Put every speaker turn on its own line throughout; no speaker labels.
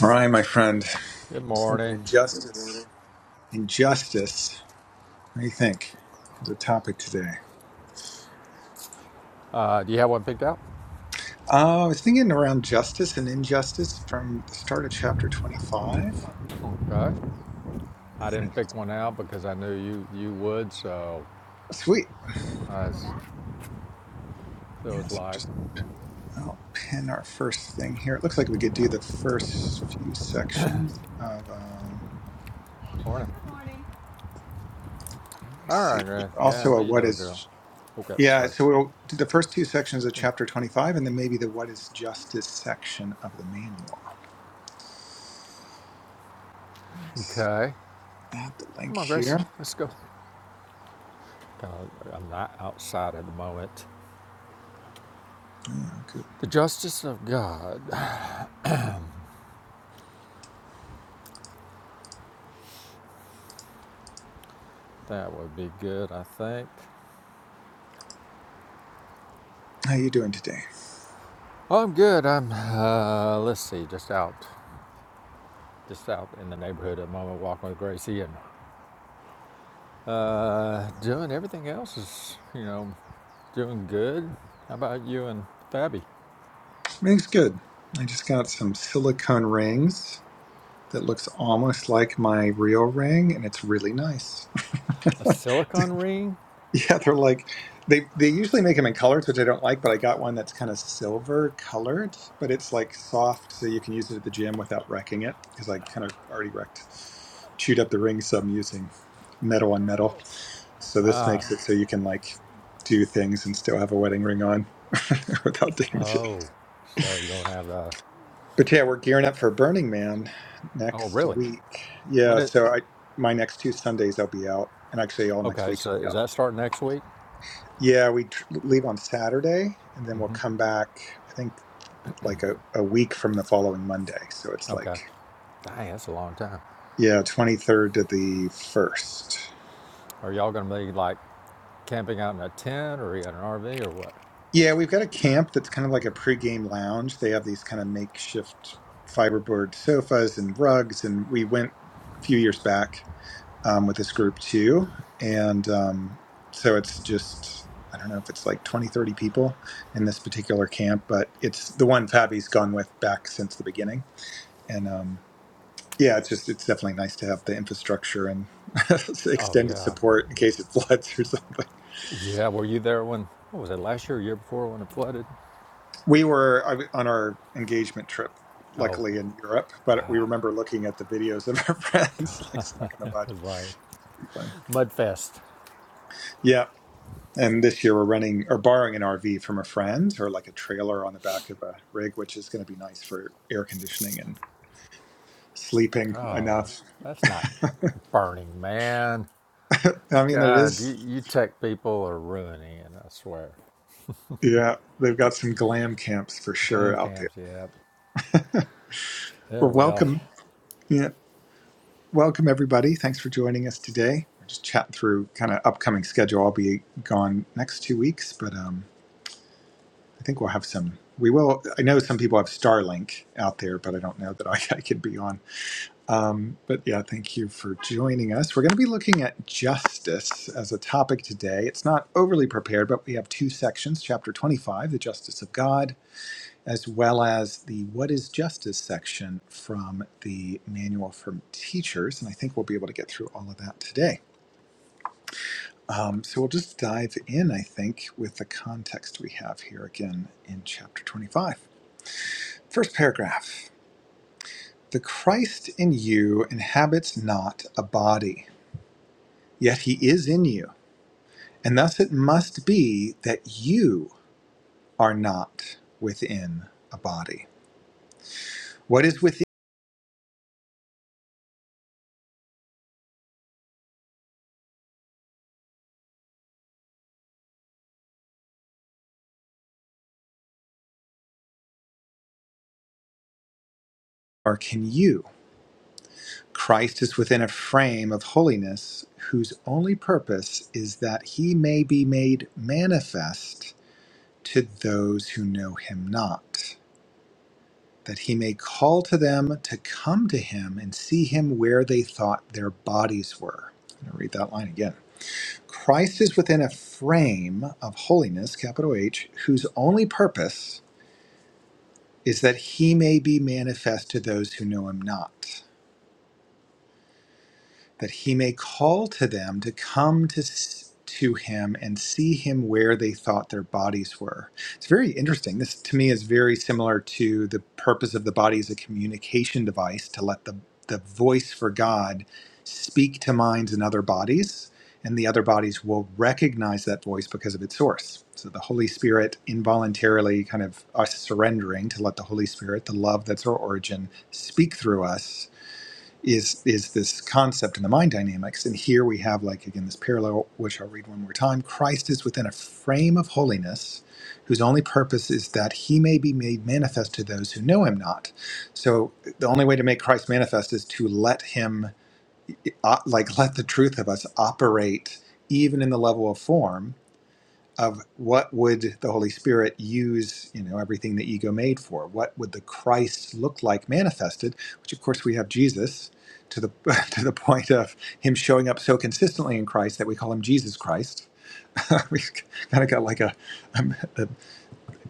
All right, my friend. I
Good
was thinking
morning.
injustice. Injustice. What do you think? As a topic today.
Uh, do you have one picked out?
Uh, I was thinking around justice and injustice from the start of chapter 25.
Okay. I
And
didn't pick one out because I knew you you would, so
sweet.
I was, it was
Yeah, so
like,
just I'll pin our first thing here. It looks like we could do the first few sections of, um,
morning. Good morning.
let me
All
see.
right, Grace. Yeah,
Also, a
what are you
what
doing, girl?
is,
Okay,
yeah,
sorry.
so we'll do the first two sections of chapter 25 and then maybe the what is justice section of the manual. Let me see.
Okay.
Add the link
Come on, Grace.
here.
Let's go. God, I'm not outside at the moment.
Yeah, good.
The justice of God. That would be good, I think.
How you doing today?
Oh, I'm good. I'm, uh, let's see, just out. Just out in the neighborhood at the moment, walking with Gracie and Uh, doing everything else is, you know, doing good. How about you and Fabby?
Everything's good. I just got some silicone rings that looks almost like my real ring, and it's really nice.
A silicone ring?
yeah, they're like they they usually make them in colors, which I don't like, but I got one that's kind of silver colored, but it's like soft, so you can use it at the gym without wrecking it because I kind of already wrecked, chewed up the ring, so I'm using metal on metal. So this
Ah,
makes it so you can like do things and still have a wedding ring on without damaging. it.
oh, so you don't have a.
But yeah, we're gearing up for Burning Man
Oh,
next
really?
week. Yeah,
When it?
so I my next two Sundays I'll be out, and actually all next
Okay,
week I'll
so
be
is
out.
that starting next week?
Yeah, we tr- leave on Saturday, and then we'll come back. I think like a, a week from the following Monday. So it's
Okay.
like
Dang, that's a long time.
yeah, twenty third to the first.
Are y'all gonna be like camping out in a tent or in an RV or what?
Yeah, we've got a camp that's kind of like a pregame lounge. They have these kind of makeshift fiberboard sofas and rugs, and we went a few years back um, with this group too. And um, so it's just, I don't know if it's like 20, 30 people in this particular camp, but it's the one Fabi's gone with back since the beginning. And um, yeah, it's just, it's definitely nice to have the infrastructure and
Oh
extended
yeah,
support in case it floods or something.
yeah. Were you there when? What was it? Last year, or year before when it flooded?
We were I w- on our engagement trip,
Oh,
luckily
okay.
in Europe, but we
God,
remember looking at the videos of our friends like stuck in the
it
mud.
was like
Pretty funny.
mudfest.
Yeah. And this year we're running or borrowing an RV from a friend or like a trailer on the back of a rig, which is going to be nice for air conditioning and sleeping
Oh,
enough.
that's not burning, man.
I mean, it
God,
is.
you, you tech people are ruining it, I swear.
Yeah, they've got some glam camps for
Glam
sure out there.
camps, yeah. Yeah,
Well,
well.
welcome. Yeah, welcome everybody. Thanks for joining us today. We're just chatting through kind of upcoming schedule. I'll be gone next two weeks, but um, I think we'll have some. We will. I know some people have Starlink out there, but I don't know that I, I could be on. Um, but yeah, thank you for joining us. We're going to be looking at justice as a topic today. It's not overly prepared, but we have two sections chapter 25, the justice of God, as well as the what is justice section from the manual for teachers. And I think we'll be able to get through all of that today. Um, so we'll just dive in, I think, with the context we have here again in chapter 25. First paragraph The Christ in you inhabits not a body yet he is in you. And thus it must be that you are not within a body. What is within you, or can you? Christ is within a frame of holiness whose only purpose is that he may be made manifest to those who know him not, that he may call to them to come to him and see him where they thought their bodies were. I'm going to read that line again. Christ is within a frame of holiness, capital H, whose only purpose is that he may be manifest to those who know him not. that he may call to them to come to to him and see him where they thought their bodies were. It's very interesting. This to me is very similar to the purpose of the body as a communication device to let the the voice for God speak to minds in other bodies and the other bodies will recognize that voice because of its source. So the Holy Spirit involuntarily kind of us surrendering to let the Holy Spirit, the love that's our origin, speak through us is is this concept in the mind dynamics and here we have like again this parallel which i'll read one more time christ is within a frame of holiness whose only purpose is that he may be made manifest to those who know him not so the only way to make christ manifest is to let him uh, like let the truth of us operate even in the level of form of what would the Holy Spirit use, you know, everything the ego made for? What would the Christ look like manifested? Which, of course, we have Jesus to the to the point of him showing up so consistently in Christ that we call him Jesus Christ. We've kind of got like a, um, a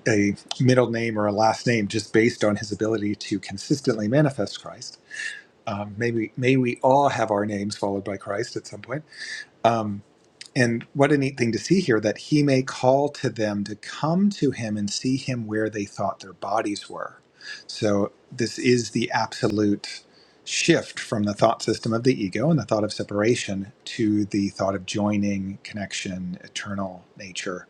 a middle name or a last name just based on his ability to consistently manifest Christ. Um, maybe may we all have our names followed by Christ at some point. Um, and what a neat thing to see here that he may call to them to come to him and see him where they thought their bodies were. So, this is the absolute shift from the thought system of the ego and the thought of separation to the thought of joining, connection, eternal nature,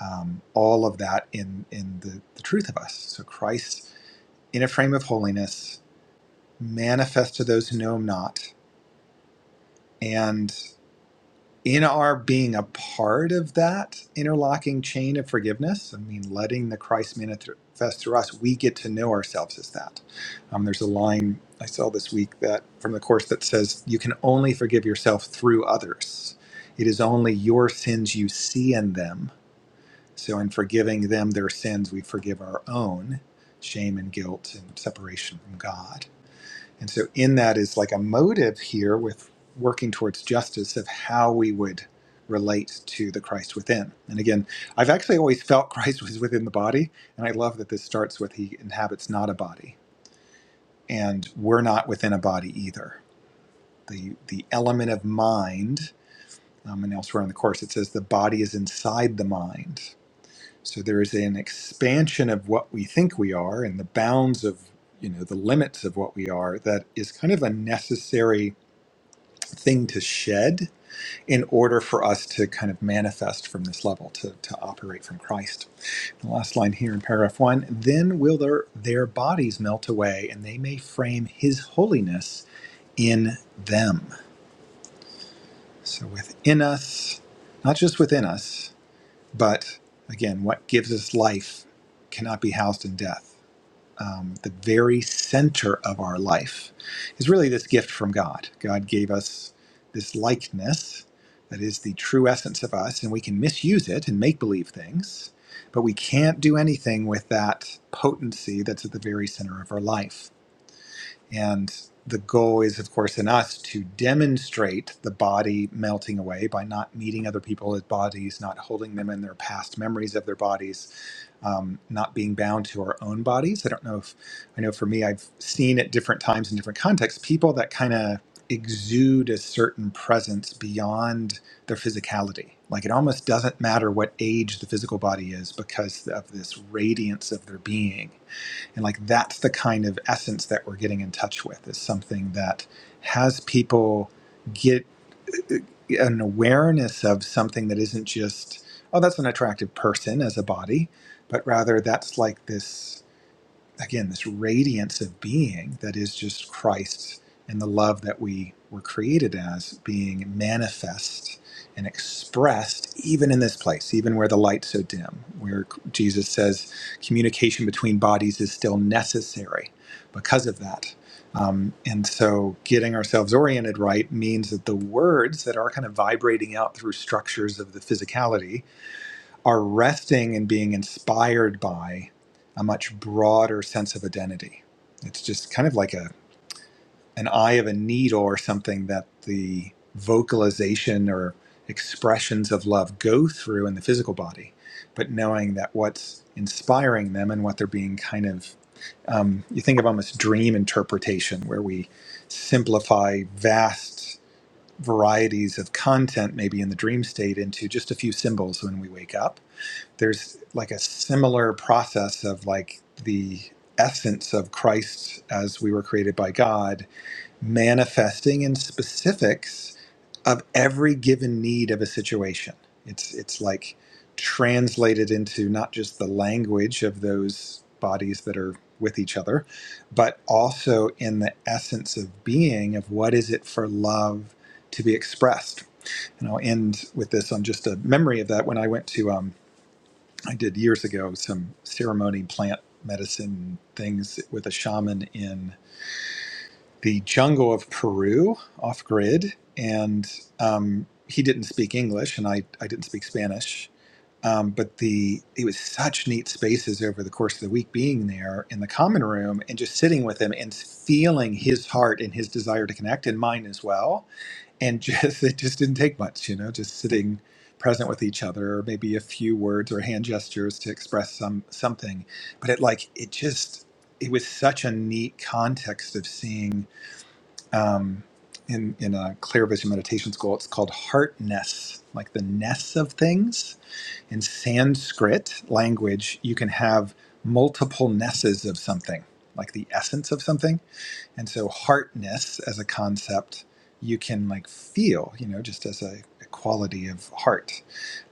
um, all of that in, in the, the truth of us. So, Christ in a frame of holiness, manifest to those who know him not, and in our being a part of that interlocking chain of forgiveness, I mean, letting the Christ manifest through us, we get to know ourselves as that. Um, there's a line I saw this week that from the course that says, "You can only forgive yourself through others. It is only your sins you see in them. So, in forgiving them their sins, we forgive our own shame and guilt and separation from God." And so, in that is like a motive here with working towards justice of how we would relate to the Christ within. And again, I've actually always felt Christ was within the body. And I love that this starts with he inhabits not a body. And we're not within a body either. The, the element of mind, um, and elsewhere in the Course, it says the body is inside the mind. So there is an expansion of what we think we are and the bounds of, you know, the limits of what we are that is kind of a necessary thing to shed in order for us to kind of manifest from this level, to, to operate from Christ. The last line here in paragraph one then will their, their bodies melt away, and they may frame his holiness in them. So within us, not just within us, but again, what gives us life cannot be housed in death. um, the very center of our life is really this gift from God. God gave us this likeness that is the true essence of us, and we can misuse it and make believe things, but we can't do anything with that potency that's at the very center of our life. And the goal is, of course, in us to demonstrate the body melting away by not meeting other people as bodies, not holding them in their past memories of their bodies, um, not being bound to our own bodies. I don't know if I know for me, I've seen at different times in different contexts people that kind of exude a certain presence beyond their physicality. Like it almost doesn't matter what age the physical body is because of this radiance of their being. And like that's the kind of essence that we're getting in touch with is something that has people. get uh, an awareness of something that isn't just oh that's an attractive person as a body but rather that's like this again this radiance of being that is just Christ and the love that we were created as being manifest and expressed even in this place even where the light's so dim where Jesus says communication between bodies is still necessary because of that um, and so getting ourselves oriented right means that the words that are kind of vibrating out through structures of the physicality are resting and being inspired by a much broader sense of identity. It's just kind of like a an eye of a needle or something that the vocalization or expressions of love go through in the physical body, but knowing that what's inspiring them and what they're being kind of um, you think of almost dream interpretation where we simplify vast varieties of content maybe in the dream state into just a few symbols when we wake up there's like a similar process of like the essence of Christ as we were created by God manifesting in specifics of every given need of a situation. It's it's like translated into not just the language of those bodies that are with each other, but also in the essence of being of what is it for love to be expressed. And I'll end with this on just a memory of that when I went to um, I did years ago some ceremony plant medicine things with a shaman in the jungle of Peru, off grid, and um, he didn't speak English, and I I didn't speak Spanish. Um, but the it was such neat spaces over the course of the week being there in the common room and just sitting with him and feeling his heart and his desire to connect and mine as well and just it just didn't take much, you know, just sitting present with each other, or maybe a few words or hand gestures to express some something. But it like it just it was such a neat context of seeing um, in in a clear vision meditation school. It's called heartness, like the ness of things. In Sanskrit language, you can have multiple nesses of something, like the essence of something and so heartness as a concept, you can like feel, you know, just as a, a quality of heart.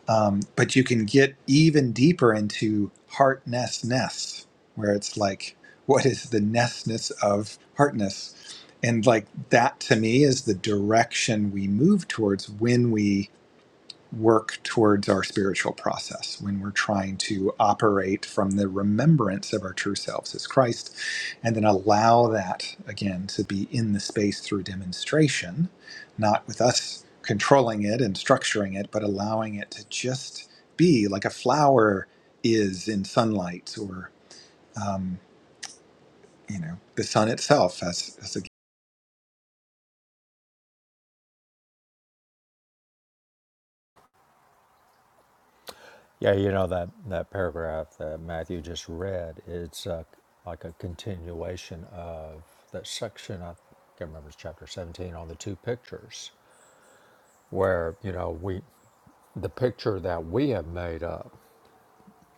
Um, but you can get even deeper into heartnessness, where it's like, what is the nessness of heartness? And like that to me is the direction we move towards when we work towards our spiritual process, when we're trying to operate from the remembrance of our true selves as Christ, and then allow that again to be in the space through demonstration, not with us controlling it and structuring it, but allowing it to just be like a flower is in sunlight or, you know, the sun itself as, as a,
Yeah, you know that, that paragraph that Matthew just read, it's uh, like a continuation of that section, I can't remember, it's chapter 17, on the two pictures, where, you know, we the picture that we have made up,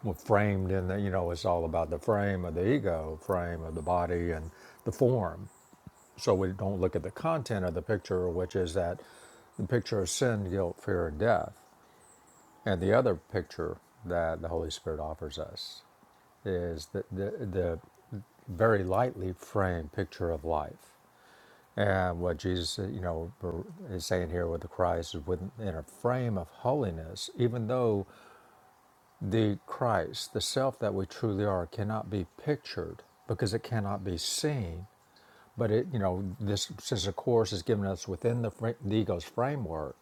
well, framed in the, you know, it's all about the frame of the ego, frame of the body, and the form so we don't look at the content of the picture, which is that the picture of sin, guilt, fear, and death. And the other picture that the Holy Spirit offers us is the, the, the very lightly framed picture of life. And what Jesus, you know, is saying here with the Christ is within a frame of holiness, even though the Christ, the self that we truly are, cannot be pictured because it cannot be seen but it, you know, this since the course is giving us within the, fra- the ego's framework,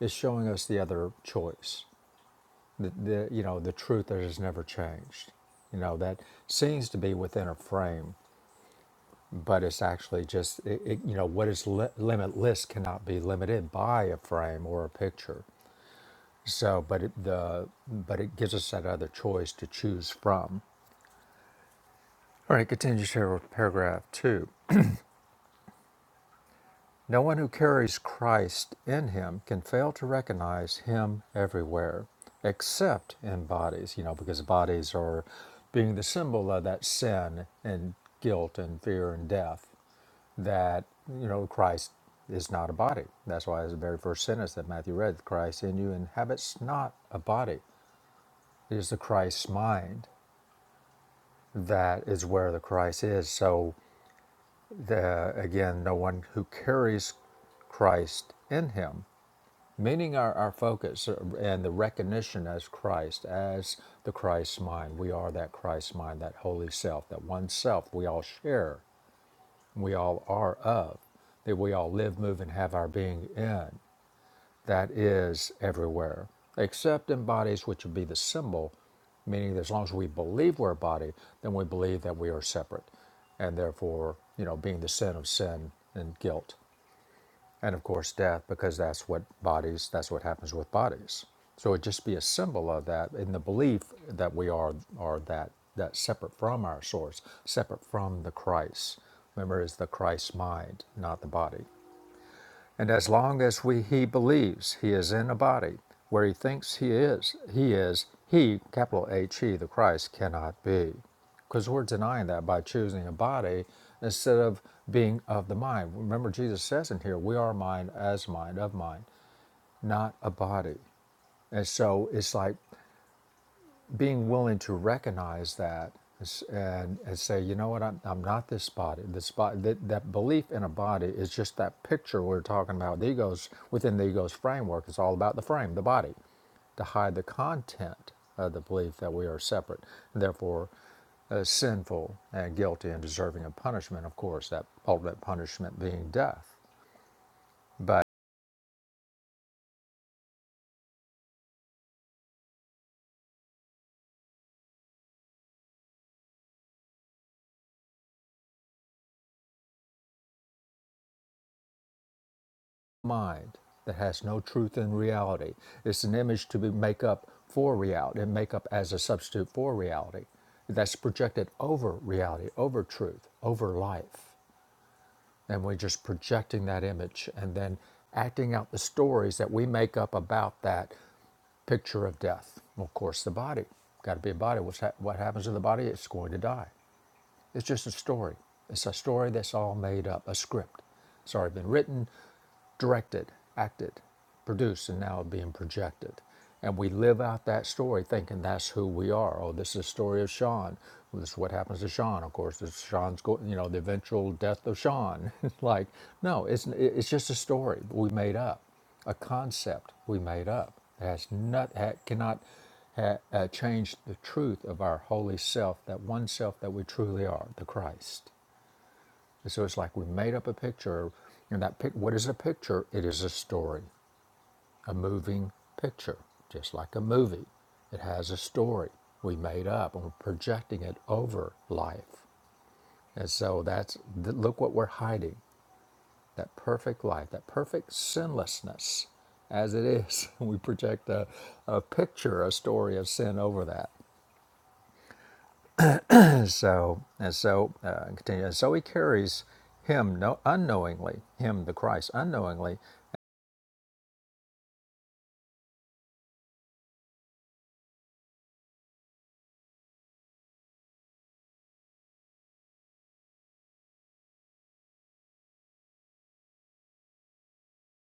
it's showing us the other choice, the, the you know the truth that has never changed. You know that seems to be within a frame, but it's actually just it, it, you know what is li- limitless cannot be limited by a frame or a picture. So, but it, the but it gives us that other choice to choose from. All right, continues here with paragraph two. No one who carries Christ in him can fail to recognize him everywhere, except in bodies, you know, because bodies are being the symbol of that sin and guilt and fear and death that, you know, Christ is not a body. That's why it's the very first sentence that Matthew read Christ in you inhabits not a body. It is the Christ's mind that is where the Christ is. So, the, again, no one who carries Christ in him Meaning our, our focus uh, and the recognition as Christ, as the Christ mind. We are that Christ mind, that holy self, that one self we all share, we all are of, that we all live, move, and have our being in. That is everywhere, except in bodies, which would be the symbol, meaning that as long as we believe we're a body, then we believe that we are separate, and therefore, you know, being the sin of sin and guilt and of course death because that's what bodies that's what happens with bodies so it just be a symbol of that in the belief that we are are that that separate from our source separate from the christ remember it's the christ mind not the body and as long as we, he believes he is in a body where he thinks he is, he is, he, capital H, he, the Christ, cannot be. Because we're denying that by choosing a body instead of being of the mind. Remember, Jesus says in here, we are mind as mind, of mind, not a body. And so it's like being willing to recognize that and, and say, you know what, I'm, I'm not this body. This body, that, that belief in a body is just that picture we are talking about. The ego's within the ego's framework. It's all about the frame, the body, to hide the content of the belief that we are separate, and therefore uh, sinful and guilty and deserving of punishment. Of course, that ultimate punishment being death. But mind that has no truth in reality. It's an image to be, make up for reality and make up as a substitute for reality. That's projected over reality, over truth, over life. And we're just projecting that image and then acting out the stories that we make up about that picture of death. Well, Of course, the body. Got to be a body. What's hap what happens to the body? It's going to die. It's just a story. It's a story that's all made up, a script. It's already been written directed, acted, produced, and now being projected. And we live out that story thinking that's who we are. Oh, this is the story of Sean. Well, this is what happens to Sean. Of course, this Sean's go- you know the eventual death of Sean. like, no, it's it's just a story we made up, a concept we made up. It has not ha, cannot ha, uh, change the truth of our holy self, that one self that we truly are, the Christ. And So it's like we made up a picture, and that pic- what is a picture? It is a story, a moving picture, just like a movie. It has a story we made up, and we're projecting it over life. And so that's th- look what we're hiding: that perfect life, that perfect sinlessness, as it is. We project a, a picture, a story of sin over that. And so and so uh, continue. And so he carries him no, unknowingly, him the Christ unknowingly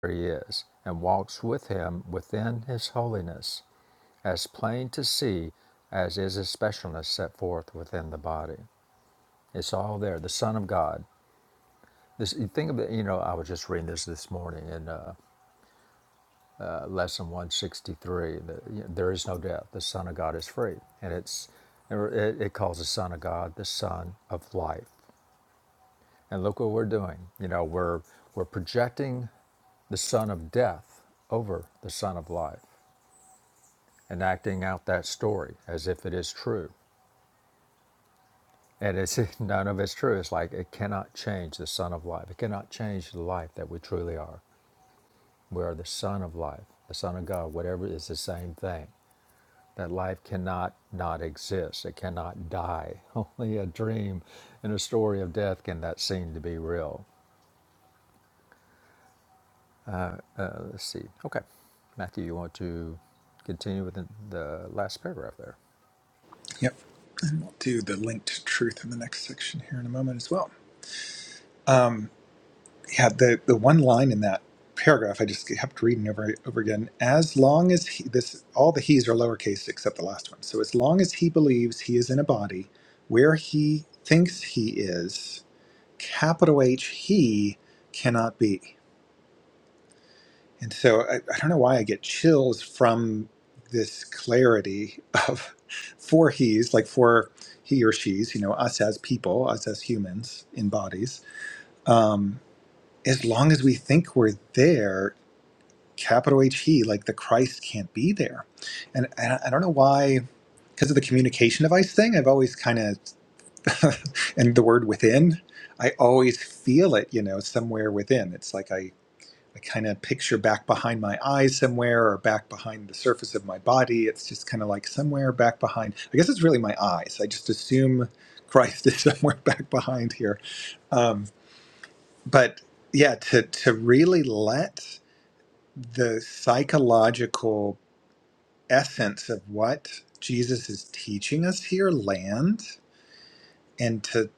he is, and walks with him within his holiness, as plain to see as is his specialness set forth within the body. It's all there. The Son of God. This you think of it. You know, I was just reading this this morning in uh, uh, lesson one sixty three. There is no death. The Son of God is free, and it's er, it, it calls the Son of God the Son of Life. And look what we're doing. You know, we're we're projecting the Son of Death over the Son of Life. and acting out that story as if it is true. And it's none of it's true. It's like it cannot change the Son of Life. It cannot change the life that we truly are. We are the Son of Life, the Son of God. Whatever is the same thing. That life cannot not exist. It cannot die. Only a dream and a story of death can that seem to be real. Let's see. Okay, Matthew, you want to continue with the, the last paragraph there?
yep. And we'll do the linked truth in the next section here in a moment as well. Um. yeah, the the one line in that paragraph I just kept reading over over again. As long as he, this, all the he's are lowercase except the last one. So as long as he believes he is in a body where he thinks he is, capital H he cannot be. And so I, I don't know why I get chills from this clarity of four he's like for he or she's you know us as people us as humans in bodies um, as long as we think we're there capital He, like the Christ can't be there. And, and I don't know why, because of the communication device thing, I've always kind of, and the word within, I always feel it, you know, somewhere within. It's like I, I kind of picture back behind my eyes somewhere or back behind the surface of my body. It's just kind of like somewhere back behind. I guess it's really my eyes. I just assume Christ is somewhere back behind here. Um, but yeah, to, to really let the psychological essence of what Jesus is teaching us here land and to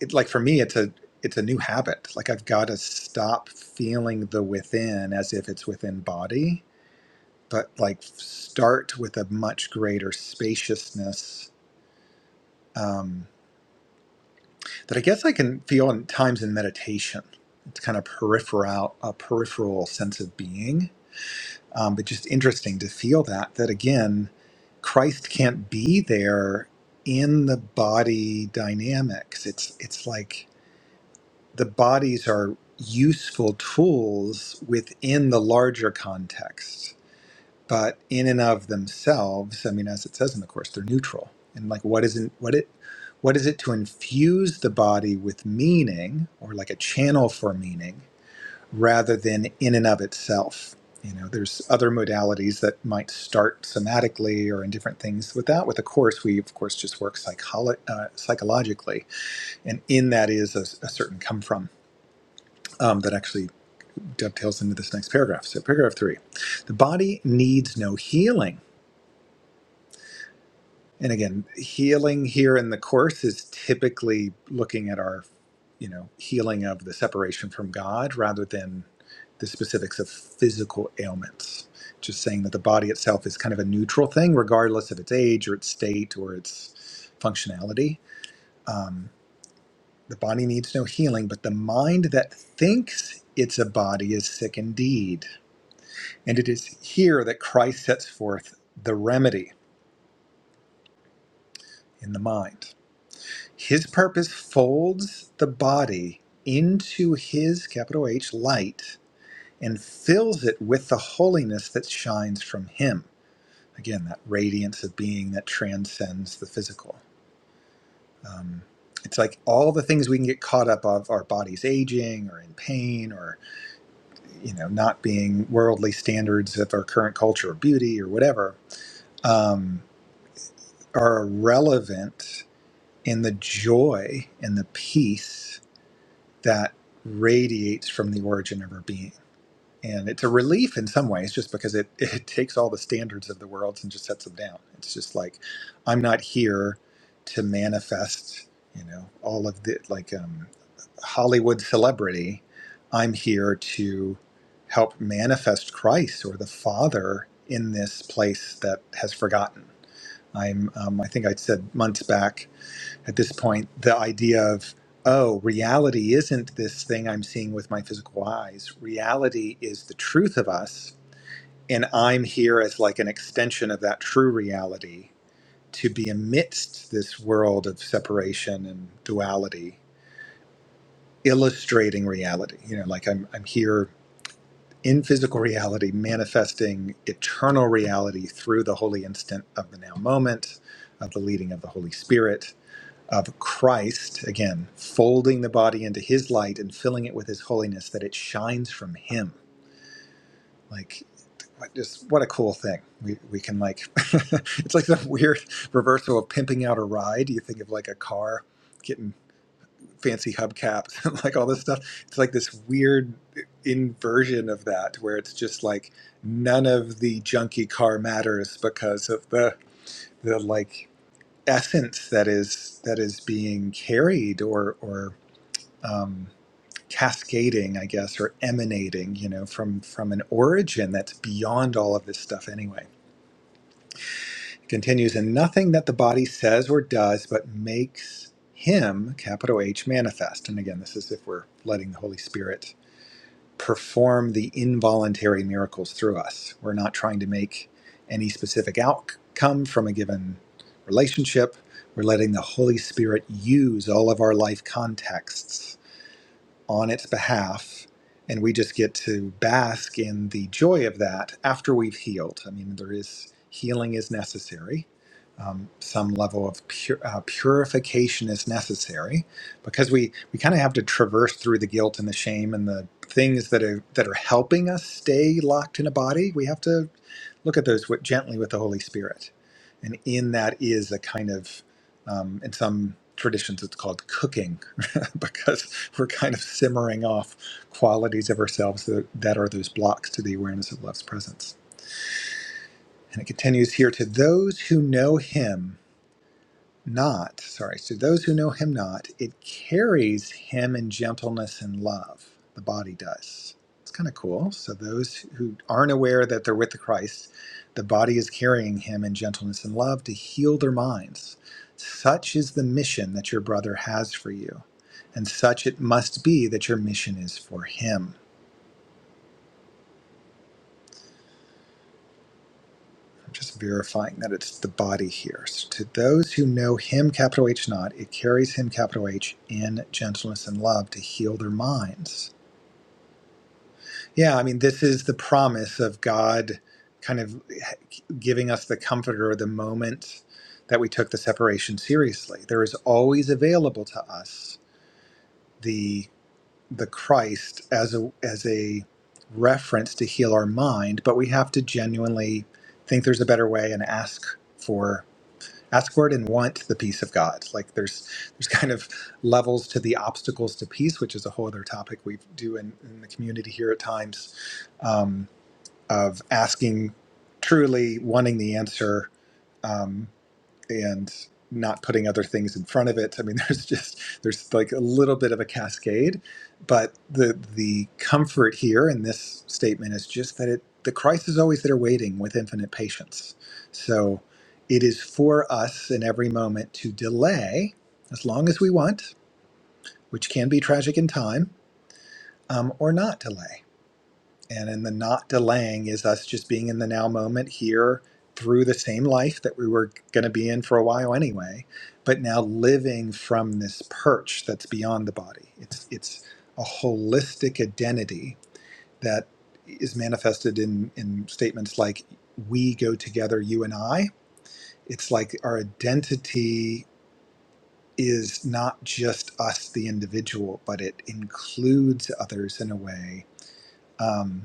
it like for me it's a it's a new habit like I've got to stop feeling the within as if it's within body but like start with a much greater spaciousness um, that I guess I can feel in times in meditation it's kind of peripheral a peripheral sense of being Um, but just interesting to feel that, that again, Christ can't be there in the body dynamics. It's it's like the bodies are useful tools within the larger context, but in and of themselves, I mean, as it says in the course, they're neutral. And like, what isn't what it what is it to infuse the body with meaning or like a channel for meaning? rather than in and of itself. You know, there's other modalities that might start somatically or in different things. With that, with the course, we of course just work psycholo- uh, psychologically, and in that is a, a certain come from um, that actually dovetails into this next paragraph. So, paragraph three: the body needs no healing. And again, healing here in the course is typically looking at our you know healing of the separation from God rather than the specifics of physical ailments. Just saying that the body itself is kind of a neutral thing, regardless of its age or its state or its functionality. Um, the body needs no healing, but the mind that thinks it's a body is sick indeed. And it is here that Christ sets forth the remedy in the mind. His purpose folds the body into his capital H light and fills it with the holiness that shines from him. Again, that radiance of being that transcends the physical. Um, it's like all the things we can get caught up of our bodies aging or in pain or you know not being worldly standards of our current culture or beauty or whatever um, are irrelevant in the joy and the peace that radiates from the origin of our being and it's a relief in some ways just because it, it takes all the standards of the worlds and just sets them down it's just like i'm not here to manifest you know all of the like um, hollywood celebrity i'm here to help manifest christ or the father in this place that has forgotten i'm um, i think i said months back at this point the idea of oh reality isn't this thing i'm seeing with my physical eyes reality is the truth of us and i'm here as like an extension of that true reality to be amidst this world of separation and duality illustrating reality you know like i'm, I'm here in physical reality manifesting eternal reality through the holy instant of the now moment of the leading of the holy spirit of Christ, again, folding the body into his light and filling it with his holiness that it shines from him. Like, like, just what a cool thing. We, we can, like, it's like the weird reversal of pimping out a ride. You think of like a car getting fancy hubcaps and like all this stuff. It's like this weird inversion of that where it's just like none of the junky car matters because of the, the like, essence that is that is being carried or or um, cascading, I guess, or emanating, you know, from from an origin that's beyond all of this stuff. Anyway, it continues, and nothing that the body says or does, but makes him capital H manifest. And again, this is if we're letting the Holy Spirit perform the involuntary miracles through us. We're not trying to make any specific outcome from a given relationship. We're letting the Holy Spirit use all of our life contexts on its behalf. And we just get to bask in the joy of that after we've healed. I mean, there is healing is necessary. Um, some level of pur- uh, purification is necessary because we, we kind of have to traverse through the guilt and the shame and the things that are that are helping us stay locked in a body. We have to look at those with, gently with the Holy Spirit, and in that is a kind of um, in some traditions it's called cooking because we're kind of simmering off qualities of ourselves that, that are those blocks to the awareness of love's presence. And it continues here to those who know him not, sorry, to those who know him not, it carries him in gentleness and love. The body does. It's kind of cool. So those who aren't aware that they're with the Christ, the body is carrying him in gentleness and love to heal their minds. Such is the mission that your brother has for you, and such it must be that your mission is for him. just verifying that it's the body here. So to those who know him, capital H not, it carries him, capital H, in gentleness and love to heal their minds. Yeah, I mean, this is the promise of God kind of giving us the comforter the moment that we took the separation seriously. There is always available to us the the Christ as a as a reference to heal our mind, but we have to genuinely think there's a better way and ask for ask for it and want the peace of god like there's there's kind of levels to the obstacles to peace which is a whole other topic we do in, in the community here at times um, of asking truly wanting the answer um, and not putting other things in front of it. I mean, there's just there's like a little bit of a cascade, but the the comfort here in this statement is just that it the Christ is always there waiting with infinite patience. So it is for us in every moment to delay as long as we want, which can be tragic in time, um, or not delay. And in the not delaying is us just being in the now moment here through the same life that we were going to be in for a while anyway, but now living from this perch that's beyond the body. It's it's a holistic identity that is manifested in in statements like we go together, you and I. It's like our identity is not just us, the individual, but it includes others in a way. Um,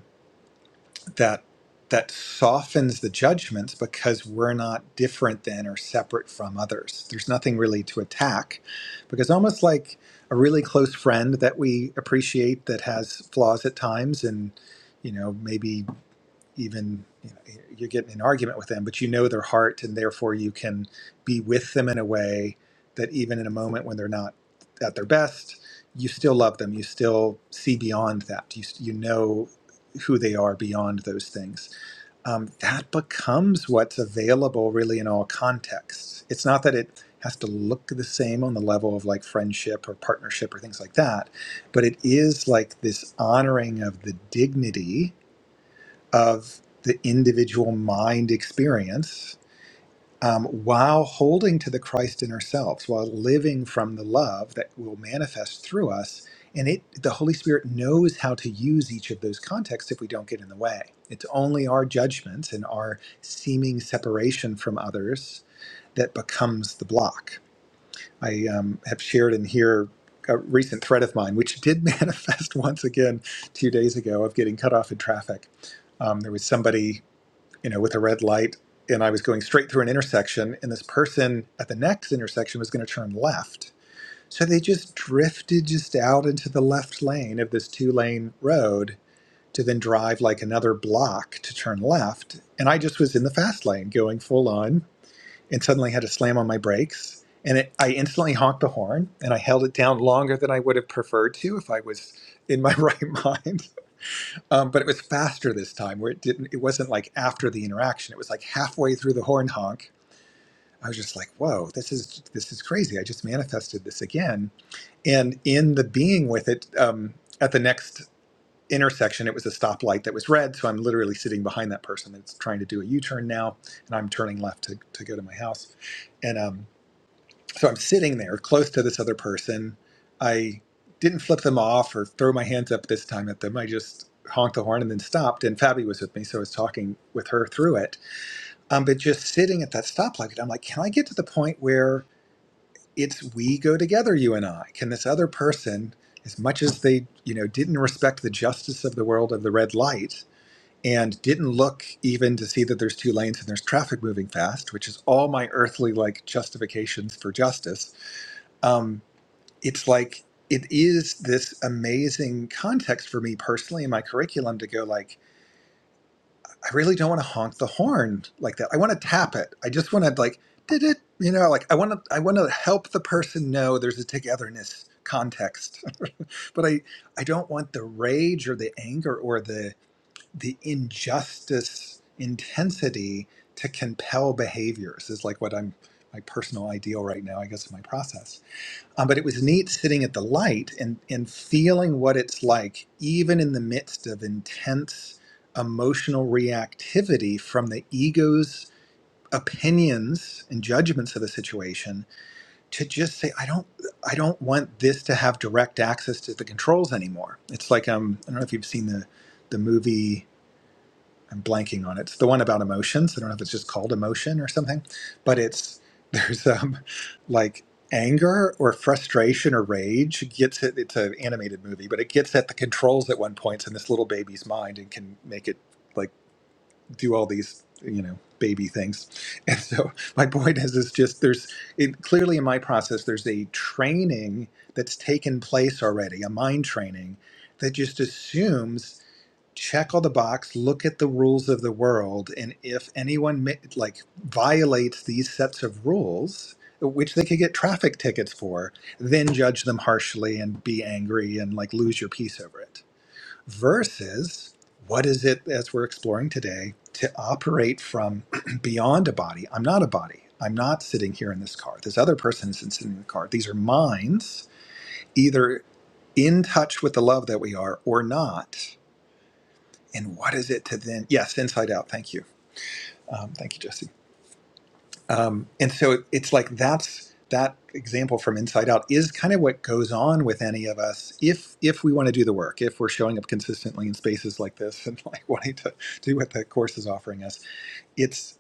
that that softens the judgments because we're not different than or separate from others. There's nothing really to attack because almost like a really close friend that we appreciate that has flaws at times and you know maybe even you know, you're getting an argument with them, but you know their heart, and therefore you can be with them in a way that even in a moment when they're not at their best, you still love them. You still see beyond that. You you know who they are beyond those things. Um, that becomes what's available really in all contexts. It's not that it has to look the same on the level of like friendship or partnership or things like that, but it is like this honoring of the dignity of the individual mind experience um, while holding to the Christ in ourselves, while living from the love that will manifest through us. And it, the Holy Spirit knows how to use each of those contexts if we don't get in the way. It's only our judgment and our seeming separation from others that becomes the block. I um, have shared in here a recent thread of mine, which did manifest once again two days ago of getting cut off in traffic um, there was somebody you know, with a red light, and I was going straight through an intersection, and this person at the next intersection was going to turn left. So they just drifted just out into the left lane of this two lane road to then drive like another block to turn left. And I just was in the fast lane going full on and suddenly had to slam on my brakes. And it, I instantly honked the horn and I held it down longer than I would have preferred to if I was in my right mind um, but it was faster this time where it didn't it wasn't like after the interaction it was like halfway through the horn honk i was just like whoa this is this is crazy i just manifested this again and in the being with it um, at the next intersection it was a stoplight that was red so i'm literally sitting behind that person that's trying to do a u-turn now and i'm turning left to, to go to my house and um, so I'm sitting there close to this other person. I didn't flip them off or throw my hands up this time at them. I just honked the horn and then stopped. And Fabi was with me, so I was talking with her through it. Um, but just sitting at that stoplight, I'm like, can I get to the point where it's we go together, you and I? Can this other person, as much as they, you know, didn't respect the justice of the world of the red light and didn't look even to see that there's two lanes and there's traffic moving fast, which is all my earthly like justifications for justice. Um, it's like it is this amazing context for me personally in my curriculum to go like i really don't want to honk the horn like that i want to tap it i just want to like did it you know like i want to i want to help the person know there's a togetherness context but i i don't want the rage or the anger or the the injustice intensity to compel behaviors is like what i'm my personal ideal right now i guess in my process um, but it was neat sitting at the light and, and feeling what it's like, even in the midst of intense emotional reactivity from the ego's opinions and judgments of the situation, to just say, I don't, I don't want this to have direct access to the controls anymore. It's like um, I don't know if you've seen the the movie. I'm blanking on it. It's the one about emotions. I don't know if it's just called emotion or something, but it's there's um like anger or frustration or rage gets it. It's an animated movie, but it gets at the controls at one point in this little baby's mind and can make it like do all these you know baby things. And so my point is, is just there's it, clearly in my process there's a training that's taken place already, a mind training that just assumes check all the box, look at the rules of the world, and if anyone ma- like violates these sets of rules, which they could get traffic tickets for, then judge them harshly and be angry and like lose your peace over it. Versus, what is it as we're exploring today to operate from beyond a body? I'm not a body. I'm not sitting here in this car. This other person isn't sitting in the car. These are minds, either in touch with the love that we are or not and what is it to then yes inside out thank you um, thank you jesse um, and so it, it's like that's that example from inside out is kind of what goes on with any of us if if we want to do the work if we're showing up consistently in spaces like this and like wanting to do what the course is offering us It's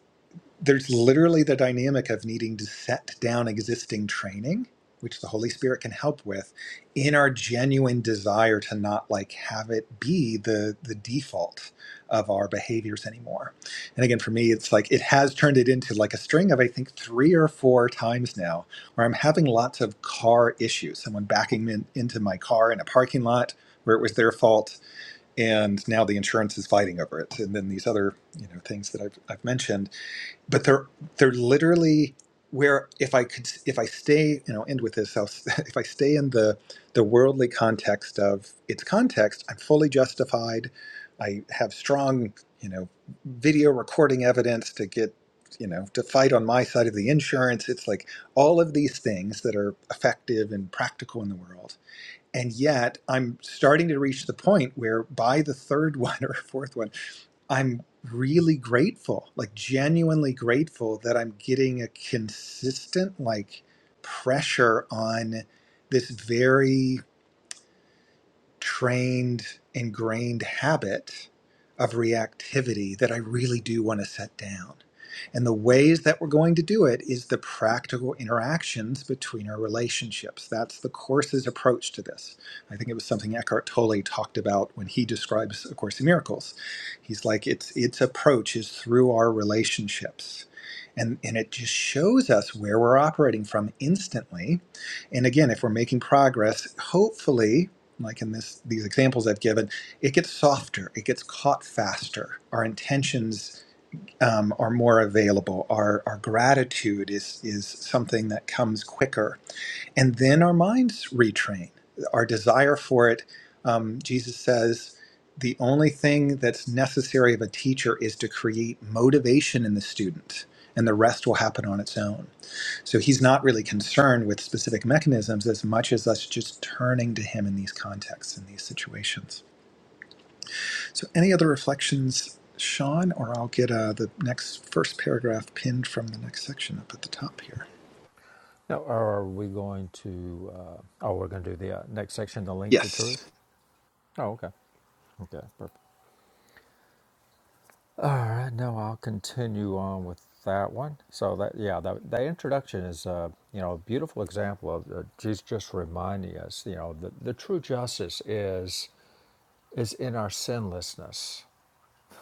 there's literally the dynamic of needing to set down existing training which the holy spirit can help with in our genuine desire to not like have it be the the default of our behaviors anymore and again for me it's like it has turned it into like a string of i think three or four times now where i'm having lots of car issues someone backing me in, into my car in a parking lot where it was their fault and now the insurance is fighting over it and then these other you know things that i've, I've mentioned but they're they're literally where if I could if I stay you know end with this I'll, if I stay in the the worldly context of its context I'm fully justified I have strong you know video recording evidence to get you know to fight on my side of the insurance it's like all of these things that are effective and practical in the world and yet I'm starting to reach the point where by the third one or fourth one I'm really grateful, like genuinely grateful that I'm getting a consistent like pressure on this very trained, ingrained habit of reactivity that I really do want to set down. And the ways that we're going to do it is the practical interactions between our relationships. That's the course's approach to this. I think it was something Eckhart Tolle talked about when he describes A Course in Miracles. He's like, its its approach is through our relationships. And, and it just shows us where we're operating from instantly. And again, if we're making progress, hopefully like in this these examples I've given, it gets softer, it gets caught faster. Our intentions um, are more available. Our our gratitude is is something that comes quicker, and then our minds retrain. Our desire for it, um, Jesus says. The only thing that's necessary of a teacher is to create motivation in the student, and the rest will happen on its own. So he's not really concerned with specific mechanisms as much as us just turning to him in these contexts, in these situations. So, any other reflections, Sean, or I'll get uh, the next first paragraph pinned from the next section up at the top here.
Now, are we going to? Uh, oh, we're going to do the uh, next section, the link to truth.
Yes.
Oh, okay, okay, perfect. All right, now I'll continue on with that one. So that yeah, that, that introduction is uh, you know a beautiful example of uh, Jesus just reminding us, you know, the, the true justice is is in our sinlessness.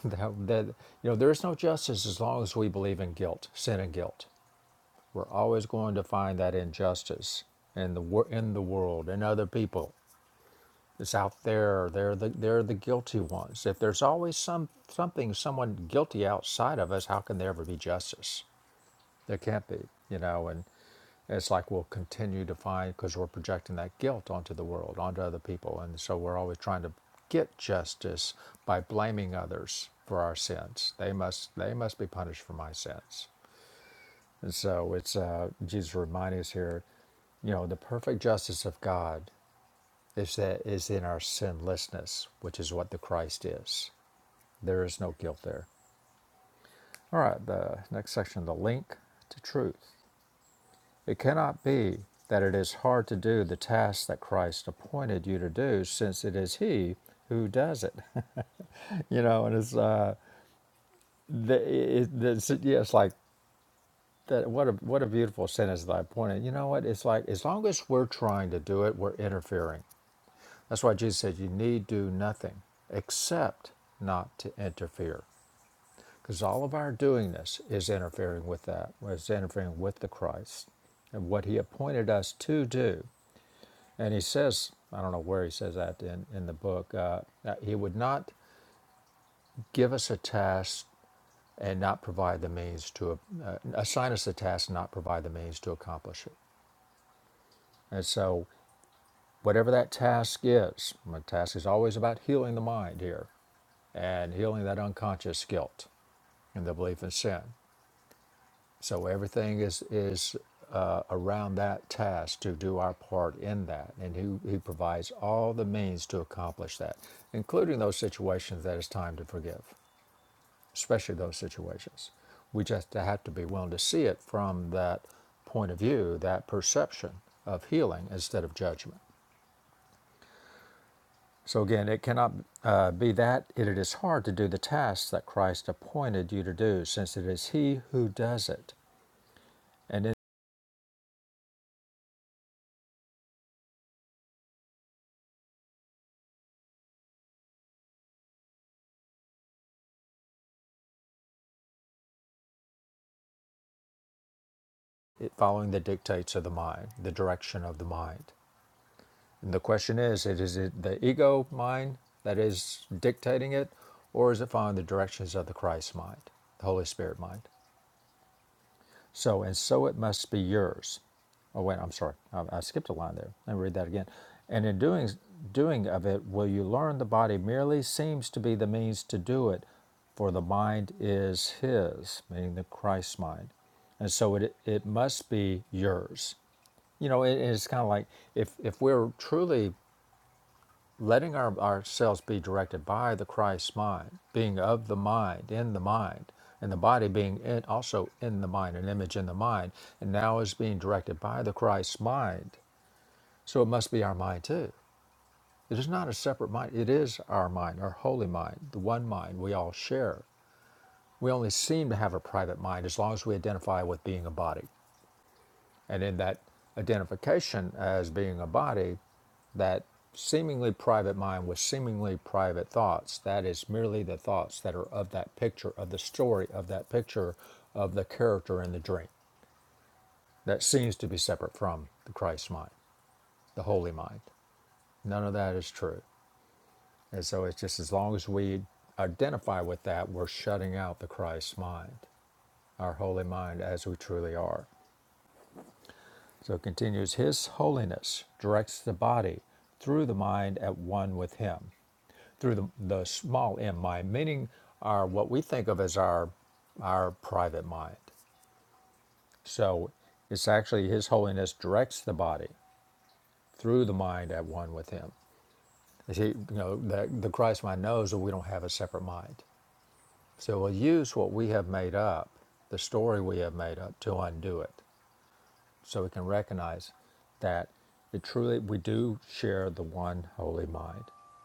That, that you know there is no justice as long as we believe in guilt, sin and guilt. We're always going to find that injustice in the wor- in the world and other people It's out there. They're the they're the guilty ones. If there's always some something someone guilty outside of us, how can there ever be justice? There can't be, you know. And it's like we'll continue to find because we're projecting that guilt onto the world, onto other people, and so we're always trying to get justice by blaming others for our sins. They must they must be punished for my sins. And so it's uh, Jesus reminding us here, you know, the perfect justice of God is that is in our sinlessness, which is what the Christ is. There is no guilt there. All right, the next section, the link to truth. It cannot be that it is hard to do the task that Christ appointed you to do, since it is He who does it. you know, and it's uh, the, it, it's, yeah, it's like that. What a what a beautiful sentence that I pointed. You know what? It's like as long as we're trying to do it, we're interfering. That's why Jesus said, "You need do nothing except not to interfere." Because all of our doing this is interfering with that, is interfering with the Christ and what he appointed us to do. And he says, I don't know where he says that in, in the book, uh, that he would not give us a task and not provide the means to, uh, assign us a task and not provide the means to accomplish it. And so, whatever that task is, my task is always about healing the mind here and healing that unconscious guilt and the belief in sin. So everything is is uh, around that task to do our part in that, and he, he provides all the means to accomplish that, including those situations that it's time to forgive, especially those situations. We just have to be willing to see it from that point of view, that perception of healing instead of judgment. So again, it cannot uh, be that it is hard to do the tasks that Christ appointed you to do, since it is He who does it. And following the dictates of the mind, the direction of the mind. And the question is, Is it the ego mind that is dictating it, or is it following the directions of the Christ mind, the Holy Spirit mind? So, and so it must be yours. Oh, wait, I'm sorry. I, I skipped a line there. Let me read that again. And in doing, doing of it, will you learn the body merely seems to be the means to do it, for the mind is his, meaning the Christ mind. And so it, it must be yours you know, it, it's kind of like if if we're truly letting our ourselves be directed by the Christ mind, being of the mind, in the mind, and the body being in, also in the mind, an image in the mind, and now is being directed by the Christ mind. So it must be our mind too. It is not a separate mind. It is our mind, our holy mind, the one mind we all share. We only seem to have a private mind as long as we identify with being a body. And in that identification as being a body, that seemingly private mind with seemingly private thoughts, that is merely the thoughts that are of that picture, of the story of that picture, of the character in the dream. That seems to be separate from the Christ mind, the holy mind. None of that is true. And so it's just as long as we identify with that, we're shutting out the Christ mind, our holy mind as we truly are. So it continues His holiness directs the body through the mind at one with Him, through the, the small m mind, meaning our what we think of as our our private mind. So it's actually His holiness directs the body through the mind at one with Him. You see, you know, the, the Christ mind knows that we don't have a separate mind. So we'll use what we have made up, the story we have made up, to undo it. so we can recognize that it truly we do share the one holy mind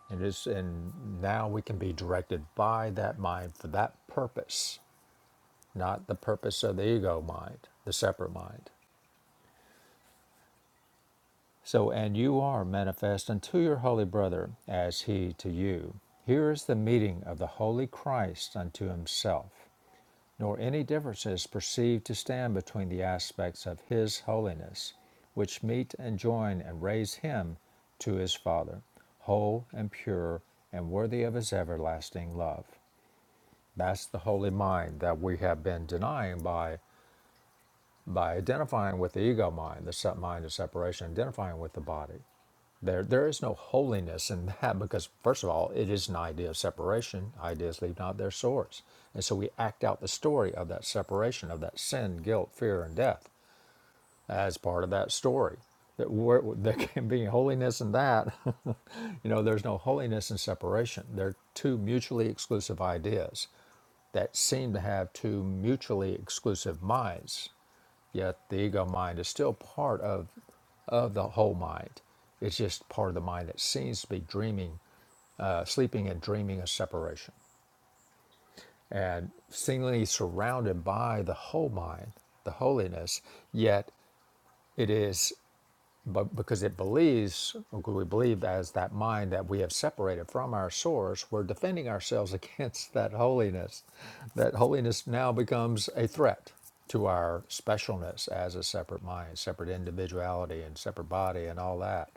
and it's and now we can be directed by that mind for that purpose not the purpose of the ego mind the separate mind so and you are manifest unto your holy brother as he to you here is the meeting of the holy christ unto himself nor any differences perceived to stand between the aspects of His holiness, which meet and join and raise Him to His Father, whole and pure and worthy of His everlasting love. That's the holy mind that we have been denying by by identifying with the ego mind, the sub mind of separation, identifying with the body. There, there is no holiness in that because, first of all, it is an idea of separation. Ideas leave not their source. And so we act out the story of that separation, of that sin, guilt, fear, and death as part of that story. That where, there can be holiness in that. you know, there's no holiness in separation. They're two mutually exclusive ideas that seem to have two mutually exclusive minds Yet the ego mind is still part of, of the whole mind. It's just part of the mind that seems to be dreaming, uh, sleeping and dreaming of separation. And seemingly surrounded by the whole mind, the holiness, yet it is. But because it believes, because we believe as that mind that we have separated from our source, we're defending ourselves against that holiness. That holiness now becomes a threat to our specialness as a separate mind, separate individuality, and separate body, and all that.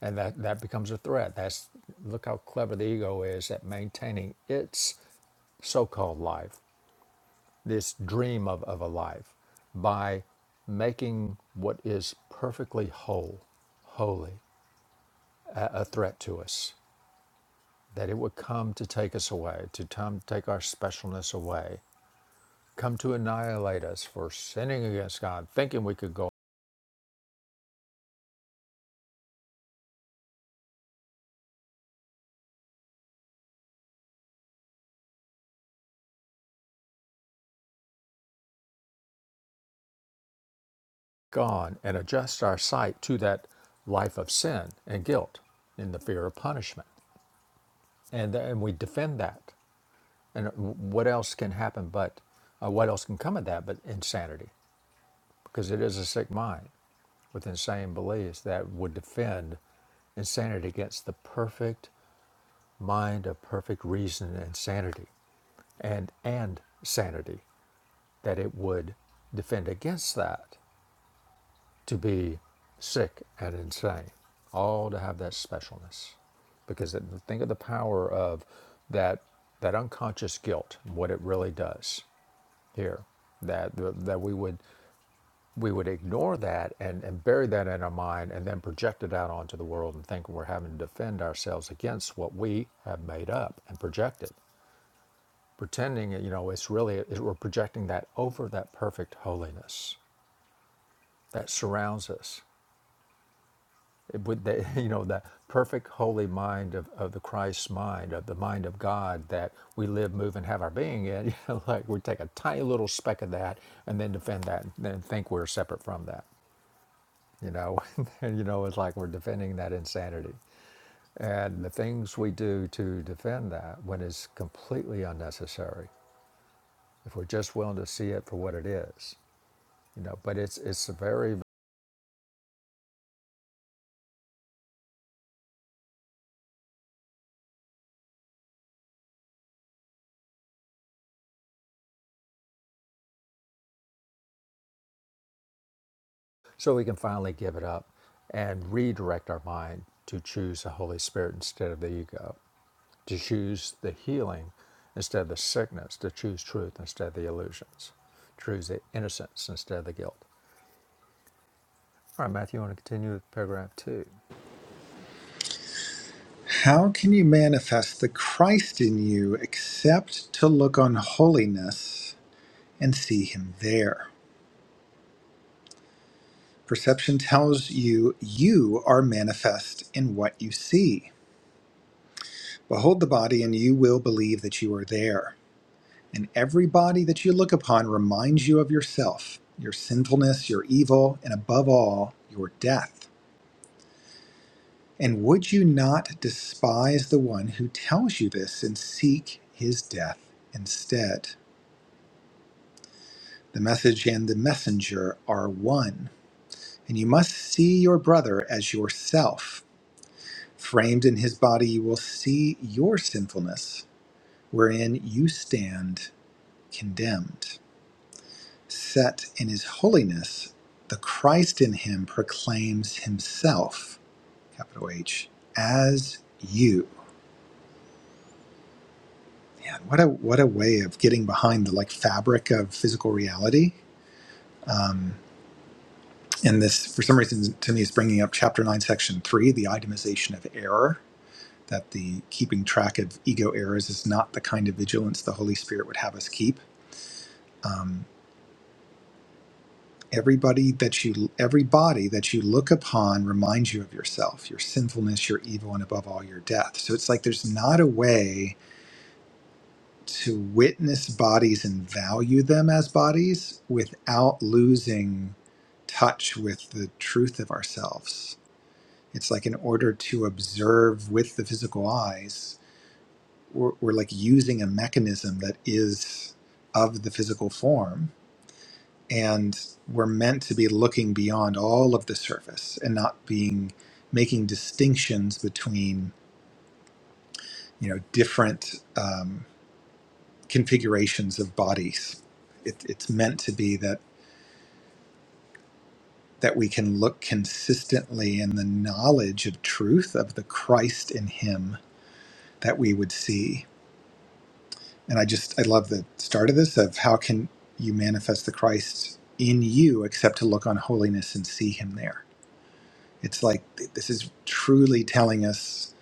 And that, that becomes a threat. That's look how clever the ego is at maintaining its so called life, this dream of, of a life, by making what is perfectly whole holy a, threat to us, that it would come to take us away, to come to take our specialness away, come to annihilate us for sinning against God, thinking we could go on and adjust our sight to that life of sin and guilt in the fear of punishment. And, and we defend that. And what else can happen but, uh, what else can come of that but insanity? Because it is a sick mind with insane beliefs that would defend insanity against the perfect mind of perfect reason and sanity and and sanity that it would defend against that to be sick and insane all to have that specialness because think of the power of that that unconscious guilt what it really does here that that we would we would ignore that and, and bury that in our mind and then project it out onto the world and think we're having to defend ourselves against what we have made up and projected pretending you know, it's really, it, we're projecting that over that perfect holiness that surrounds us. It, would that, you know, that perfect holy mind of, of the Christ's mind, of the mind of God that we live, move, and have our being in. You know, like we take a tiny little speck of that and then defend that and then think we're separate from that. You know, and, you know, it's like we're defending that insanity. And the things we do to defend that when it's completely unnecessary, if we're just willing to see it for what it is. you know but it's it's very so we can finally give it up and redirect our mind to choose the holy spirit instead of the ego to choose the healing instead of the sickness to choose truth instead of the illusions choose the innocence instead of the guilt all right matthew you want to continue with paragraph two
How can you manifest the Christ in you except to look on holiness and see him there? Perception tells you you are manifest in what you see. Behold the body, and you will believe that you are there. And everybody that you look upon reminds you of yourself, your sinfulness, your evil, and above all, your death. And would you not despise the one who tells you this and seek his death instead? The message and the messenger are one, and you must see your brother as yourself. Framed in his body, you will see your sinfulness, wherein you stand condemned. set in his holiness, the Christ in him proclaims himself, capital H, as you. Man, what a what a way of getting behind the like fabric of physical reality. Um, and this, for some reason, to me, is bringing up chapter nine, section three, the itemization of error. That the keeping track of ego errors is not the kind of vigilance the Holy Spirit would have us keep. Um, Everybody that you, every body that you look upon reminds you of yourself, your sinfulness, your evil, and above all, your death. So it's like there's not a way to witness bodies and value them as bodies without losing touch with the truth of ourselves. It's like in order to observe with the physical eyes, we're, we're like using a mechanism that is of the physical form and we're meant to be looking beyond all of the surface and not being making distinctions between you know different um, configurations of bodies it, it's meant to be that that we can look consistently in the knowledge of truth of the christ in him that we would see and i just i love the start of this of how can you manifest the christ in you except to look on holiness and see him there It's like th- this is truly telling us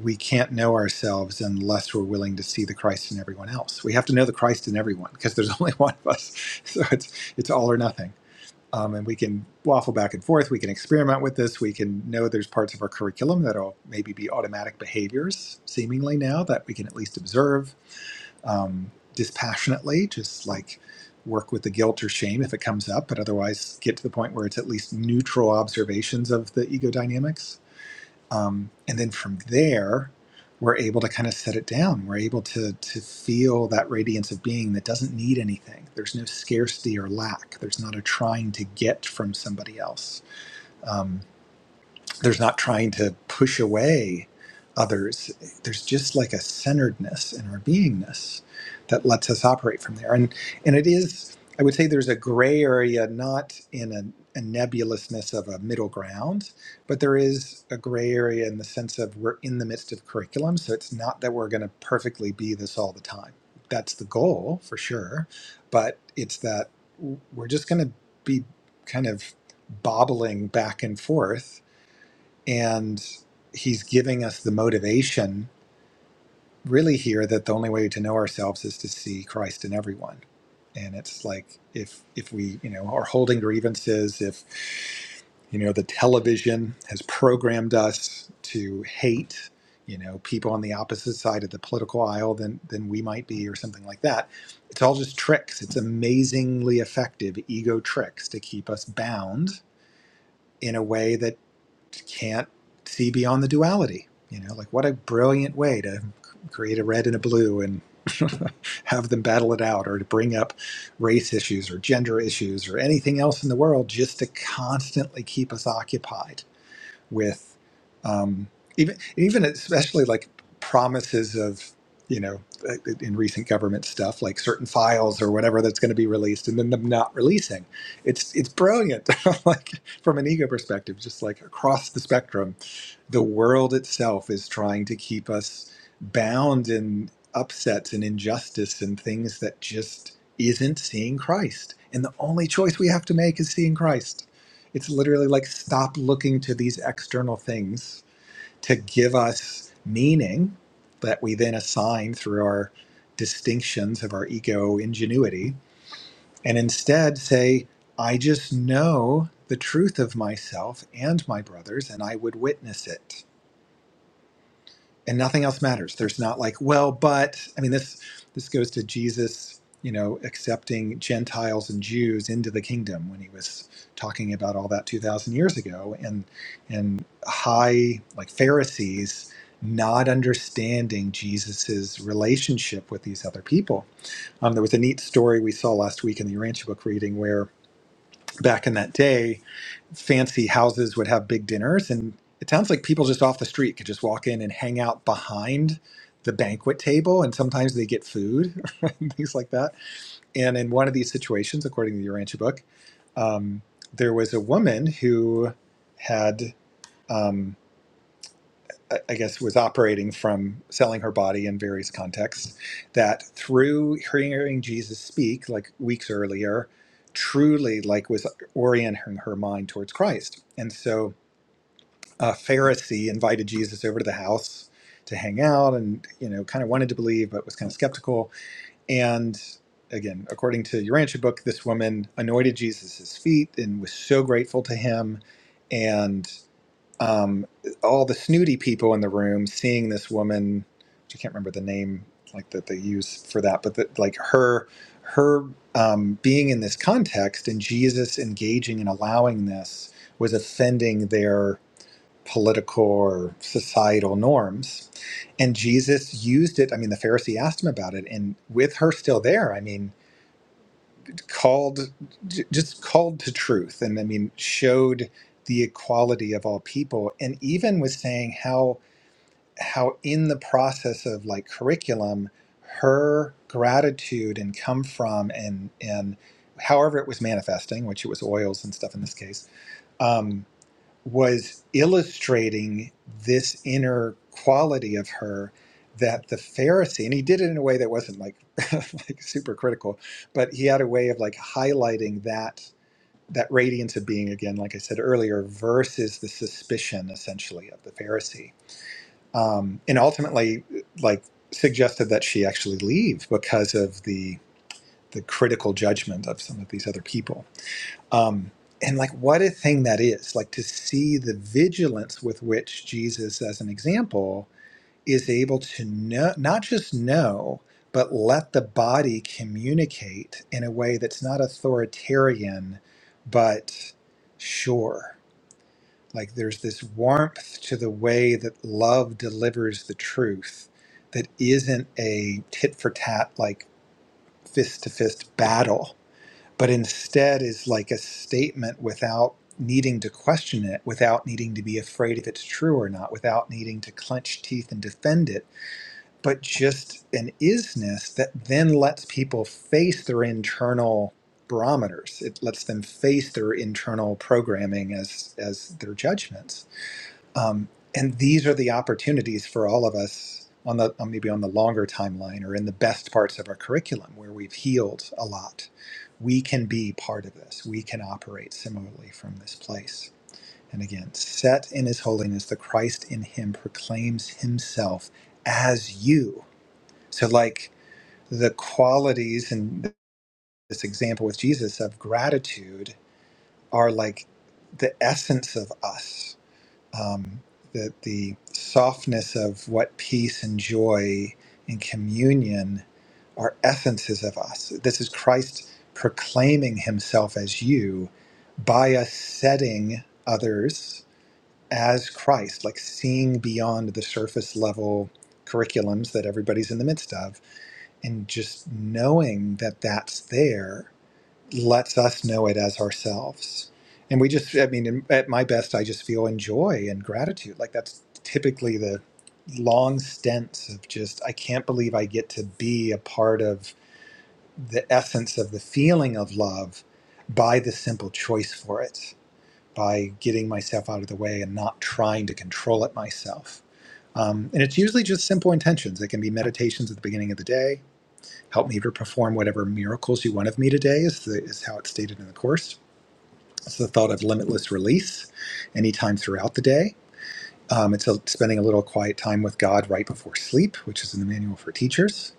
we can't know ourselves unless we're willing to see the Christ in everyone else. We have to know the Christ in everyone because there's only one of us. So it's it's all or nothing. Um, and we can waffle back and forth. We can experiment with this. We can know there's parts of our curriculum that'll maybe be automatic behaviors, seemingly now that we can at least observe um, dispassionately, just like work with the guilt or shame if it comes up, but otherwise get to the point where it's at least neutral observations of the ego dynamics um, and then from there we're able to kind of set it down we're able to to feel that radiance of being that doesn't need anything there's no scarcity or lack there's not a trying to get from somebody else Um, there's not trying to push away others there's just like a centeredness in our beingness that lets us operate from there and and it is i would say there's a gray area not in a, a nebulousness of a middle ground but there is a gray area in the sense of we're in the midst of curriculum so it's not that we're going to perfectly be this all the time that's the goal for sure but it's that w- we're just going to be kind of bobbling back and forth and he's giving us the motivation, really, here that the only way to know ourselves is to see Christ in everyone. And it's like if if we you know are holding grievances, if you know the television has programmed us to hate, you know people on the opposite side of the political aisle than than we might be, or something like that. It's all just tricks. It's amazingly effective ego tricks to keep us bound in a way that can't see beyond the duality. You know, like what a brilliant way to create a red and a blue and have them battle it out or to bring up race issues or gender issues or anything else in the world just to constantly keep us occupied with um, even even especially like promises of you know like in recent government stuff like certain files or whatever that's going to be released and then them not releasing it's it's brilliant like from an ego perspective just like across the spectrum the world itself is trying to keep us bound in upsets and injustice and things that just isn't seeing Christ and the only choice we have to make is seeing Christ it's literally like stop looking to these external things to give us meaning that we then assign through our distinctions of our ego ingenuity, and instead say, I just know the truth of myself and my brothers, and I would witness it and nothing else matters. There's not like, well, but I mean this this goes to Jesus, you know, accepting Gentiles and Jews into the kingdom when he was talking about all that 2000 years ago and and high like Pharisees not understanding Jesus's relationship with these other people. Um, there was a neat story we saw last week in the Urantia book reading where back in that day fancy houses would have big dinners and it sounds like people just off the street could just walk in and hang out behind the banquet table and sometimes they get food and things like that and in one of these situations according to the urantia book um, there was a woman who had um, i I guess was operating from selling her body in various contexts that through hearing jesus speak like weeks earlier truly like was orienting her mind towards christ and so a Pharisee invited Jesus over to the house to hang out and, you know, kind of wanted to believe, but was kind of skeptical. And again, according to your Urantia book, this woman anointed Jesus' feet and was so grateful to him. And um, all the snooty people in the room seeing this woman, which I can't remember the name like that they use for that, but that like her, her um, being in this context and Jesus engaging and allowing this was offending their political or societal norms. And Jesus used it. I mean, the Pharisee asked him about it, and with her still there, I mean, called j- just called to truth, and I mean, showed the equality of all people, and even was saying how how in the process of like curriculum, her gratitude and come from and and however it was manifesting, which it was oils and stuff in this case, um, was illustrating this inner quality of her that the Pharisee, and he did it in a way that wasn't like like super critical, but he had a way of like highlighting that that radiance of being again, like I said earlier, versus the suspicion essentially of the Pharisee, um, and ultimately like suggested that she actually leave because of the the critical judgment of some of these other people. Um, and like what a thing that is, like to see the vigilance with which Jesus, as an example, is able to know, not just know, but let the body communicate in a way that's not authoritarian, but sure. Like there's this warmth to the way that love delivers the truth that isn't a tit for tat, like fist to fist battle but instead is like a statement without needing to question it, without needing to be afraid if it's true or not, without needing to clench teeth and defend it, but just an isness that then lets people face their internal barometers. It lets them face their internal programming as as their judgments um, and these are the opportunities for all of us on the on maybe on the longer timeline or in the best parts of our curriculum where we've healed a lot. We can be part of this. We can operate similarly from this place. And again, set in his holiness, the Christ in him proclaims himself as you. So like the qualities in this example with Jesus of gratitude are like the essence of us um, the, the softness of what peace and joy and communion are essences of us. This is Christ proclaiming himself as you by us setting others as Christ, like seeing beyond the surface level curriculums that everybody's in the midst of, and just knowing that that's there lets us know it as ourselves. And we just, I mean, in, at my best, I just feel in joy and gratitude. Like that's typically the long stints of just, I can't believe I get to be a part of the essence of the feeling of love by the simple choice for it, by getting myself out of the way and not trying to control it myself. Um, and it's usually just simple intentions. It can be meditations at the beginning of the day help me to perform whatever miracles you want of me today is, the, is how it's stated in the course it's the thought of limitless release anytime throughout the day um, it's a, spending a little quiet time with god right before sleep which is in the manual for teachers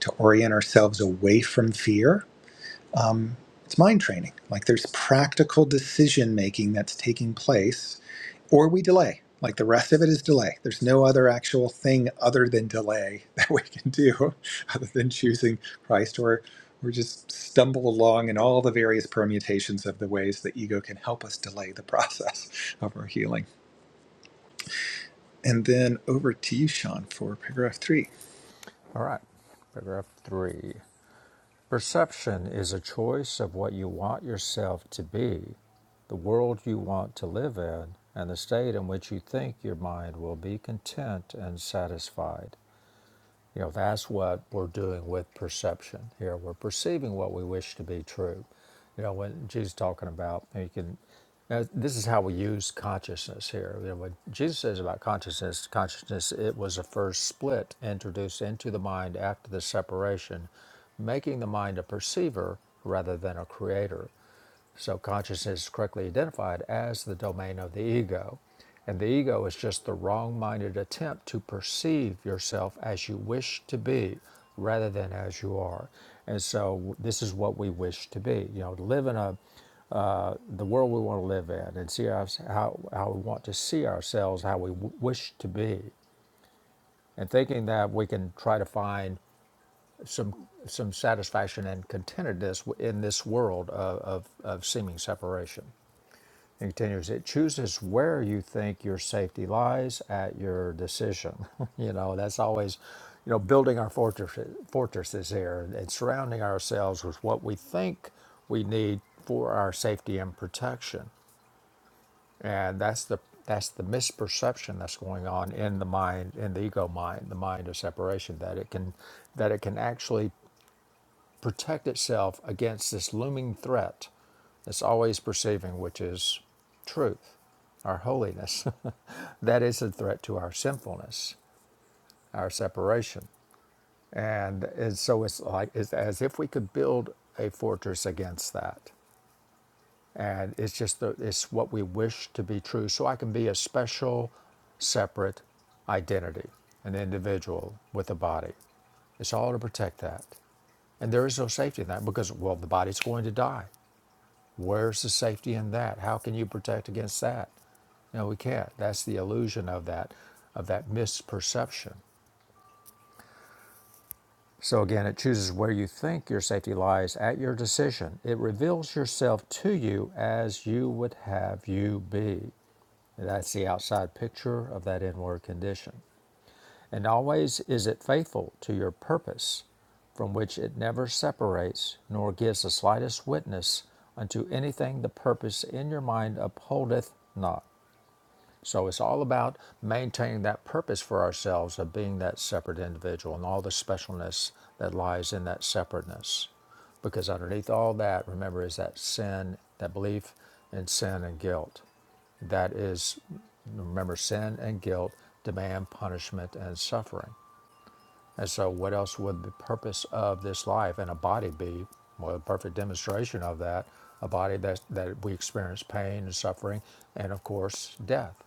to orient ourselves away from fear um, it's mind training. Like there's practical decision making that's taking place, or we delay. Like the rest of it is delay. There's no other actual thing other than delay that we can do, other than choosing Christ, or or just stumble along in all the various permutations of the ways the ego can help us delay the process of our healing. And then over to you, Sean, for paragraph three.
all right paragraph three perception is a choice of what you want yourself to be the world you want to live in, and the state in which you think your mind will be content and satisfied. You know, that's what we're doing with perception here. We're perceiving what we wish to be true. You know, when Jesus is talking about, you can, now, this is how we use consciousness here. You know, what Jesus says about consciousness, consciousness, it was a first split introduced into the mind after the separation, making the mind a perceiver rather than a creator. So consciousness is correctly identified as the domain of the ego. And the ego is just the wrong minded attempt to perceive yourself as you wish to be rather than as you are. And so this is what we wish to be, you know, to live in a the world we want to live in and see our, how, how we want to see ourselves, how we w- wish to be. And thinking that we can try to find some some satisfaction and contentedness in this world of, of, of seeming separation. It continues, it chooses where you think your safety lies at your decision. you know, that's always, you know, building our fortresses, fortresses here and surrounding ourselves with what we think we need for our safety and protection. And that's the that's the misperception that's going on in the mind, in the ego mind, the mind of separation, that it can that it can actually protect itself against this looming threat that's always perceiving, which is truth, our holiness. that is a threat to our sinfulness, our separation. And, and so it's like it's as if we could build a fortress against that. And it's just the, it's what we wish to be true. So I can be a special, separate identity, an individual with a body. It's all to protect that. And there is no safety in that because, well, the body's going to die. Where's the safety in that? How can you protect against that? No, we can't. That's the illusion of that, of that misperception. So again, it chooses where you think your safety lies at your decision. It reveals yourself to you as you would have you be. That's the outside picture of that inward condition. And always is it faithful to your purpose, from which it never separates nor gives the slightest witness unto anything the purpose in your mind upholdeth not. So it's all about maintaining that purpose for ourselves of being that separate individual and all the specialness that lies in that separateness. Because underneath all that, remember, is that sin, that belief in sin and guilt. That is, remember, sin and guilt demand punishment and suffering. And so, what else would the purpose of this life and a body be? Well, a perfect demonstration of that a body that, that we experience pain and suffering, and of course, death,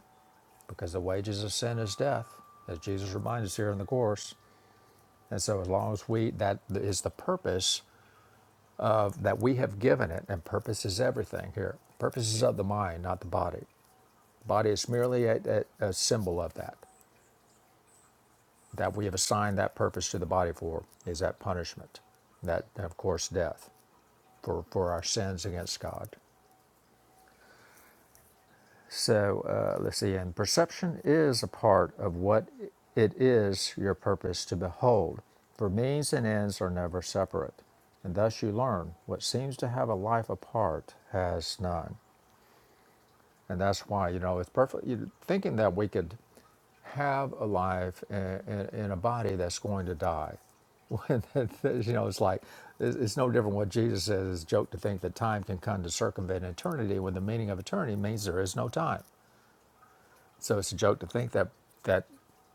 because the wages of sin is death, as Jesus reminds us here in the Course. And so, as long as we, that is the purpose of, that we have given it, and purpose is everything here. Purpose is of the mind, not the body. The Body is merely a, a, a symbol of that, that we have assigned that purpose to the body for, is that punishment, that, and of course, death. for, for our sins against God. So uh, let's see, and perception is a part of what it is your purpose to behold, for means and ends are never separate. And thus you learn what seems to have a life apart has none. And that's why, you know, it's perfect. You, thinking that we could have a life in, in a body that's going to die. When that- that- you know, it's like it's it's no different. What Jesus says is a joke to think that time can come to circumvent eternity, when the meaning of eternity means there is no time. So it's a joke to think that that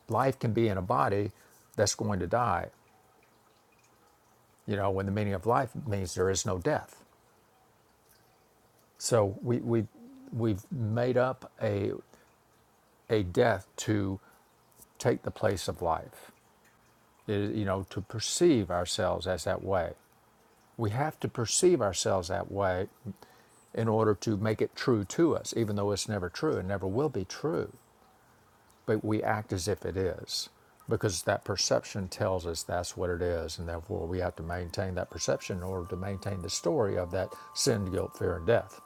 life can be in a body that's going to die. You know, when the meaning of life means there is no death. So we we we've made up a a death to take the place of life. It- you know, to perceive ourselves as that way. We have to perceive ourselves that way in order to make it true to us, even though it's never true and never will be true. But we act as if it is because that perception tells us that's what it is. And therefore, we have to maintain that perception in order to maintain the story of that sin, guilt, fear, and death.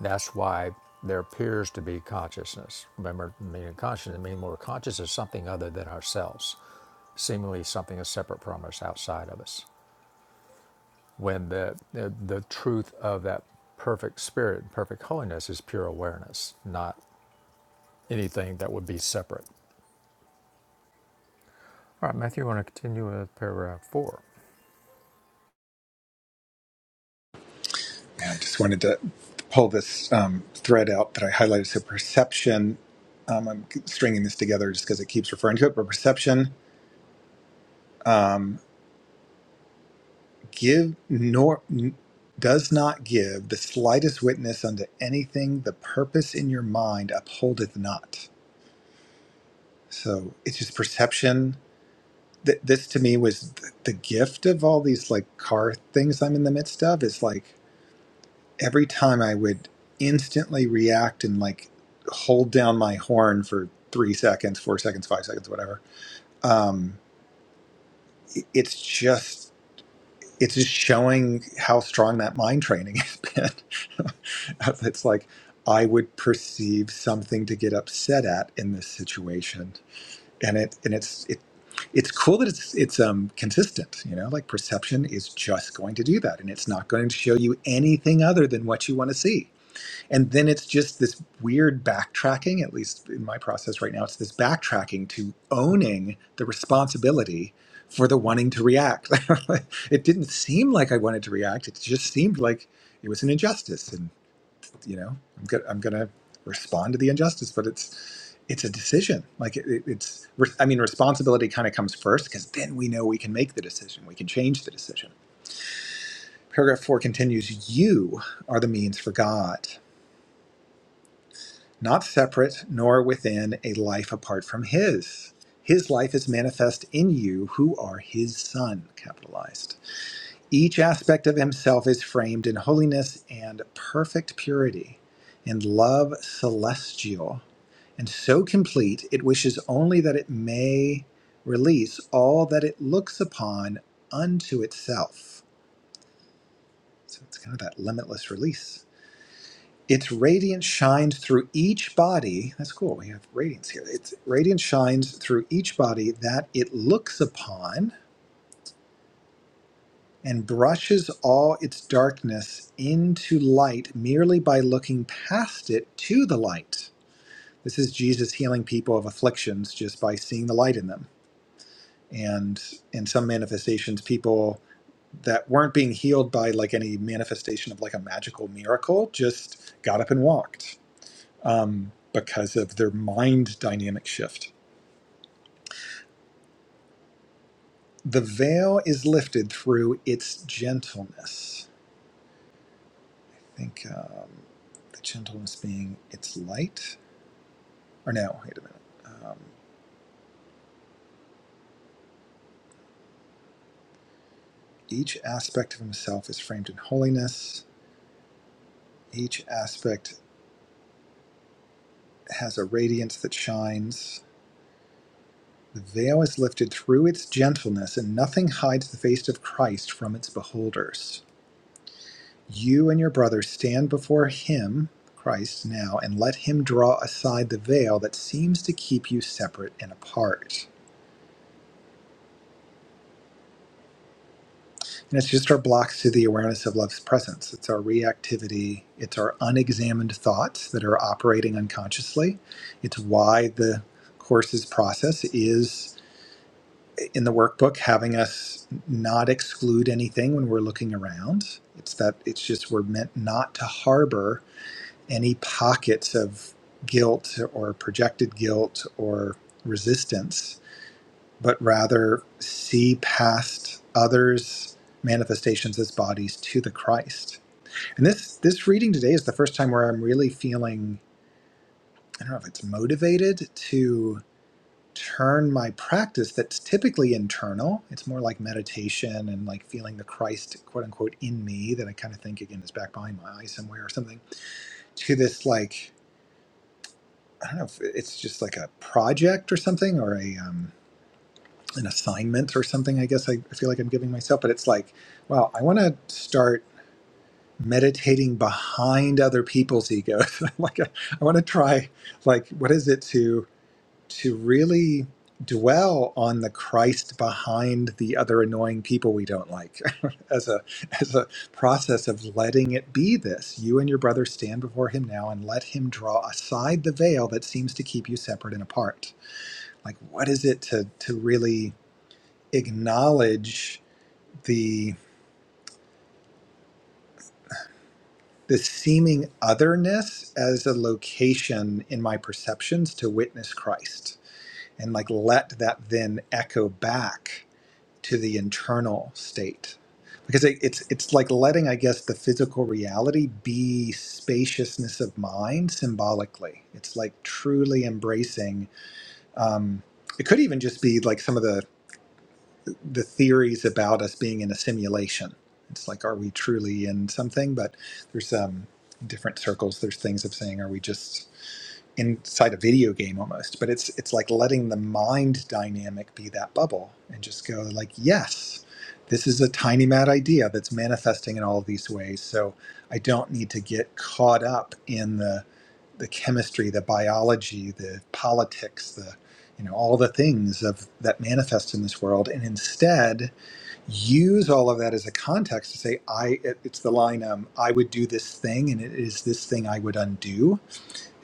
That's why there appears to be consciousness. Remember, meaning consciousness, meaning we're conscious of something other than ourselves, seemingly something that's separate from us, outside of us. when the, the, the truth of that perfect spirit, perfect holiness is pure awareness, not anything that would be separate. All right, Matthew, you want to continue with paragraph four?
I just wanted to pull this um, thread out that I highlighted. So perception, um, I'm stringing this together just because it keeps referring to it, but perception give nor n- does not give the slightest witness unto anything the purpose in your mind upholdeth not. So it's just perception. Th- This to me was th- the gift of all these like car things I'm in the midst of. Is like every time I would instantly react and like hold down my horn for three seconds, four seconds, five seconds, whatever. Um, it's just it's just showing how strong that mind training has been. it's like I would perceive something to get upset at in this situation, and it and it's it. It's cool that it's it's um consistent, you know, like perception is just going to do that and it's not going to show you anything other than what you want to see and then it's just this weird backtracking, at least in my process right now, it's this backtracking to owning the responsibility for the wanting to react. it didn't seem like I wanted to react. It just seemed like it was an injustice. And, you know, I'm, go- I'm going to respond to the injustice, but it's, it's a decision. Like it, it- it's, re- I mean, responsibility kind of comes first because then we know we can make the decision. We can change the decision. Paragraph four continues, you are the means for God. not separate nor within a life apart from his. His life is manifest in you who are his son, capitalized. Each aspect of himself is framed in holiness and perfect purity, in love celestial, and so complete it wishes only that it may release all that it looks upon unto itself. So it's kind of that limitless release. Its radiance shines through each body. That's cool. We have radiance here. Its radiance shines through each body that it looks upon and brushes all its darkness into light merely by looking past it to the light. This is Jesus healing people of afflictions just by seeing the light in them. And in some manifestations, people that weren't being healed by like any manifestation of like a magical miracle just got up and walked um, because of their mind dynamic shift. The veil is lifted through its gentleness. I think um, the gentleness being its light. Or no, wait a minute. Um, each aspect of himself is framed in holiness. Each aspect has a radiance that shines. The veil is lifted through its gentleness, and nothing hides the face of Christ from its beholders. You and your brothers stand before him, Christ, now, and let him draw aside the veil that seems to keep you separate and apart. And it's just our blocks to the awareness of love's presence. It's our reactivity, it's our unexamined thoughts that are operating unconsciously. It's why the course's process is in the workbook having us not exclude anything when we're looking around. It's that it's just we're meant not to harbor any pockets of guilt or projected guilt or resistance, but rather see past others' manifestations as bodies to the Christ. And this this reading today is the first time where I'm really feeling I don't know if it's motivated to turn my practice that's typically internal. It's more like meditation and like feeling the Christ quote unquote in me that I kind of think again is back behind my eye somewhere or something to this like I don't know if it's just like a project or something or a um, an assignment or something. I guess I, I feel like I'm giving myself, but it's like, wow, I want to start meditating behind other people's egos. like I, I want to try, like, what is it to? to really dwell on the Christ behind the other annoying people we don't like as a as a process of letting it be this you and your brother stand before him now and let him draw aside the veil that seems to keep you separate and apart like what is it to to really acknowledge the the seeming otherness as a location in my perceptions to witness Christ and like let that then echo back to the internal state because it, it's it's like letting i guess the physical reality be spaciousness of mind symbolically it's like truly embracing um, it could even just be like some of the the theories about us being in a simulation it's like are we truly in something but there's um different circles there's things of saying are we just inside a video game almost but it's it's like letting the mind dynamic be that bubble and just go like yes this is a tiny mad idea that's manifesting in all of these ways so i don't need to get caught up in the the chemistry the biology the politics the you know all the things of that manifest in this world and instead use all of that as a context to say i it- it's the line um, i would do this thing and it is this thing i would undo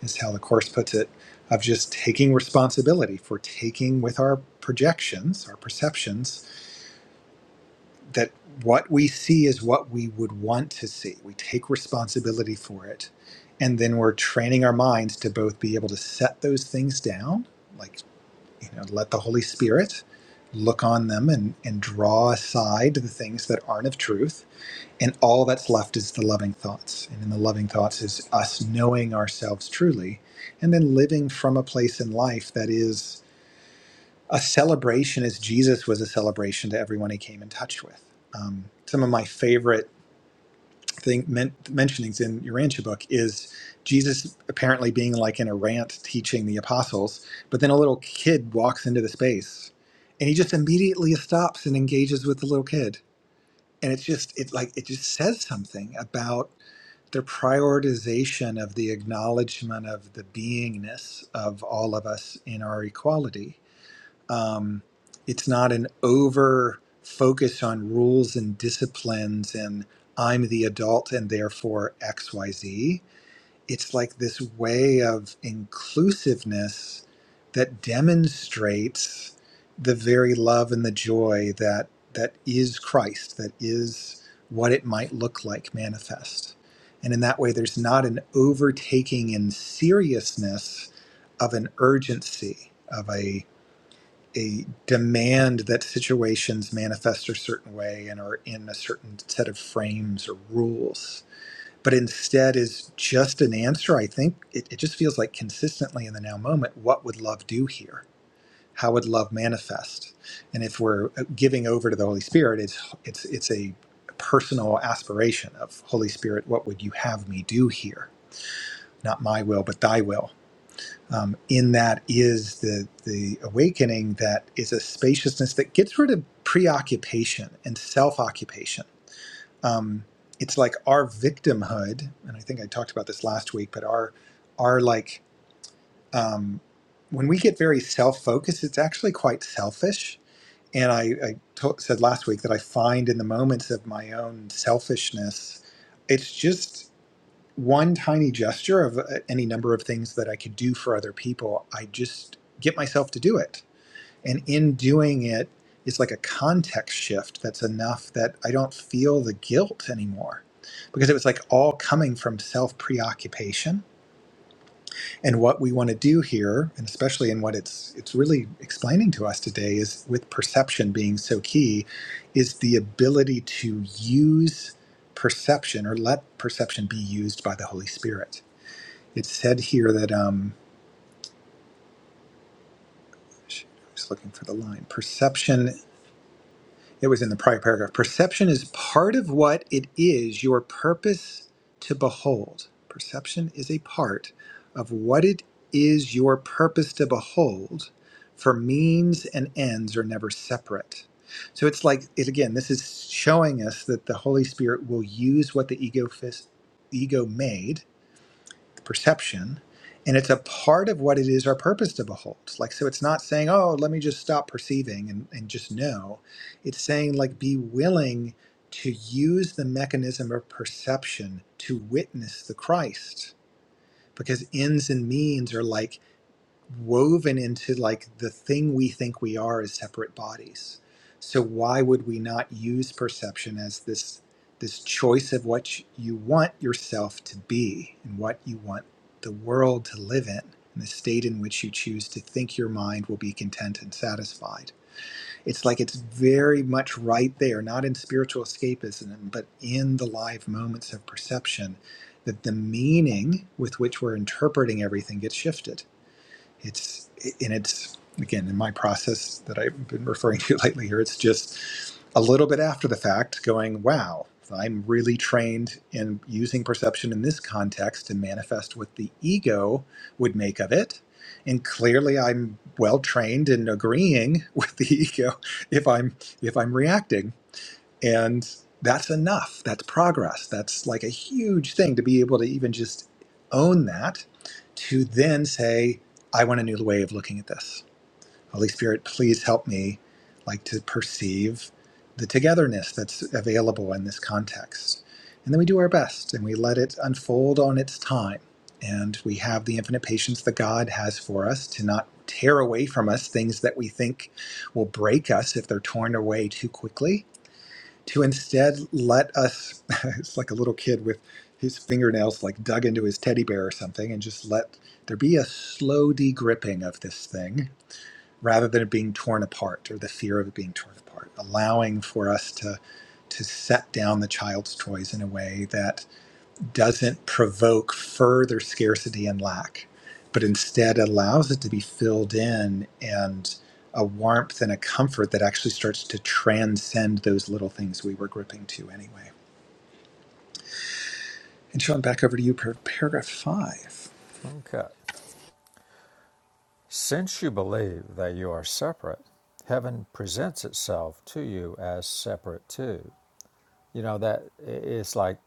is how the Course puts it, of just taking responsibility for taking with our projections, our perceptions, that what we see is what we would want to see. We take responsibility for it. And then we're training our minds to both be able to set those things down, like, you know, let the Holy Spirit look on them and, and draw aside the things that aren't of truth and all that's left is the loving thoughts and in the loving thoughts is us knowing ourselves truly and then living from a place in life that is a celebration as jesus was a celebration to everyone he came in touch with um, some of my favorite thing men- mentionings in your Urantia book is jesus apparently being like in a rant teaching the apostles but then a little kid walks into the space and he just immediately stops and engages with the little kid and it's just it like it just says something about their prioritization of the acknowledgement of the beingness of all of us in our equality. Um, it's not an over focus on rules and disciplines and I'm the adult and therefore XYZ it's like this way of inclusiveness that demonstrates the very love and the joy that that is Christ, that is what it might look like manifest. And in that way, there's not an overtaking in seriousness of an urgency, of a a demand that situations manifest a certain way and are in a certain set of frames or rules but instead is just an answer. I think it, it just feels like consistently in the now moment, what would love do here? How would love manifest? And if we're uh, giving over to the Holy Spirit, it's it's it's a personal aspiration of Holy Spirit, what would you have me do here? Not my will, but Thy will. Um, in that is the the awakening that is a spaciousness that gets rid of preoccupation and self occupation um, it's like our victimhood, and I think I talked about this last week, but our our like um, when we get very self focused, it's actually quite selfish. And I, I to- said last week that I find in the moments of my own selfishness, it's just one tiny gesture of uh, any number of things that I could do for other people. I just get myself to do it and in doing it, it's like a context shift that's enough that I don't feel the guilt anymore. Because it was like all coming from self preoccupation. And what we want to do here, and especially in what it's it's really explaining to us today, is with perception being so key, is the ability to use perception or let perception be used by the Holy Spirit. It's said here that um I was looking for the line. Perception It was in the prior paragraph. Perception is part of what it is your purpose to behold. Perception is a part of what it is your purpose to behold, for means and ends are never separate. So it's like, it, again, this is showing us that the Holy Spirit will use what the ego, fis- ego made perception and it's a part of what it is our purpose to behold like so it's not saying oh let me just stop perceiving and, and just know it's saying like be willing to use the mechanism of perception to witness the christ because ends and means are like woven into like the thing we think we are as separate bodies. So why would we not use perception as this this choice of what you want yourself to be and what you want the world to live in and the state in which you choose to think your mind will be content and satisfied. It's like it's very much right there, not in spiritual escapism, but in the live moments of perception that the meaning with which we're interpreting everything gets shifted it's and it's again in my process that I've been referring to lately here. It's just a little bit after the fact, going, "Wow, I'm really trained in using perception in this context to manifest what the ego would make of it." And clearly, I'm well trained in agreeing with the ego if I'm if I'm reacting and that's enough. That's progress. That's like a huge thing to be able to even just own that to then say, I want a new way of looking at this. Holy Spirit, please help me like to perceive the togetherness that's available in this context. And then we do our best and we let it unfold on its time. And we have the infinite patience that God has for us to not tear away from us things that we think will break us if they're torn away too quickly to instead let us it's like a little kid with his fingernails like dug into his teddy bear or something and just let there be a slow degripping of this thing rather than it being torn apart or the fear of it being torn apart allowing for us to to set down the child's toys in a way that doesn't provoke further scarcity and lack, but instead allows it to be filled in and a warmth and a comfort that actually starts to transcend those little things we were gripping to anyway. And Sean, back over to you for paragraph five.
Okay. Since you believe that you are separate, heaven presents itself to you as separate too. You know, that it's like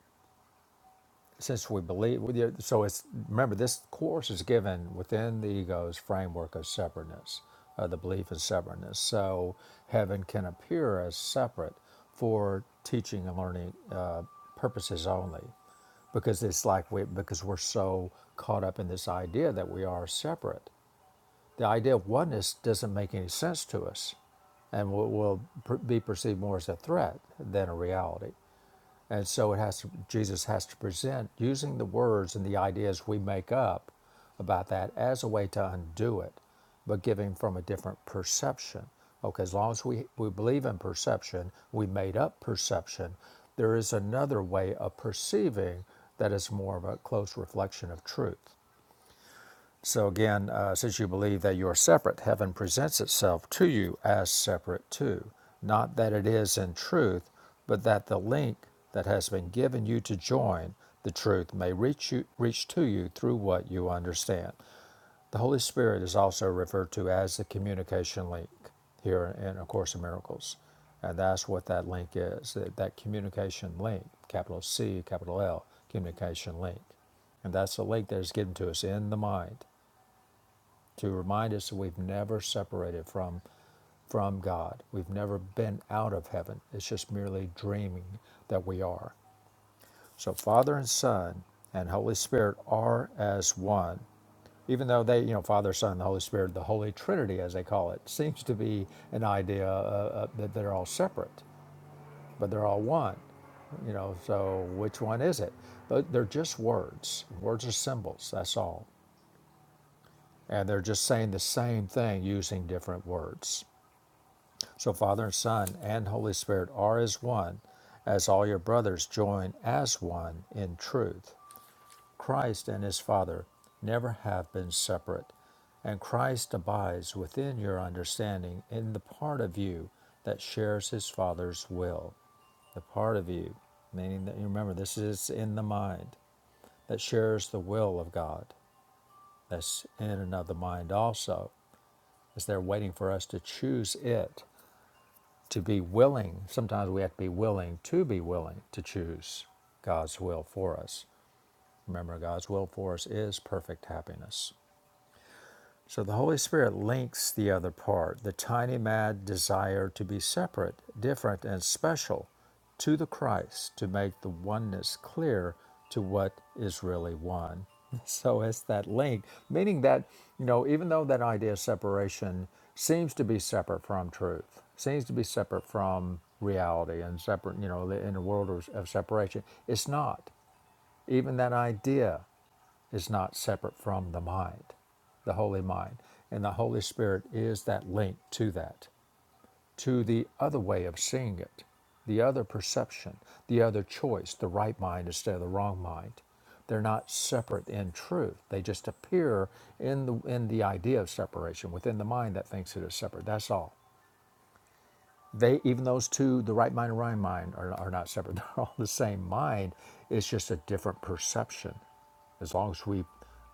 since we believe so it's remember this course is given within the ego's framework of separateness uh, the belief in separateness so heaven can appear as separate for teaching and learning uh, purposes only because it's like we because we're so caught up in this idea that we are separate the idea of oneness doesn't make any sense to us and will, will per- be perceived more as a threat than a reality and so it has to, Jesus has to present using the words and the ideas we make up about that as a way to undo it, but giving from a different perception. Okay, as long as we, we believe in perception, we made up perception, there is another way of perceiving that is more of a close reflection of truth. So again, uh, since you believe that you are separate, heaven presents itself to you as separate too. Not that it is in truth, but that the link that has been given you to join the truth may reach you, reach to you through what you understand. The Holy Spirit is also referred to as the communication link here in A Course in Miracles, and that's what that link is. That, that communication link, capital C, capital L, communication link. And that's the link that is given to us in the mind to remind us that we've never separated from from God. We've never been out of heaven. It's just merely dreaming that we are. So Father and Son and Holy Spirit are as one. Even though they, you know, Father, Son, and the Holy Spirit, the Holy Trinity, as they call it, seems to be an idea uh, uh, that they're all separate, but they're all one. You know, so which one is it? But they're just words. Words are symbols, that's all. And they're just saying the same thing using different words. So Father and Son and Holy Spirit are as one, as all your brothers join as one in truth. Christ and his Father never have been separate, and Christ abides within your understanding in the part of you that shares his Father's will. The part of you, meaning that you remember this is in the mind, that shares the will of God, that's in and of the mind also, as they're waiting for us to choose it to be willing. Sometimes we have to be willing to be willing to choose God's will for us. Remember, God's will for us is perfect happiness. So the Holy Spirit links the other part, the tiny mad desire to be separate, different, and special, to the Christ to make the oneness clear to what is really one. So it's that link, meaning that, you know, even though that idea of separation seems to be separate from truth, seems to be separate from reality and separate, you know, in a world of of separation, it's not. Even that idea is not separate from the mind, the holy mind. And the Holy Spirit is that link to that, to the other way of seeing it, the other perception, the other choice, the right mind instead of the wrong mind. They're not separate in truth. They just appear in the in the idea of separation within the mind that thinks it is separate. That's all they even those two the right mind and wrong mind are, are not separate they're all the same mind it's just a different perception as long as we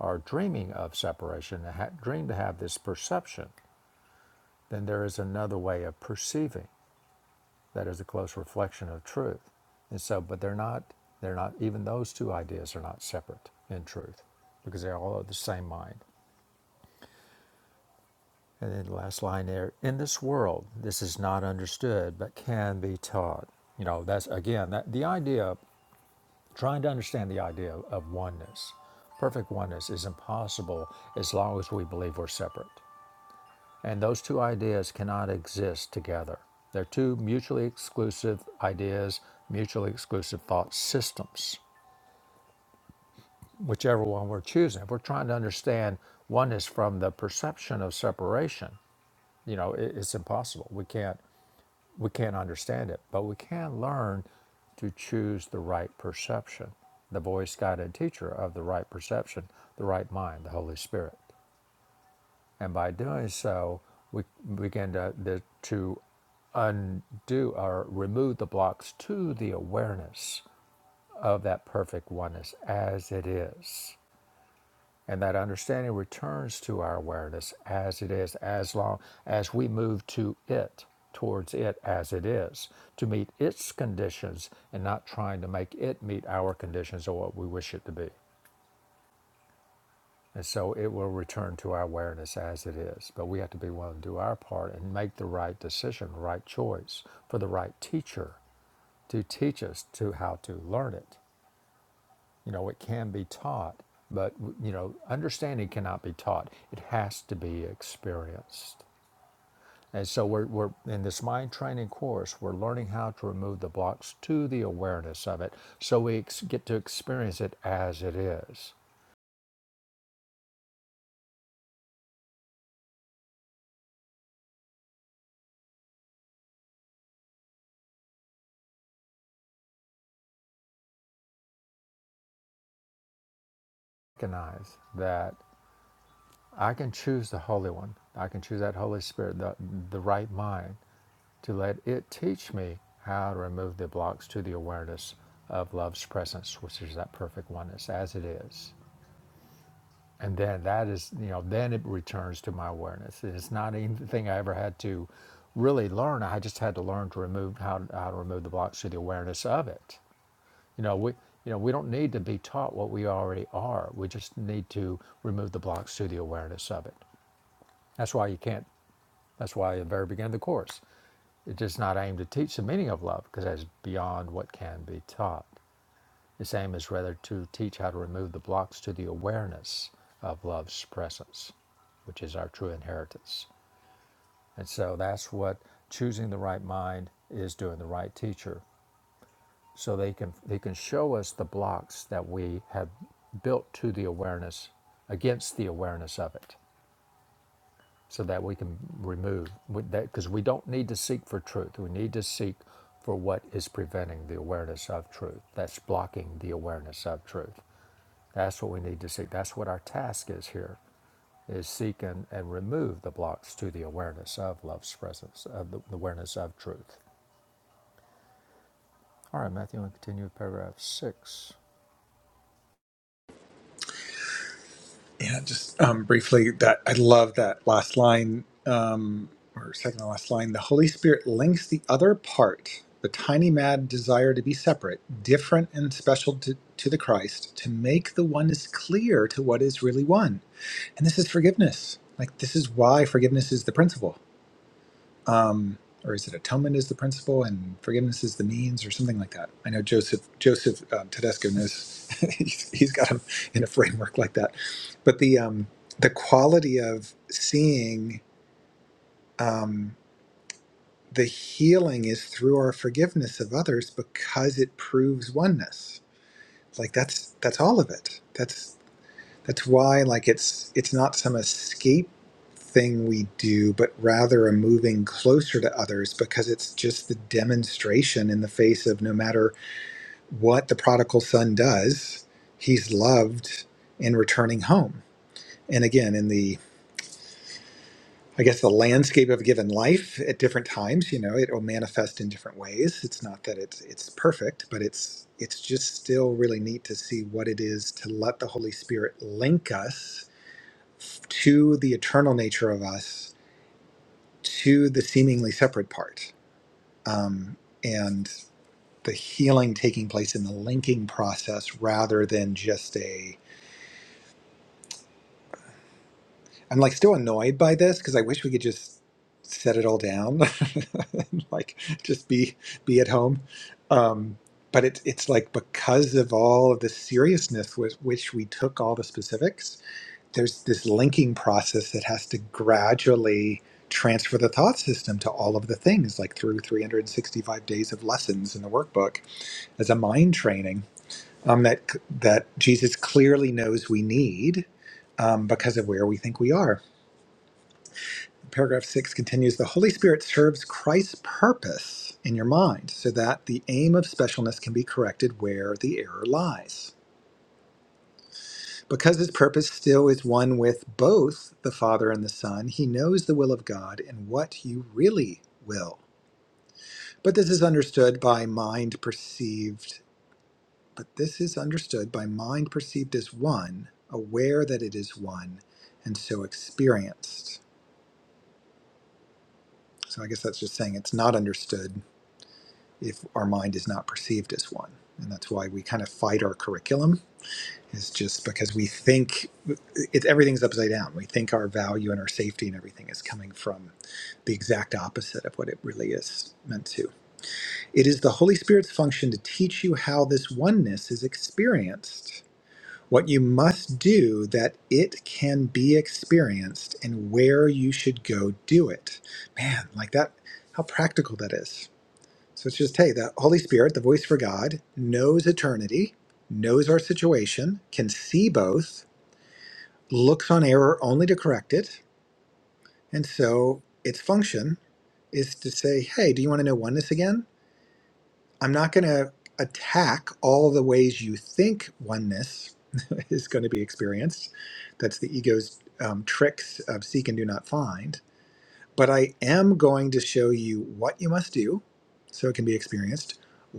are dreaming of separation ha- dream to have this perception then there is another way of perceiving that is a close reflection of truth and so but they're not they're not even those two ideas are not separate in truth because they all are the same mind And then the last line there, in this world, this is not understood, but can be taught. You know, that's again, that the idea, trying to understand the idea of oneness, perfect oneness is impossible as long as we believe we're separate. And those two ideas cannot exist together. They're two mutually exclusive ideas, mutually exclusive thought systems, whichever one we're choosing. If we're trying to understand oneness from the perception of separation, you know, it, it's impossible. We can't. We can't understand it, but we can learn to choose the right perception, the voice guided teacher of the right perception, the right mind, the Holy Spirit. And by doing so, we begin to, to undo or remove the blocks to the awareness of that perfect oneness as it is. And that understanding returns to our awareness as it is, as long as we move to it, towards it as it is, to meet its conditions and not trying to make it meet our conditions or what we wish it to be. And so it will return to our awareness as it is. But we have to be willing to do our part and make the right decision, the right choice for the right teacher to teach us to how to learn it. You know, it can be taught, but you know, understanding cannot be taught. It has to be experienced. And so we're, we're in this mind training course, we're learning how to remove the blocks to the awareness of it so we ex- get to experience it as it is. Recognize that I can choose the Holy One, I can choose that Holy Spirit, the, the right mind, to let it teach me how to remove the blocks to the awareness of love's presence, which is that perfect oneness as it is. And then that is, you know, then it returns to my awareness. it's not anything I ever had to really learn. I just had to learn to remove how, how to remove the blocks through the awareness of it. You know, we you know, we don't need to be taught what we already are. We just need to remove the blocks through the awareness of it. That's why you can't that's why at the very beginning of the course. It's just not aimed to teach the meaning of love, because that's beyond what can be taught. Its aim is rather to teach how to remove the blocks to the awareness of love's presence, which is our true inheritance. And so that's what choosing the right mind is doing, the right teacher. So they can they can show us the blocks that we have built to the awareness against the awareness of it, so that we can remove with that because we don't need to seek for truth. We need to seek for what is preventing the awareness of truth. That's blocking the awareness of truth. That's what we need to seek. That's what our task is here, is seek and, and remove the blocks to the awareness of love's presence, of the awareness of truth. All right, Matthew, and continue with paragraph six.
Yeah, just um, briefly, that I love that last line um, or second to last line. The Holy Spirit links the other part, the tiny mad desire to be separate, different and special to, to the Christ, to make the oneness clear to what is really one. And this is forgiveness. Like this is why forgiveness is the principle um, or is it atonement is the principle and forgiveness is the means or something like that i know joseph joseph um, tedesco knows he's, he's got him in a framework like that but the um, the quality of seeing um, the healing is through our forgiveness of others because it proves oneness like that's that's all of it that's that's why like it's it's not some escape thing we do, but rather a moving closer to others because it's just the demonstration in the face of no matter what the prodigal son does, he's loved in returning home. And again, in the I guess the landscape of a given life at different times, you know, it will manifest in different ways. It's not that it's it's perfect, but it's it's just still really neat to see what it is to let the Holy Spirit link us to the eternal nature of us to the seemingly separate part um, and the healing taking place in the linking process rather than just a i'm like still annoyed by this because i wish we could just set it all down like just be be at home um, but it's it's like because of all of the seriousness with which we took all the specifics there's this linking process that has to gradually transfer the thought system to all of the things, like through 365 days of lessons in the workbook as a mind training um, that that Jesus clearly knows we need um, because of where we think we are. Paragraph six continues: The Holy Spirit serves Christ's purpose in your mind, so that the aim of specialness can be corrected where the error lies. Because his purpose still is one with both the Father and the Son, he knows the will of God and what you really will. But this is understood by mind perceived, but this is understood by mind perceived as one, aware that it is one, and so experienced. So I guess that's just saying it's not understood if our mind is not perceived as one. And that's why we kind of fight our curriculum Is just because we think it's everything's upside down. We think our value and our safety and everything is coming from the exact opposite of what it really is meant to. It is the Holy Spirit's function to teach you how this oneness is experienced, what you must do that it can be experienced, and where you should go do it. Man, like that, how practical that is. So it's just, hey, the Holy Spirit, the voice for God, knows eternity, knows our situation, can see both looks on error only to correct it. And so its function is to say, hey, do you want to know oneness again? I'm not going to attack all the ways you think oneness is going to be experienced. That's the ego's um, tricks of seek and do not find. But I am going to show you what you must do so it can be experienced,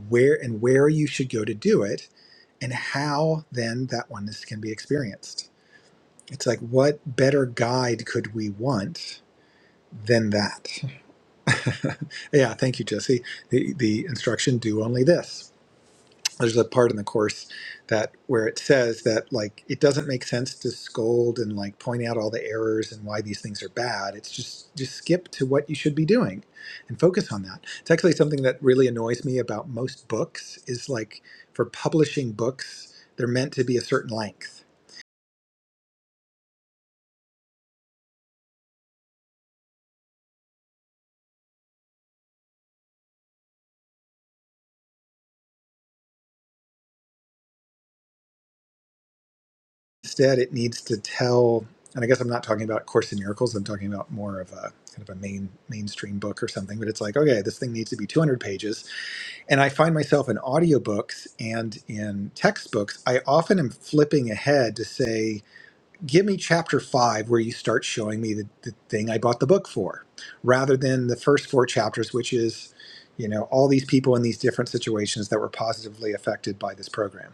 where and where you should go to do it, and how then that oneness can be experienced. It's like, what better guide could we want than that? yeah, thank you, Jesse. The, the instruction do only this. There's a part in the course that where it says that like it doesn't make sense to scold and like point out all the errors and why these things are bad. It's just just skip to what you should be doing and focus on that. It's actually something that really annoys me about most books is like for publishing books, they're meant to be a certain length Instead, it needs to tell, and I guess I'm not talking about Course in Miracles. I'm talking about more of a kind of a main mainstream book or something. But it's like, okay, this thing needs to be 200 pages. And I find myself in audiobooks and in textbooks. I often am flipping ahead to say, give me chapter five where you start showing me the, the thing I bought the book for, rather than the first four chapters, which is, you know, all these people in these different situations that were positively affected by this program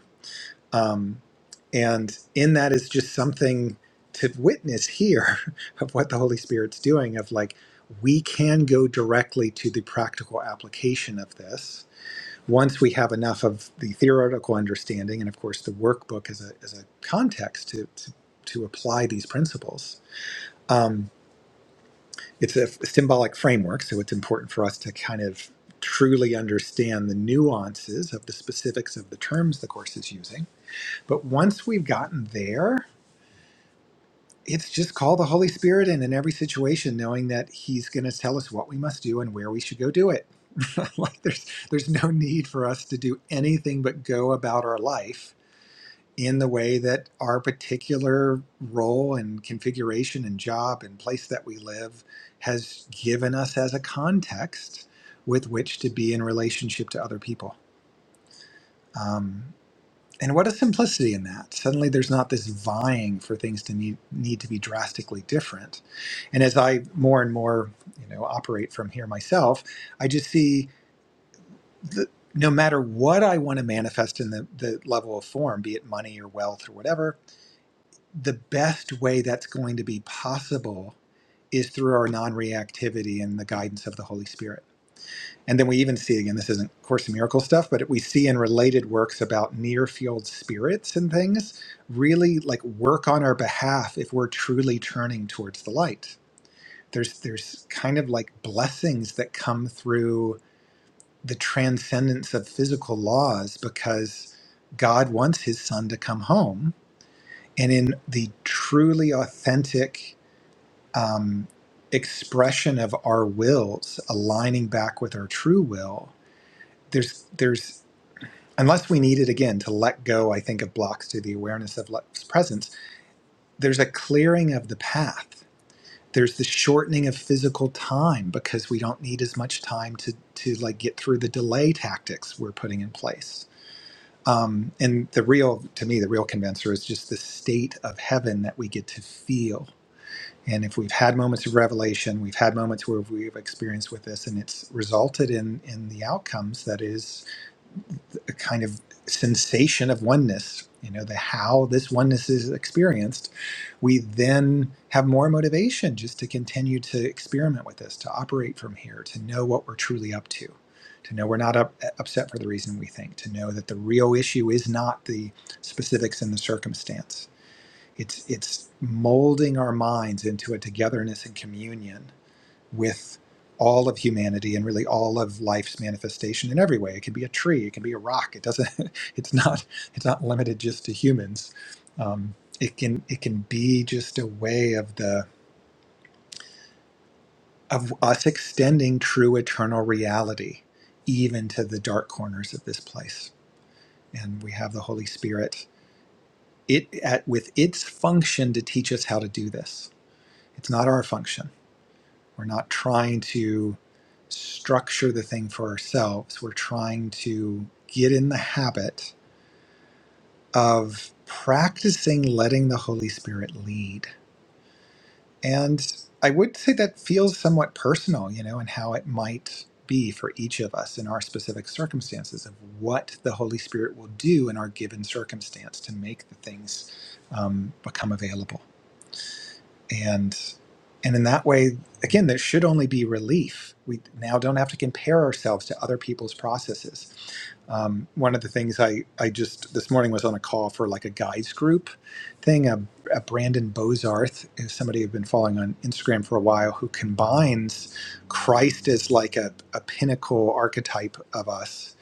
um, and in that is just something to witness here of what the Holy Spirit's doing, of like, we can go directly to the practical application of this once we have enough of the theoretical understanding and, of course, the workbook as a, as a context to, to, to apply these principles. Um, it's a symbolic framework, so it's important for us to kind of truly understand the nuances of the specifics of the terms the Course is using but once we've gotten there, it's just call the Holy Spirit in in every situation, knowing that He's going to tell us what we must do and where we should go do it. like there's there's no need for us to do anything but go about our life in the way that our particular role and configuration and job and place that we live has given us as a context with which to be in relationship to other people. Um, And what a simplicity in that. Suddenly there's not this vying for things to need, need to be drastically different. And as I more and more, you know, operate from here myself, I just see that no matter what I want to manifest in the, the level of form, be it money or wealth or whatever, the best way that's going to be possible is through our non-reactivity and the guidance of the Holy Spirit and then we even see again, this isn't Course in Miracle stuff, but we see in related works about near field spirits and things really like work on our behalf if we're truly turning towards the light. There's there's kind of like blessings that come through the transcendence of physical laws because God wants His Son to come home, and in the truly authentic um, expression of our wills aligning back with our true will there's there's unless we need it again to let go, I think, of blocks to the awareness of life's presence, there's a clearing of the path. There's the shortening of physical time because we don't need as much time to, to like get through the delay tactics we're putting in place. Um, and the real, to me, the real convincer is just the state of heaven that we get to feel. And if we've had moments of revelation, we've had moments where we've experienced with this, and it's resulted in in the outcomes that is the kind of sensation of oneness, you know, the how this oneness is experienced, we then have more motivation just to continue to experiment with this, to operate from here, to know what we're truly up to, to know we're not up, upset for the reason we think, to know that the real issue is not the specifics and the circumstance. It's it's molding our minds into a togetherness and communion with all of humanity and really all of life's manifestation in every way. It can be a tree, it can be a rock. It doesn't. It's not. It's not limited just to humans. Um, it can. It can be just a way of the of us extending true eternal reality, even to the dark corners of this place. And we have the Holy Spirit. It at with its function to teach us how to do this. It's not our function We're not trying to structure the thing for ourselves. We're trying to get in the habit of practicing letting the Holy Spirit lead. And I would say that feels somewhat personal, you know, and how it might be for each of us in our specific circumstances of what the Holy Spirit will do in our given circumstance to make the things um, become available. and and in that way again there should only be relief we now don't have to compare ourselves to other people's processes um, one of the things I, I just this morning was on a call for like a guys group thing a, a brandon bozarth is somebody i've been following on instagram for a while who combines christ as like a, a pinnacle archetype of us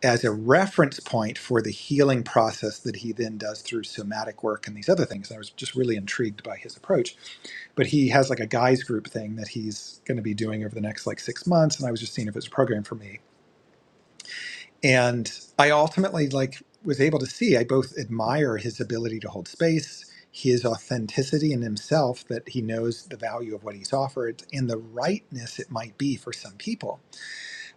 as a reference point for the healing process that he then does through somatic work and these other things and i was just really intrigued by his approach but he has like a guys group thing that he's going to be doing over the next like six months and i was just seeing if it was a program for me and i ultimately like was able to see i both admire his ability to hold space his authenticity in himself that he knows the value of what he's offered and the rightness it might be for some people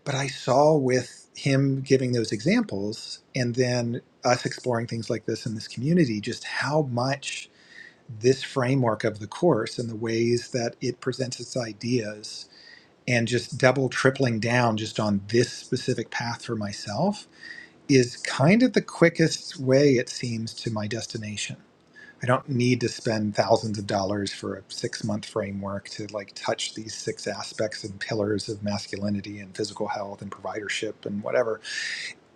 but i saw with him giving those examples and then us exploring things like this in this community just how much this framework of the course and the ways that it presents its ideas and just double tripling down just on this specific path for myself is kind of the quickest way it seems to my destination i don't need to spend thousands of dollars for a six month framework to like touch these six aspects and pillars of masculinity and physical health and providership and whatever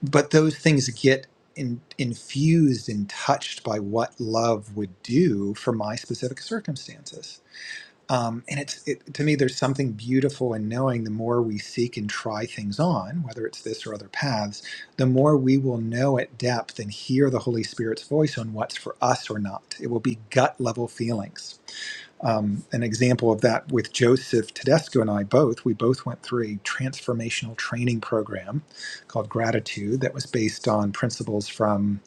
but those things get in, infused and touched by what love would do for my specific circumstances. Um, and it's it, to me, there's something beautiful in knowing the more we seek and try things on, whether it's this or other paths, the more we will know at depth and hear the Holy Spirit's voice on what's for us or not. It will be gut level feelings um, an example of that with Joseph Tedesco and I both. We both went through a transformational training program called Gratitude that was based on principles from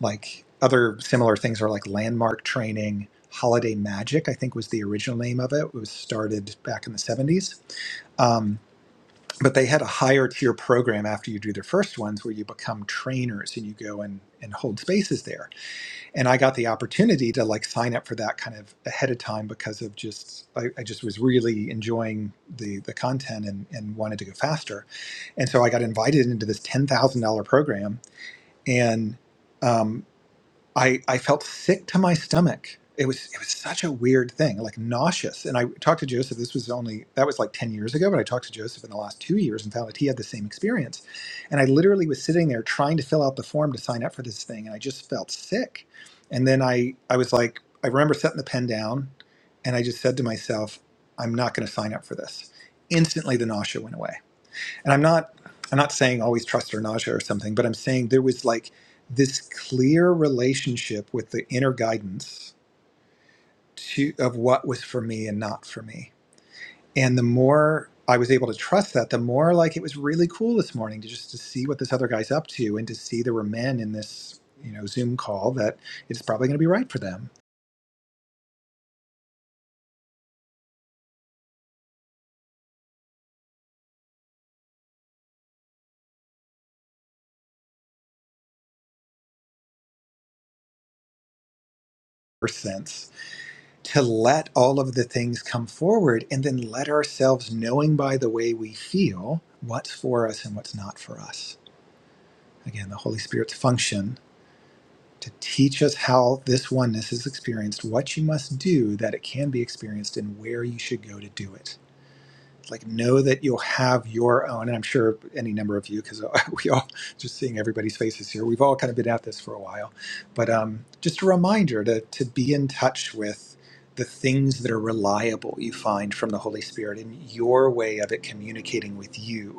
like other similar things are like landmark training. Holiday Magic, I think, was the original name of it. It was started back in the 70s. Um, but they had a higher tier program after you do their first ones where you become trainers and you go and, and hold spaces there and I got the opportunity to like sign up for that kind of ahead of time because of just I, I just was really enjoying the the content and and wanted to go faster, and so I got invited into this ten thousand dollar program, and um, I, I felt sick to my stomach. It was it was such a weird thing, like nauseous. And I talked to Joseph. This was only that was like ten years ago, but I talked to Joseph in the last two years and found that he had the same experience. And I literally was sitting there trying to fill out the form to sign up for this thing, and I just felt sick. And then I I was like, I remember setting the pen down, and I just said to myself, I'm not going to sign up for this. Instantly, the nausea went away and I'm not I'm not saying always trust or nausea or something, but I'm saying there was like this clear relationship with the inner guidance to of what was for me and not for me. And the more I was able to trust that, the more like it was really cool this morning to just to see what this other guy's up to and to see there were men in this, you know, Zoom call that it's probably gonna be right for them or sense to let all of the things come forward and then let ourselves knowing by the way we feel what's for us and what's not for us again, the Holy Spirit's function to teach us how this oneness is experienced, what you must do that it can be experienced, and where you should go to do it. Like, know that you'll have your own, and I'm sure any number of you, because we all just seeing everybody's faces here, we've all kind of been at this for a while. But um, just a reminder to, to be in touch with the things that are reliable you find from the Holy Spirit and your way of it communicating with you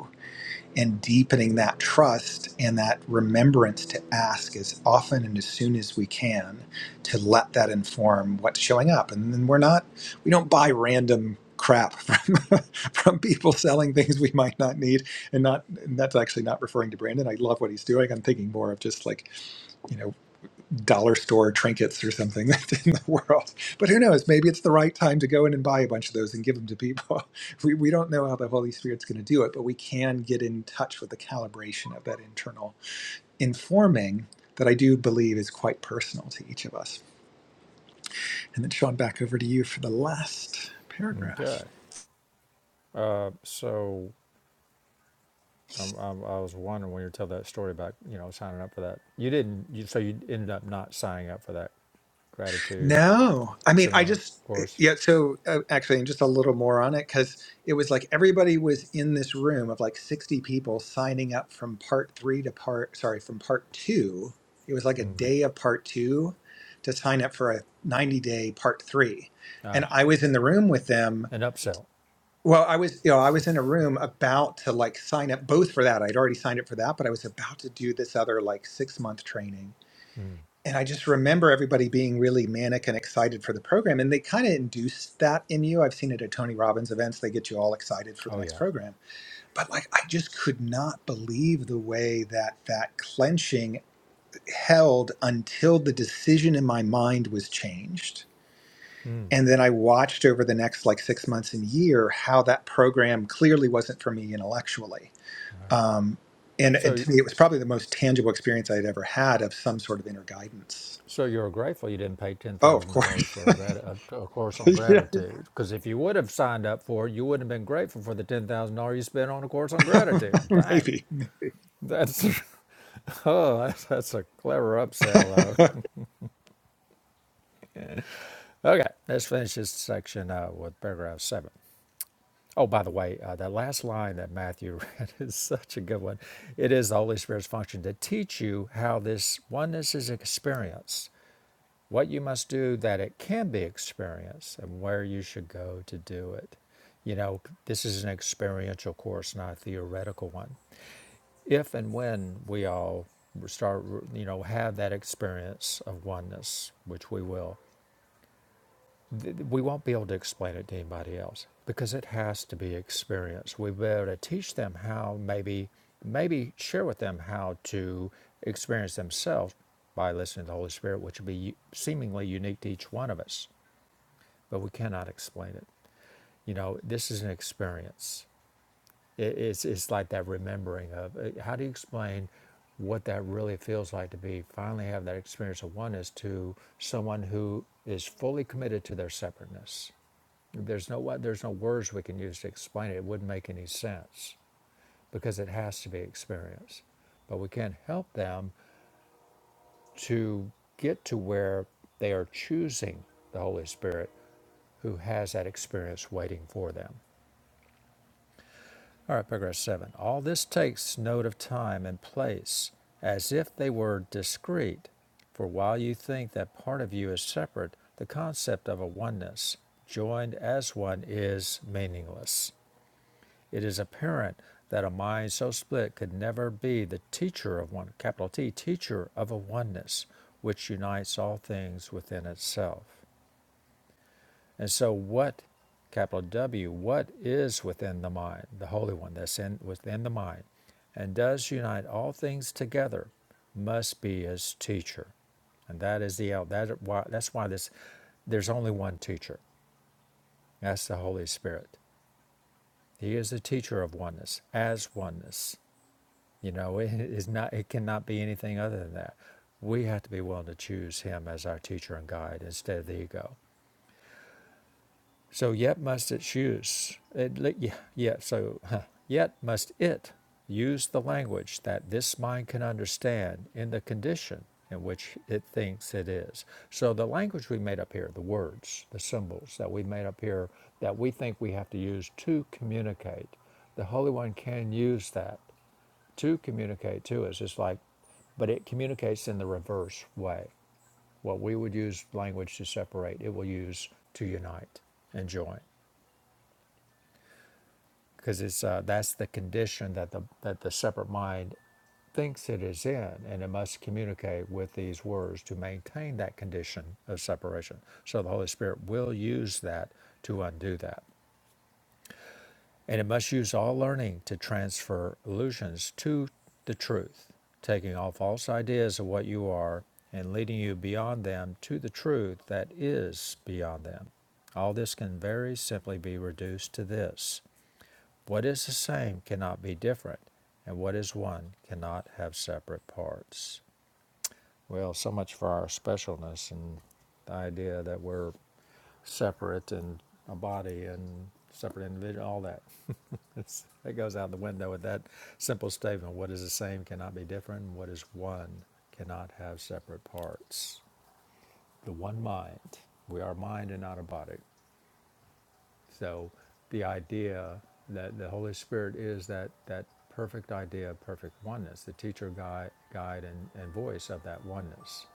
and deepening that trust and that remembrance to ask as often and as soon as we can to let that inform what's showing up and then we're not we don't buy random crap from from people selling things we might not need and not and that's actually not referring to brandon i love what he's doing i'm thinking more of just like you know dollar store trinkets or something that's in the world. But who knows? Maybe it's the right time to go in and buy a bunch of those and give them to people. We, we don't know how the Holy Spirit's going to do it, but we can get in touch with the calibration of that internal informing that I do believe is quite personal to each of us. And then, Sean, back over to you for the last
Okay.
paragraph.
Uh, so um, um, I was wondering when you tell that story about, you know, signing up for that. You didn't, you, so you ended up not signing up for that gratitude
No, I mean, I
seminar
just
course.
yeah. So uh, actually, and just a little more on it because it was like everybody was in this room of like sixty people signing up from part three to part sorry from part two. It was like a day of part two to sign up for a ninety day part three,
Uh,
and I was in the room with them.
an upsell.
Well, I was you know I was in a room about to like sign up both for that. I'd already signed up for that, but I was about to do this other like six month training and I just remember everybody being really manic and excited for the program, and they kind of induce that in you. I've seen it at Tony Robbins events; they get you all excited for the
Oh,
next
yeah.
program. But like, I just could not believe the way that that clenching held until the decision in my mind was changed. And then I watched over the next like six months and year how that program clearly wasn't for me intellectually.
Right.
Um, and, and
So
to me, it was probably the most tangible experience I'd ever had of some sort of inner guidance.
So you're grateful you didn't pay ten
Oh, of
thousand
course.
dollars for a, grat- a, a course on
yeah,
gratitude, because if you would have signed up for it, you wouldn't have been grateful for the ten thousand dollars you spent on a course on gratitude. Dang,
maybe.
that's oh, that's, that's a clever upsell though. Okay, let's finish this section uh, with paragraph seven. Oh, by the way, uh, that last line that Matthew read is such a good one. It is the Holy Spirit's function to teach you how this oneness is experienced what you must do that it can be experienced and where you should go to do it. You know, this is an experiential course, not a theoretical one. If and when we all start, you know, have that experience of oneness, which we will, th- we won't be able to explain it to anybody else because it has to be experienced. We'll be able to teach them how maybe, maybe share with them how to experience themselves by listening to the Holy Spirit, which will be seemingly unique to each one of us but we cannot explain it. You know, this is an experience. It, it's, it's like that remembering of uh, how do you explain what that really feels like to be finally have that experience of oneness to someone who is fully committed to their separateness. There's no wa- there's no words we can use to explain it. It wouldn't make any sense because it has to be experienced. But we can help them to get to where they are choosing the Holy Spirit who has that experience waiting for them. All right, paragraph seven. All this takes note of time and place as if they were discrete. For while you think that part of you is separate, the concept of a oneness, joined as one, is meaningless. It is apparent that a mind so split could never be the teacher of one, capital T, teacher of a oneness, which unites all things within itself. And so, what, capital W, what is within the mind, the Holy One that's in, within the mind, and does unite all things together, must be his teacher. And that is the that why, that's why this there's only one teacher. That's the Holy Spirit. He is the teacher of oneness, as oneness. You know, it is not it cannot be anything other than that. We have to be willing to choose him as our teacher and guide instead of the ego. So yet must it choose. It, yeah, yeah, so huh, yet must it use the language that this mind can understand in the condition in which it thinks it is. So the language we made up here, the words, the symbols that we made up here, that we think we have to use to communicate, the Holy One can use that to communicate to us. It's like, but it communicates in the reverse way. What we would use language to separate, it will use to unite and join. because it's uh, that's the condition that the that the separate mind thinks it is in, and it must communicate with these words to maintain that condition of separation. So the Holy Spirit will use that to undo that, and it must use all learning to transfer illusions to the truth, taking all false ideas of what you are and leading you beyond them to the truth that is beyond them. All this can very simply be reduced to this. What is the same cannot be different, and what is one cannot have separate parts. Well, so much for our specialness and the idea that we're separate and a body and separate individual, all that. It's, it goes out the window with that simple statement what is the same cannot be different, and what is one cannot have separate parts. The one mind. We are mind and not a body. So the idea that the Holy Spirit is that, that perfect idea, of perfect oneness, the teacher, guide, guide and, and voice of that oneness.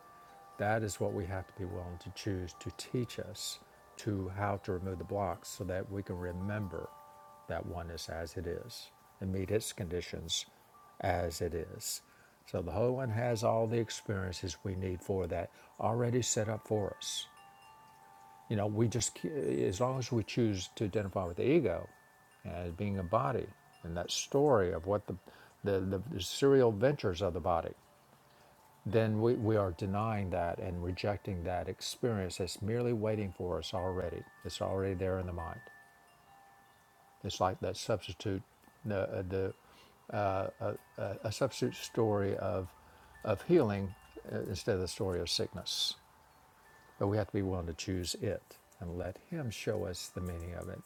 That is what we have to be willing to choose to teach us to how to remove the blocks so that we can remember that oneness as it is and meet its conditions as it is. So the Holy One has all the experiences we need for that already set up for us. You know, we just, as long as we choose to identify with the ego as being a body and that story of what the, the, the, the serial ventures of the body, then we, we are denying that and rejecting that experience that's merely waiting for us already. It's already there in the mind. It's like that substitute, the, uh, the uh, a substitute story of, of healing uh, instead of the story of sickness. But we have to be willing to choose it and let Him show us the meaning of it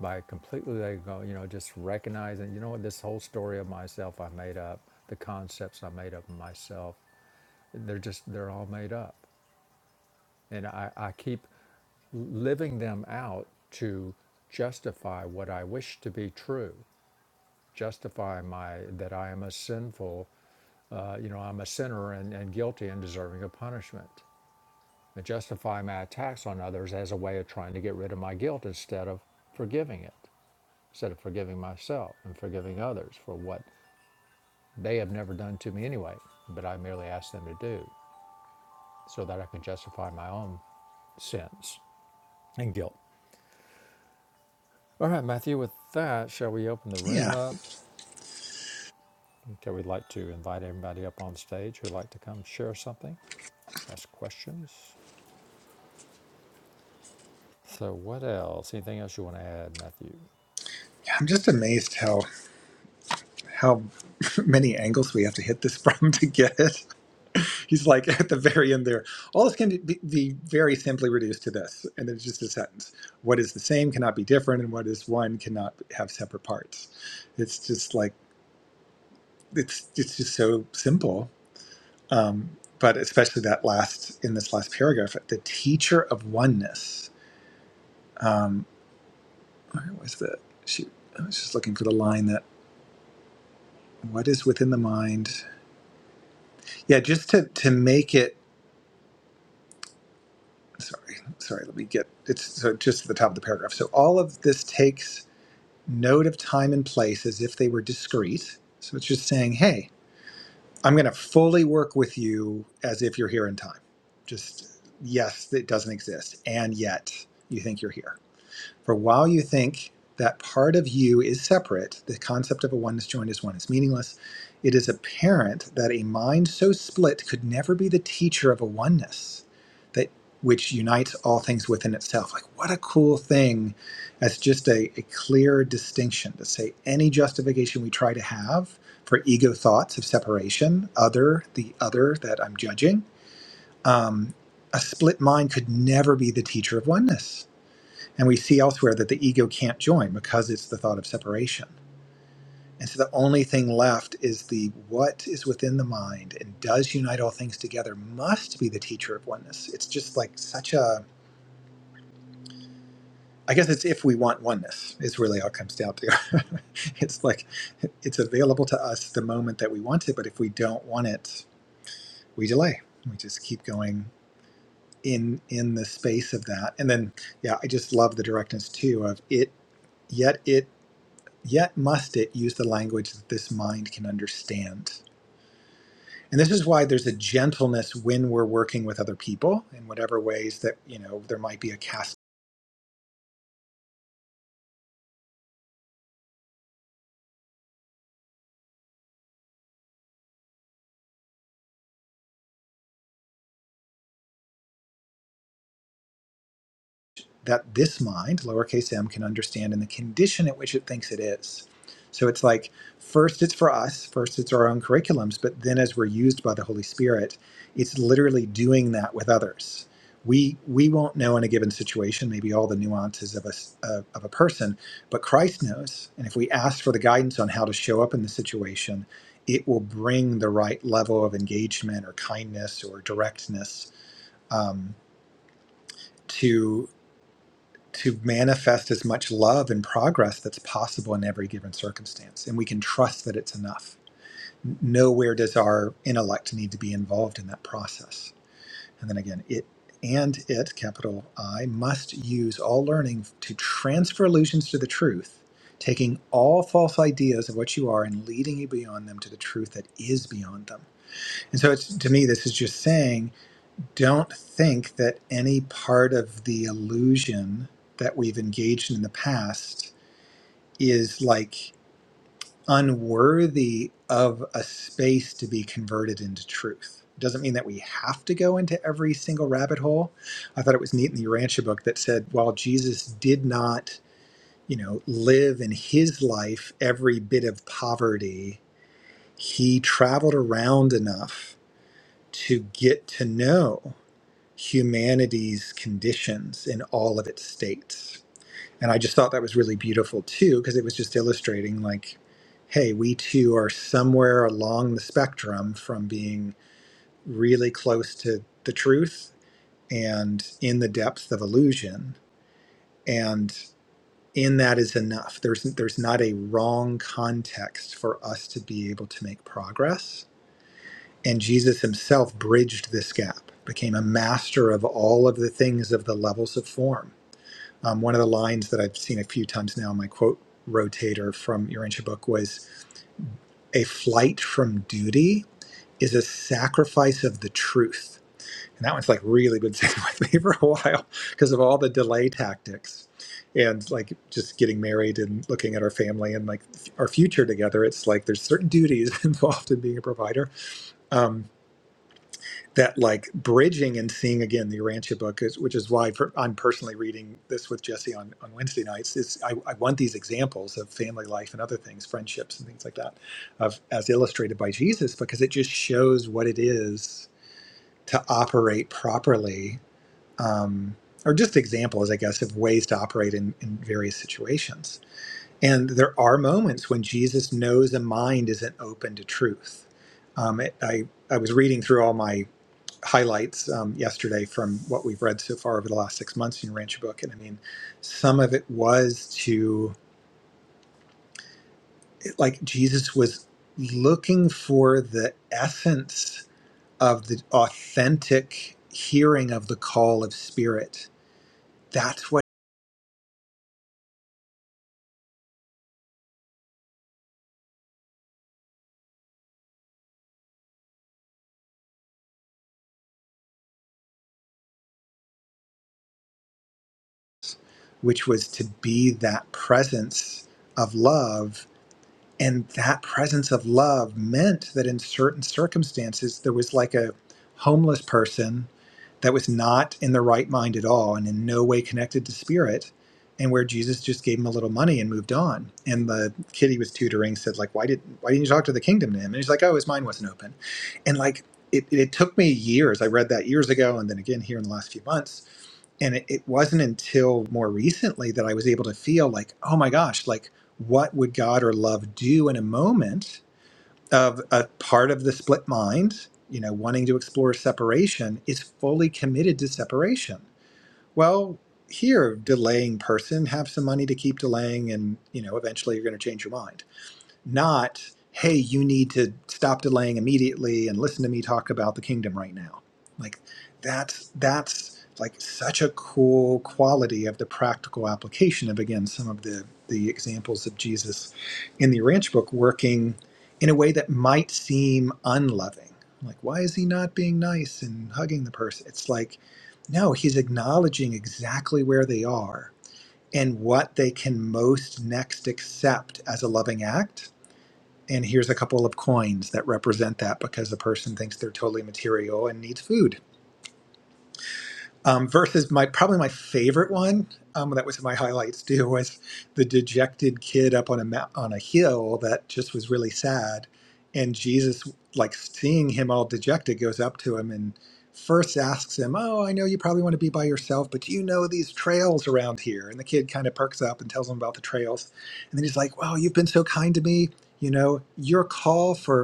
by completely letting go, you know, just recognizing, you know what, this whole story of myself I made up, the concepts I made up of myself, they're just, they're all made up. And I, I keep living them out to justify what I wish to be true, justify my, that I am a sinful, uh, you know, I'm a sinner and, and guilty and deserving of punishment and justify my attacks on others as a way of trying to get rid of my guilt instead of forgiving it, instead of forgiving myself and forgiving others for what they have never done to me anyway, but I merely asked them to do so that I can justify my own sins and guilt. All right, Matthew, with that, shall we open the room
yeah,
up? Okay, we'd like to invite everybody up on stage who'd like to come share something, ask questions. So, what else? Anything else you want to add, Matthew?
I'm just amazed how how many angles we have to hit this from to get it. He's like at the very end there. All this can be, be very simply reduced to this, and it's just a sentence. What is the same cannot be different, and what is one cannot have separate parts. It's just like it's it's just so simple. Um, but especially that last in this last paragraph, the teacher of oneness. um, where was that? Shoot, I was just looking for the line that what is within the mind. Yeah, just to to make it. Sorry, sorry. Let me get. It's so just at the top of the paragraph. So all of this takes note of time and place as if they were discrete. So it's just saying, hey, I'm going to fully work with you as if you're here in time. Just yes, it doesn't exist, and yet you think you're here For while you think that part of you is separate, the concept of a oneness joined as one is meaningless, it is apparent that a mind so split could never be the teacher of a oneness that which unites all things within itself. Like what a cool thing as just a, a clear distinction to say any justification we try to have for ego thoughts of separation, other, the other that I'm judging, um, a split mind could never be the teacher of oneness and we see elsewhere that the ego can't join because it's the thought of separation. And so the only thing left is the what is within the mind and does unite all things together must be the teacher of oneness. It's just like such a, I guess it's if we want oneness, is really all it comes down to. it's like it's available to us the moment that we want it, but if we don't want it, we delay. We just keep going in in the space of that. And then yeah, I just love the directness too of it yet it Yet must it use the language that this mind can understand. And this is why there's a gentleness when we're working with other people in whatever ways that, you know, there might be a cast that this mind, lowercase m, can understand in the condition at which it thinks it is. So it's like first it's for us, first it's our own curriculums, but then as we're used by the Holy Spirit, it's literally doing that with others. We we won't know in a given situation maybe all the nuances of a s- of of a person, but Christ knows. And if we ask for the guidance on how to show up in the situation, it will bring the right level of engagement or kindness or directness um, to to manifest as much love and progress that's possible in every given circumstance. And we can trust that it's enough. Nowhere does our intellect need to be involved in that process. And then again, it and it, capital I, must use all learning to transfer illusions to the truth, taking all false ideas of what you are and leading you beyond them to the truth that is beyond them. And so it's to me, this is just saying don't think that any part of the illusion that we've engaged in the past is like unworthy of a space to be converted into truth. Doesn't mean that we have to go into every single rabbit hole. I thought it was neat in the Urantia book that said while Jesus did not, you know, live in his life every bit of poverty, he traveled around enough to get to know. humanity's conditions in all of its states. And I just thought that was really beautiful too, because it was just illustrating like, hey, we too are somewhere along the spectrum from being really close to the truth and in the depths of illusion. And in that is enough. There's there's not a wrong context for us to be able to make progress. And Jesus himself bridged this gap, became a master of all of the things of the levels of form Um, one of the lines that I've seen a few times now in my quote rotator from your ancient book was a flight from duty is a sacrifice of the truth. And that one's like really been sitting with me for a while because of all the delay tactics and like just getting married and looking at our family and like our future together. It's like there's certain duties involved in being a provider. Um, that like bridging and seeing again the Urantia book is, which is why for, I'm personally reading this with Jesse on, on Wednesday nights is I, I want these examples of family life and other things, friendships and things like that of as illustrated by Jesus, because it just shows what it is to operate properly, um, or just examples, I guess, of ways to operate in, in various situations. And there are moments when Jesus knows a mind isn't open to truth. Um, it, I, I was reading through all my highlights um, yesterday from what we've read so far over the last six months in your Rancher book. And I mean, some of it was to, like, Jesus was looking for the essence of the authentic hearing of the call of spirit. That's what, which was to be that presence of love and that presence of love meant that in certain circumstances there was like a homeless person that was not in the right mind at all and in no way connected to spirit and where jesus just gave him a little money and moved on and the kid he was tutoring said like why did why didn't you talk to the kingdom to him and he's like oh his mind wasn't open and like it, it took me years i read that years ago and then again here in the last few months and it, it wasn't until more recently that i was able to feel like oh my gosh like what would god or love do in a moment of a part of the split mind you know wanting to explore separation is fully committed to separation well here delaying person have some money to keep delaying and you know eventually you're going to change your mind not, hey, you need to stop delaying immediately and listen to me talk about the kingdom right now. Like that's that's like such a cool quality of the practical application of again some of the the examples of Jesus in the ranch book working in a way that might seem unloving. Like why is he not being nice and hugging the person? It's like no, he's acknowledging exactly where they are and what they can most next accept as a loving act and here's a couple of coins that represent that because the person thinks they're totally material and needs food. Um, versus my probably my favorite one um, that was in my highlights too was the dejected kid up on a mou- on a hill that just was really sad, and Jesus like seeing him all dejected goes up to him and first asks him, "Oh, I know you probably want to be by yourself, but do you know these trails around here?" And the kid kind of perks up and tells him about the trails, and then he's like, "Wow, you've been so kind to me. You know, your call for."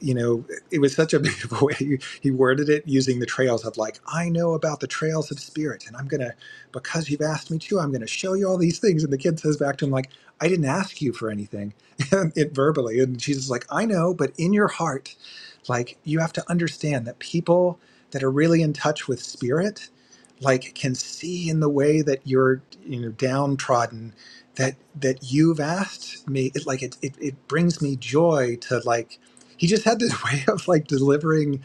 you know, it was such a beautiful way he he worded it using the trails of like, I know about the trails of spirit, and I'm gonna, because you've asked me to, I'm gonna show you all these things. And the kid says back to him like, I didn't ask you for anything, it verbally. And Jesus is like, I know, but in your heart, like you have to understand that people that are really in touch with spirit, like can see in the way that you're, you know, downtrodden that that you've asked me it like it, it it brings me joy to like he just had this way of like delivering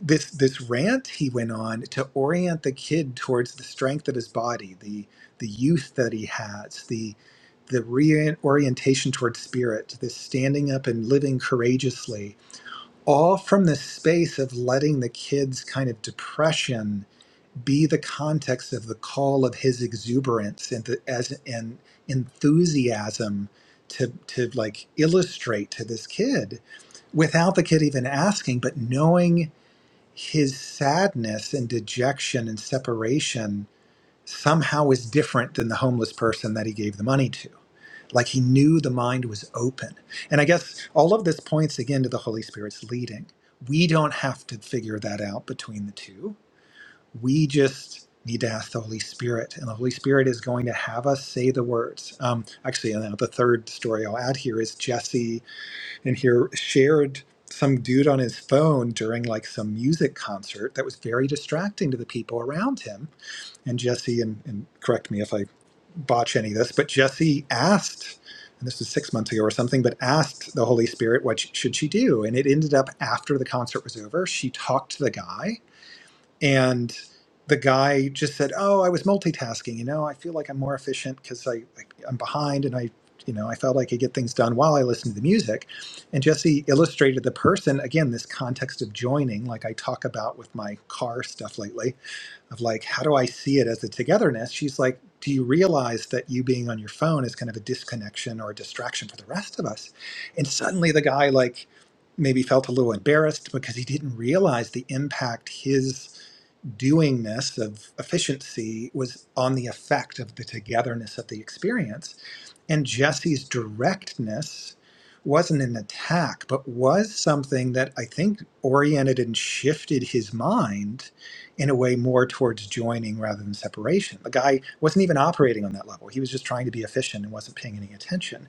this this rant he went on to orient the kid towards the strength of his body the the youth that he has the the reorientation towards spirit this standing up and living courageously all from the space of letting the kid's kind of depression be the context of the call of his exuberance and the, as an enthusiasm to to like illustrate to this kid without the kid even asking, but knowing his sadness and dejection and separation somehow is different than the homeless person that he gave the money to. Like he knew the mind was open. And I guess all of this points again to the Holy Spirit's leading. We don't have to figure that out between the two. We just need to ask the Holy Spirit, and the Holy Spirit is going to have us say the words. Um, actually, and the third story I'll add here is Jesse and he shared some dude on his phone during like some music concert that was very distracting to the people around him. And Jesse, and, and correct me if I botch any of this, but Jesse asked, and this was six months ago or something, but asked the Holy Spirit what sh- should she do. And it ended up after the concert was over, she talked to the guy and the guy just said oh i was multitasking you know i feel like i'm more efficient because I, I i'm behind and i you know i felt like i could get things done while i listened to the music and jesse illustrated the person again this context of joining like i talk about with my car stuff lately of like how do i see it as a togetherness she's like do you realize that you being on your phone is kind of a disconnection or a distraction for the rest of us and suddenly the guy like maybe felt a little embarrassed because he didn't realize the impact his doingness of efficiency was on the effect of the togetherness of the experience and Jesse's directness wasn't an attack, but was something that I think oriented and shifted his mind in a way more towards joining rather than separation. The guy wasn't even operating on that level. He was just trying to be efficient and wasn't paying any attention.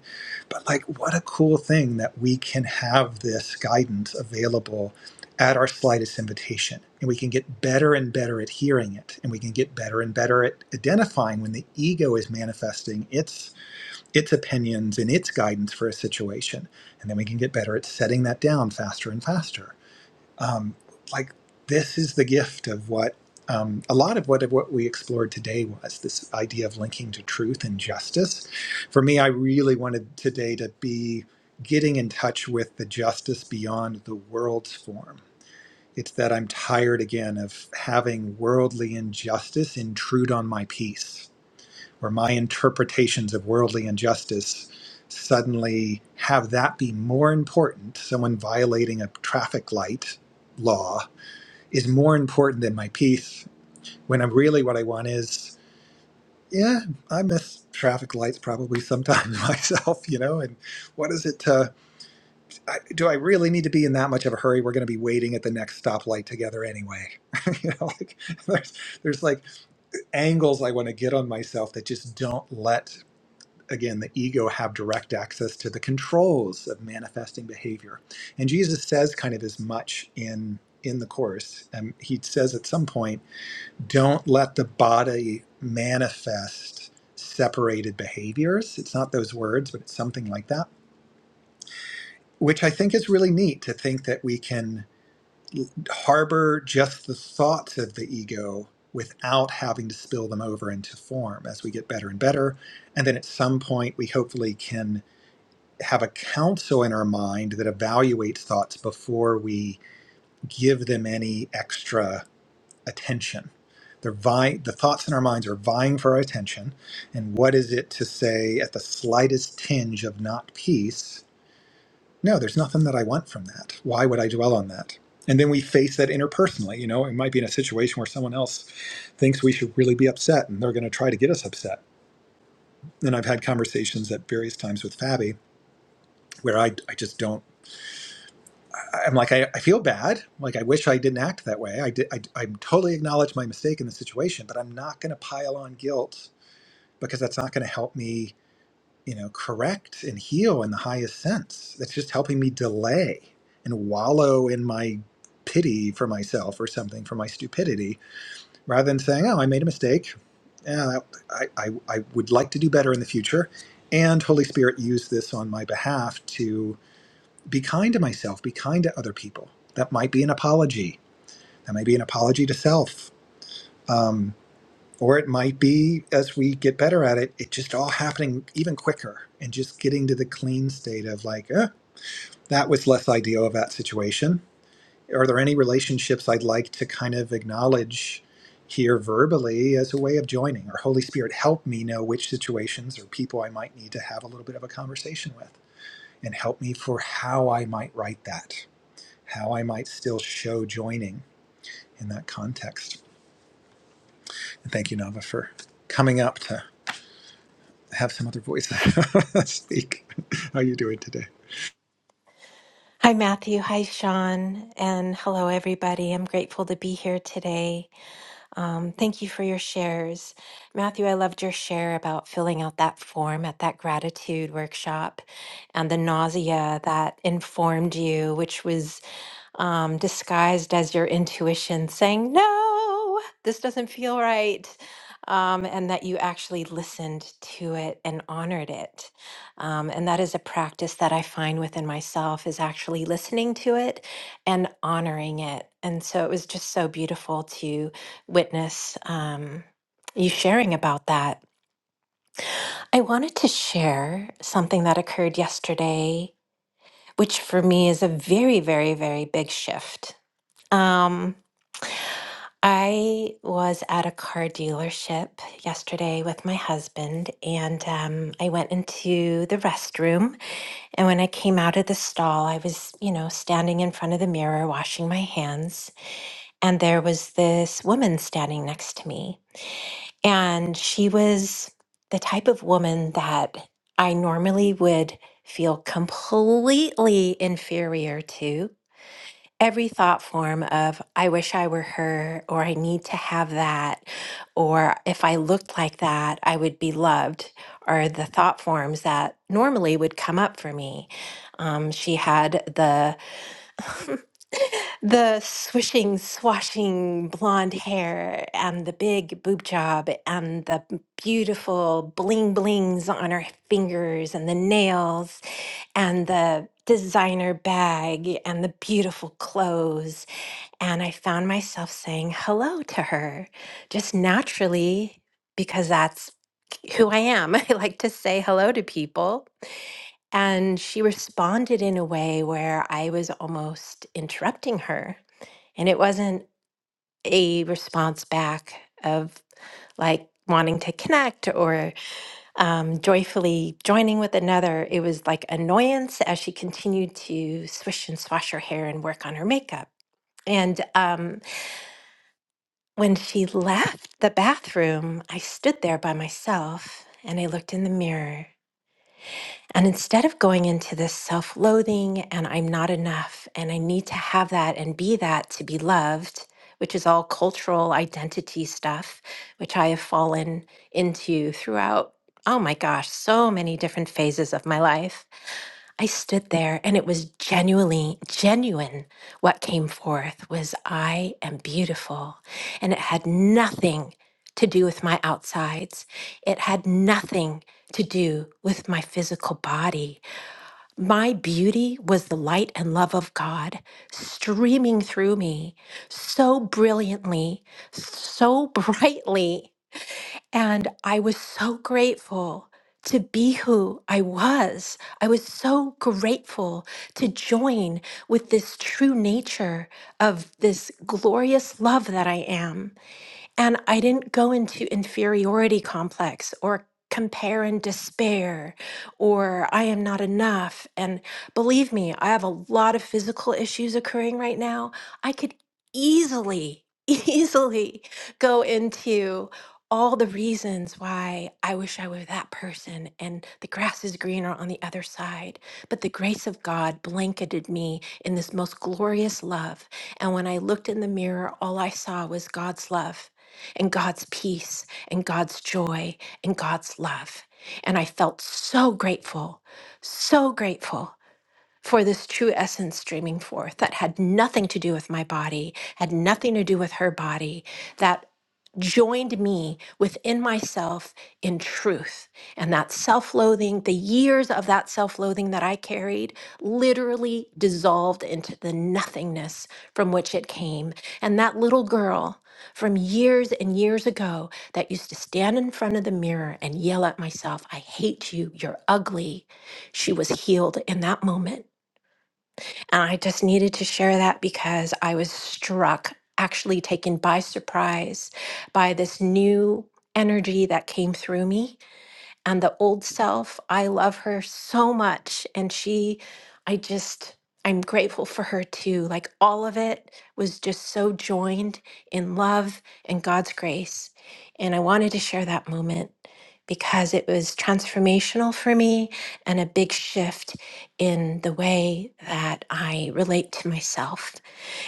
But, like, what a cool thing that we can have this guidance available at our slightest invitation. And we can get better and better at hearing it. And we can get better and better at identifying when the ego is manifesting its its opinions and its guidance for a situation, and then we can get better at setting that down faster and faster. Um, like this is the gift of what um, a lot of what of what we explored today was this idea of linking to truth and justice. For me, I really wanted today to be getting in touch with the justice beyond the world's form. It's that I'm tired again of having worldly injustice intrude on my peace or my interpretations of worldly injustice suddenly have that be more important, someone violating a traffic light law is more important than my peace, when I'm really what I want is, yeah, I miss traffic lights probably sometimes myself, you know, and what is it to, I, do I really need to be in that much of a hurry? We're going to be waiting at the next stoplight together anyway. you know, like there's, there's like angles I want to get on myself that just don't let again, the ego have direct access to the controls of manifesting behavior. And Jesus says kind of as much in in the course. Um, he says at some point, don't let the body manifest separated behaviors. It's not those words, but it's something like that, which I think is really neat to think that we can l- harbor just the thoughts of the ego without having to spill them over into form as we get better and better. And then at some point, we hopefully can have a counsel in our mind that evaluates thoughts before we give them any extra attention. They're vi- the thoughts in our minds are vying for our attention. And what is it to say at the slightest tinge of not peace? No, there's nothing that I want from that. Why would I dwell on that? And then we face that interpersonally. You know, it might be in a situation where someone else thinks we should really be upset and they're going to try to get us upset. And I've had conversations at various times with Fabi where I, I just don't. I'm like, I, I feel bad. Like, I wish I didn't act that way. I, did, I, I totally acknowledge my mistake in the situation, but I'm not going to pile on guilt because that's not going to help me, you know, correct and heal in the highest sense. That's just helping me delay and wallow in my pity for myself or something for my stupidity rather than saying, oh, I made a mistake. Yeah, I, I, I would like to do better in the future. And Holy Spirit, use this on my behalf to be kind to myself, be kind to other people. That might be an apology. That might be an apology to self. Um, or it might be, as we get better at it, it just all happening even quicker and just getting to the clean state of like, eh, that was less ideal of that situation. Are there any relationships I'd like to kind of acknowledge here verbally as a way of joining? Or Holy Spirit, help me know which situations or people I might need to have a little bit of a conversation with and help me for how I might write that how I might still show joining in that context. And thank you, Nava, for coming up to have some other voice speak. How are you doing today?
Hi, Matthew. Hi, Sean. And hello, everybody. I'm grateful to be here today. Um, thank you for your shares. Matthew, I loved your share about filling out that form at that gratitude workshop and the nausea that informed you, which was um, disguised as your intuition saying, no, this doesn't feel right. Um, and that you actually listened to it and honored it. Um, and that is a practice that I find within myself is actually listening to it and honoring it. And so it was just so beautiful to witness um, you sharing about that. I wanted to share something that occurred yesterday, which for me is a very, very, very big shift. Um, I was at a car dealership yesterday with my husband, and um, I went into the restroom. And when I came out of the stall, I was, you know, standing in front of the mirror washing my hands. And there was this woman standing next to me. And she was the type of woman that I normally would feel completely inferior to every thought form of i wish i were her or i need to have that or if i looked like that i would be loved are the thought forms that normally would come up for me um, she had the the swishing swashing blonde hair and the big boob job and the beautiful bling blings on her fingers and the nails and the designer bag and the beautiful clothes and I found myself saying hello to her just naturally because that's who I am. I like to say hello to people. And she responded in a way where I was almost interrupting her. And it wasn't a response back of like wanting to connect or um, joyfully joining with another. It was like annoyance as she continued to swish and swash her hair and work on her makeup. And um, When she left the bathroom, I stood there by myself and I looked in the mirror. And instead of going into this self loathing and I'm not enough and I need to have that and be that to be loved, which is all cultural identity stuff, which I have fallen into throughout, oh my gosh, so many different phases of my life. I stood there and it was genuinely genuine. What came forth was I am beautiful. And it had nothing to do with my outsides, it had nothing to do with my physical body. My beauty was the light and love of God streaming through me so brilliantly, so brightly. And I was so grateful to be who I was. I was so grateful to join with this true nature of this glorious love that I am. And I didn't go into inferiority complex or compare and despair or I am not enough. And believe me, I have a lot of physical issues occurring right now. I could easily, easily go into all the reasons why I wish I were that person and the grass is greener on the other side. But the grace of God blanketed me in this most glorious love. And when I looked in the mirror, all I saw was God's love and God's peace and God's joy and God's love. And I felt so grateful, so grateful for this true essence streaming forth that had nothing to do with my body, had nothing to do with her body, that joined me within myself in truth. And that self loathing, the years of that self loathing that I carried, literally dissolved into the nothingness from which it came. And that little girl from years and years ago that used to stand in front of the mirror and yell at myself, I hate you, you're ugly, she was healed in that moment and I just needed to share that because I was struck, actually taken by surprise by this new energy that came through me and the old self. I love her so much. And she, I just, I'm grateful for her too. Like all of it was just so joined in love and God's grace. And I wanted to share that moment because it was transformational for me and a big shift in the way that I relate to myself.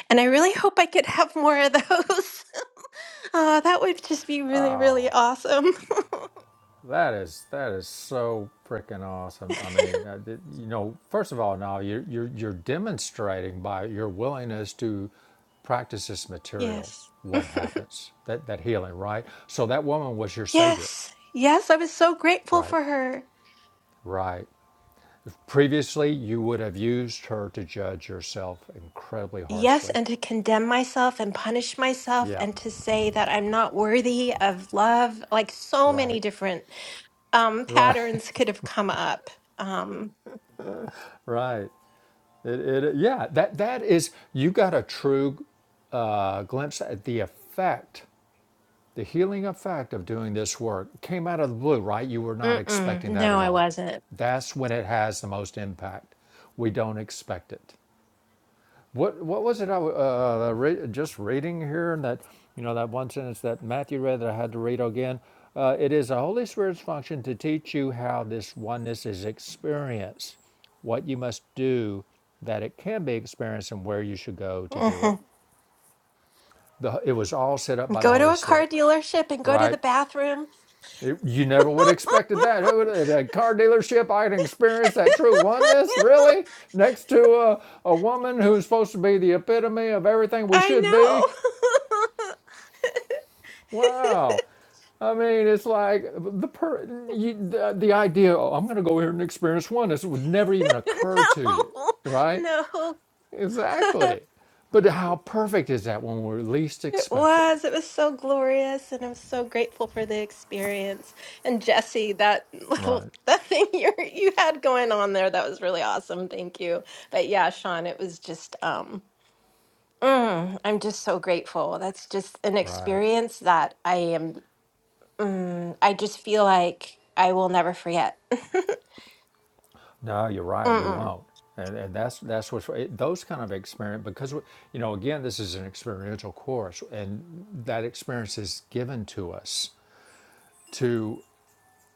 And I really hope I could have more of those. Oh, that would just be really,
Oh,
really awesome.
That is that is so freaking awesome. I mean, I did- you know, first of all, now you're, you're you're demonstrating by your willingness to practice this material
yes.
what happens that that healing, right? So that woman was your savior,
Yes, yes, I was so grateful
right?
for her.
Right. Previously, you would have used her to judge yourself incredibly
Yes,
harshly.
and to condemn myself and punish myself
Yeah.
and to say that I'm not worthy of love, like so many
Right.
different um,
Right.
patterns could have come up. Um,
Right. It, it, yeah. That that is you got a true uh, glimpse at the effect The healing effect of doing this work came out of the blue, right? You were not
mm-mm,
expecting that
no,
at
I
all.
wasn't.
That's when it has the most impact. We don't expect it. What what was it I uh, re- just reading here and that you know that one sentence that Matthew read that I had to read again? Uh, it is the Holy Spirit's function to teach you how this oneness is experienced, what you must do that it can be experienced, and where you should go to do it.
Mhm.
The, it was all set up by the
Go to
Holy
a car
Spirit,
dealership and go to the
right?
bathroom.
It- you never would have expected that. Who at a car dealership I can experience that true oneness, really? Next to a, a woman who's supposed to be the epitome of everything we should be?
I know.
Wow. I mean, it's like the per, you, the, the idea, oh, I'm going to go here and experience oneness would never even occur to you, right?
no, no.
Exactly. But how perfect is that when we're least
It
expected?
was. It was so glorious, and I'm so grateful for the experience. And Jesse, that little
Right.
that thing you you had going on there, that was really awesome. Thank you. But yeah, Sean, it was just um mm, I'm just so grateful. That's just an
Right.
experience that I am mm, I just feel like I will never forget.
No, you're right. You
Mm-mm.
won't. And, and that's that's what those kind of experience because you know again this is an experiential course and that experience is given to us to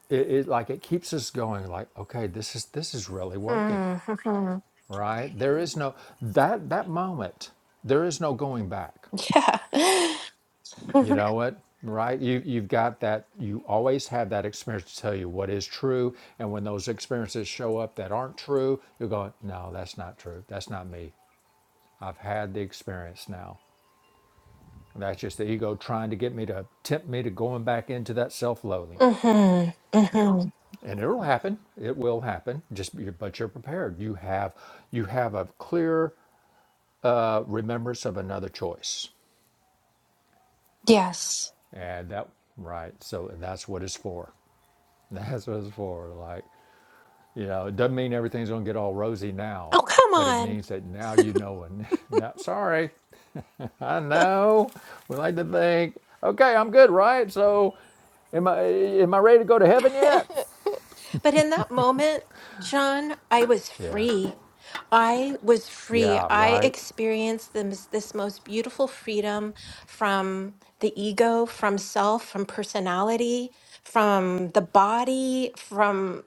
it, it like it keeps us going like okay this is this is really working
Mm-hmm.
right there is no that that moment there is no going back
Yeah.
you know what right you you've got that you always have that experience to tell you what is true and when those experiences show up that aren't true you're going no that's not true that's not me I've had the experience now. And that's just the ego trying to get me to tempt me to going back into that self-loathing.
Mm-hmm.
And it'll happen. It will happen. Just be- but you're prepared. You have you have a clear uh, remembrance of another choice.
Yes.
And that right. So and that's what it's for. That's what it's for. Like you know, it doesn't mean everything's gonna get all rosy now,
Oh, come
but it
on.
means that now you know. And now, sorry, I know. We like to think, okay, I'm good, right? So, am I am I ready to go to heaven yet?
but in that moment, Sean, I was
Yeah,
free. I was free.
yeah,
I
right.
experienced this, this most beautiful freedom from the ego, from self, from personality, from the body, from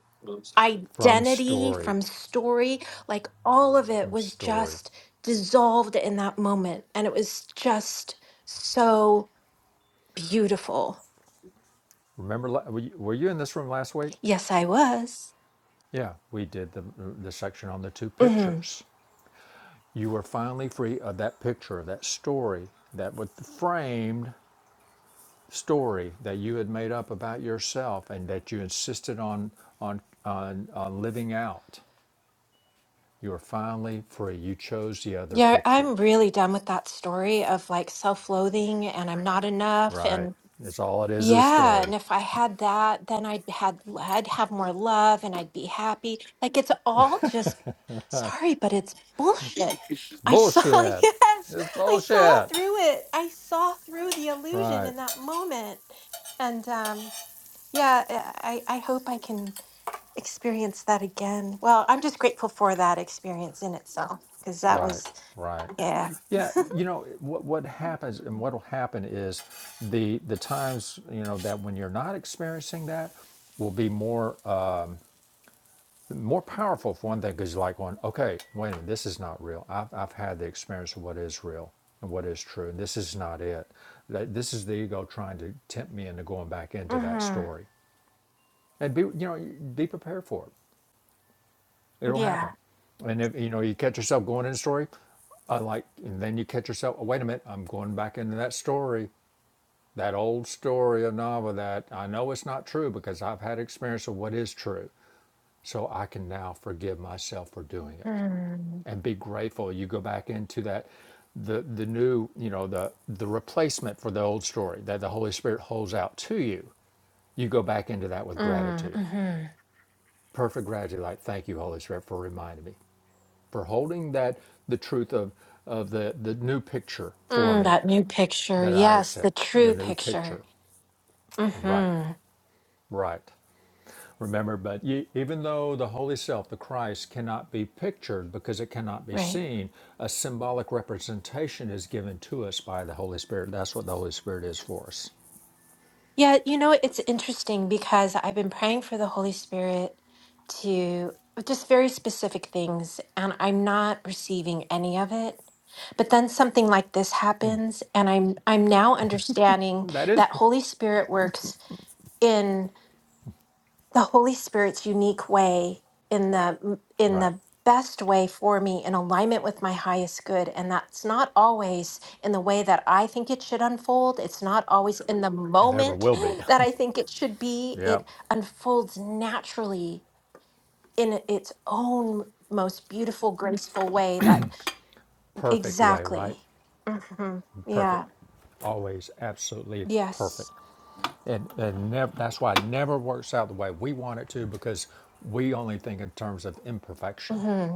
From
identity,
story,
from story. Like all of it
from
was
story.
just dissolved in that moment. And it was just so beautiful.
Remember, were you were you in this room last week?
Yes, I was.
Yeah, we did the the section on the two
hmm
pictures. You were finally free of that picture, that story, that was the framed story that you had made up about yourself and that you insisted on on on, on living out. You are finally free. You chose the other
Yeah,
picture.
I'm really done with that story of like self-loathing and I'm not enough
Right.
and
It's all it is is a
yeah,
story.
and if I had that, then I'd had I'd have more love and I'd be happy. Like it's all just sorry, but it's bullshit.
It's
I saw
bullshit.
yes,
It's
I saw
bullshit.
through it. I saw through the illusion
Right.
in that moment. And um yeah, I I I hope I can experience that again. Well, I'm just grateful for that experience in itself because that was
Right. Right.
Yeah.
Yeah, you know what what happens and what'll happen is the the times, you know, that when you're not experiencing that will be more uh, more powerful for one thing because like going okay wait a minute this is not real I've, I've had the experience of what is real and what is true and this is not it That- this is the ego trying to tempt me into going back into that
Mhm.
story and be you know be prepared for it it'll happen
Yeah.
and if you know you catch yourself going in a story uh, like and then you catch yourself oh, wait a minute i'm going back into that story that old story of novel that i know it's not true because i've had experience of what is true so i can now forgive myself for doing it
Mm.
and be grateful you go back into that the the new you know the the replacement for the old story that the holy spirit holds out to you you go back into that with
Mm.
gratitude
Mhm.
perfect gratitude like thank you holy spirit for reminding me for holding that the truth of of the the new picture for
Mm,
me
that new picture.
that i
Yes, the
accept the
true
new
picture.
picture right
Mhm.
right Remember, but ye, even though the Holy Self, the Christ, cannot be pictured because it cannot be
Right.
seen, a symbolic representation is given to us by the Holy Spirit. That's what the Holy Spirit is for us.
Yeah, you know, it's interesting because I've been praying for the Holy Spirit to just very specific things and I'm not receiving any of it. But then something like this happens and I'm I'm now understanding
That is
that Holy Spirit works the Holy Spirit's unique way in the in
Right.
the best way for me in alignment with my highest good and that's not always in the way that I think it should unfold it's not always in the
Never
moment
will be.
that I think it should be
yeah.
it unfolds naturally in its own most beautiful graceful way that
Perfect way,
exactly
right?
hmm
Perfect.
yeah
Always absolutely
yes
perfect. And, and never, that's why it never works out the way we want it to because we only think in terms of imperfection.
Mm-hmm.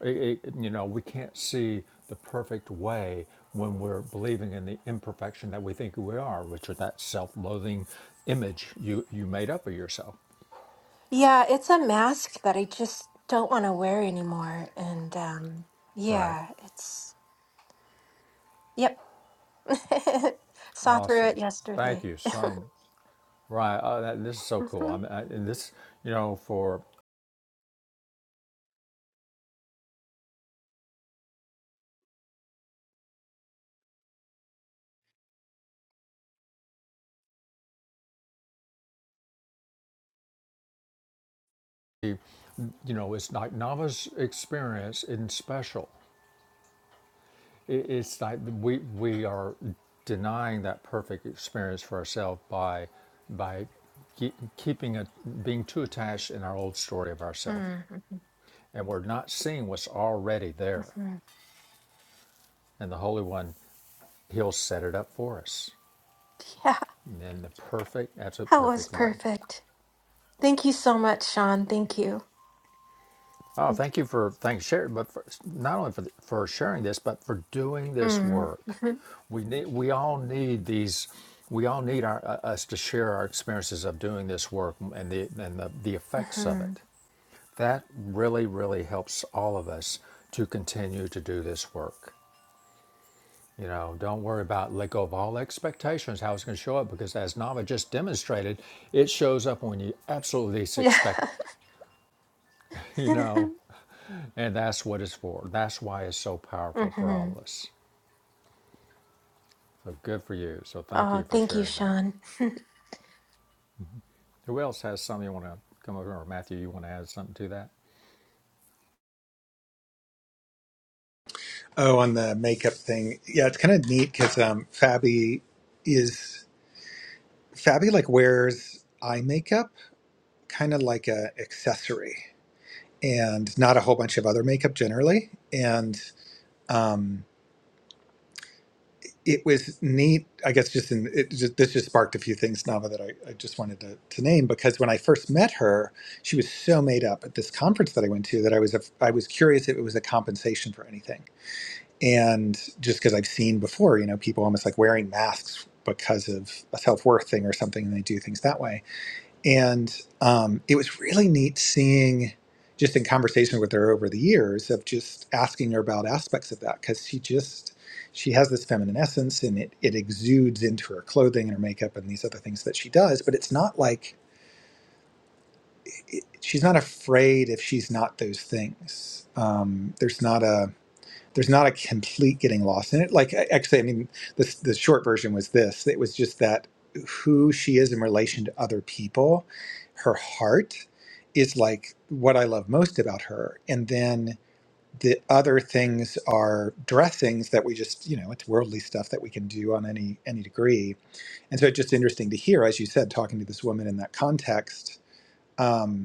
It- it- you know, we can't see the perfect way when we're believing in the imperfection that we think we are, which is that self-loathing image you you made up of yourself,
Yeah, it's a mask that I just don't want to wear anymore. And um,
right?
yeah, it's, yep. Saw through it
Awesome, thank
yesterday.
you so. Right, uh, that, this is so cool.
Mhm.
I'm, I, and this, you know, for you know, it's like Nava's experience isn't special. It, it's like we we are denying that perfect experience for ourselves by by keep, keeping a, being too attached in our old story of ourselves,
Mhm.
and we're not seeing what's already there.
Mhm.
And the Holy One, He'll set it up for us
Yeah,
in the perfect, absolute
that was
perfect way.
perfect. Thank you so much, Sean. Thank you.
Oh, thank you for thanks share, but for, not only for the, for sharing this, but for doing this
Mm.
work.
Mhm.
We need we all need these. We all need our, uh, us to share our experiences of doing this work and the and the, the effects of
Mhm.
it. That really really helps all of us to continue to do this work. You know, don't worry about let go of all expectations how it's going to show up because as Nava just demonstrated, it shows up when you absolutely least
Yeah.
expect it. You know. And that's what it's for. That's why it's so powerful for all
Mhm.
of us. So good for you. So thank
Oh,
you for
thank you,
sharing that.
Sean.
Who else has something you want to come over? Or Matthew, you want to add something to that?
Oh, on the makeup thing. Yeah, it's kind of neat because um, Fabi is Fabi like wears eye makeup, kind of like a accessory, and not a whole bunch of other makeup generally. And um, it was neat i guess just in it just, this just sparked a few things nava that i, I just wanted to, to name because when i first met her she was so made up at this conference that i went to that i was a, i was curious if it was a compensation for anything and just because i've seen before you know people almost like wearing masks because of a self-worth thing or something and they do things that way and um, it was really neat seeing, just in conversation with her over the years, of just asking her about aspects of that because she just she has this feminine essence and it it exudes into her clothing and her makeup and these other things that she does. But it's not like it, she's not afraid if she's not those things. Um, there's not a there's not a complete getting lost in it. Like a- actually, I mean, the the short version was this. It was just that who she is in relation to other people, her heart is like what I love most about her, and then the other things are dressings that we just you know it's worldly stuff that we can do on any any degree and so it's just interesting to hear as you said talking to this woman in that context um,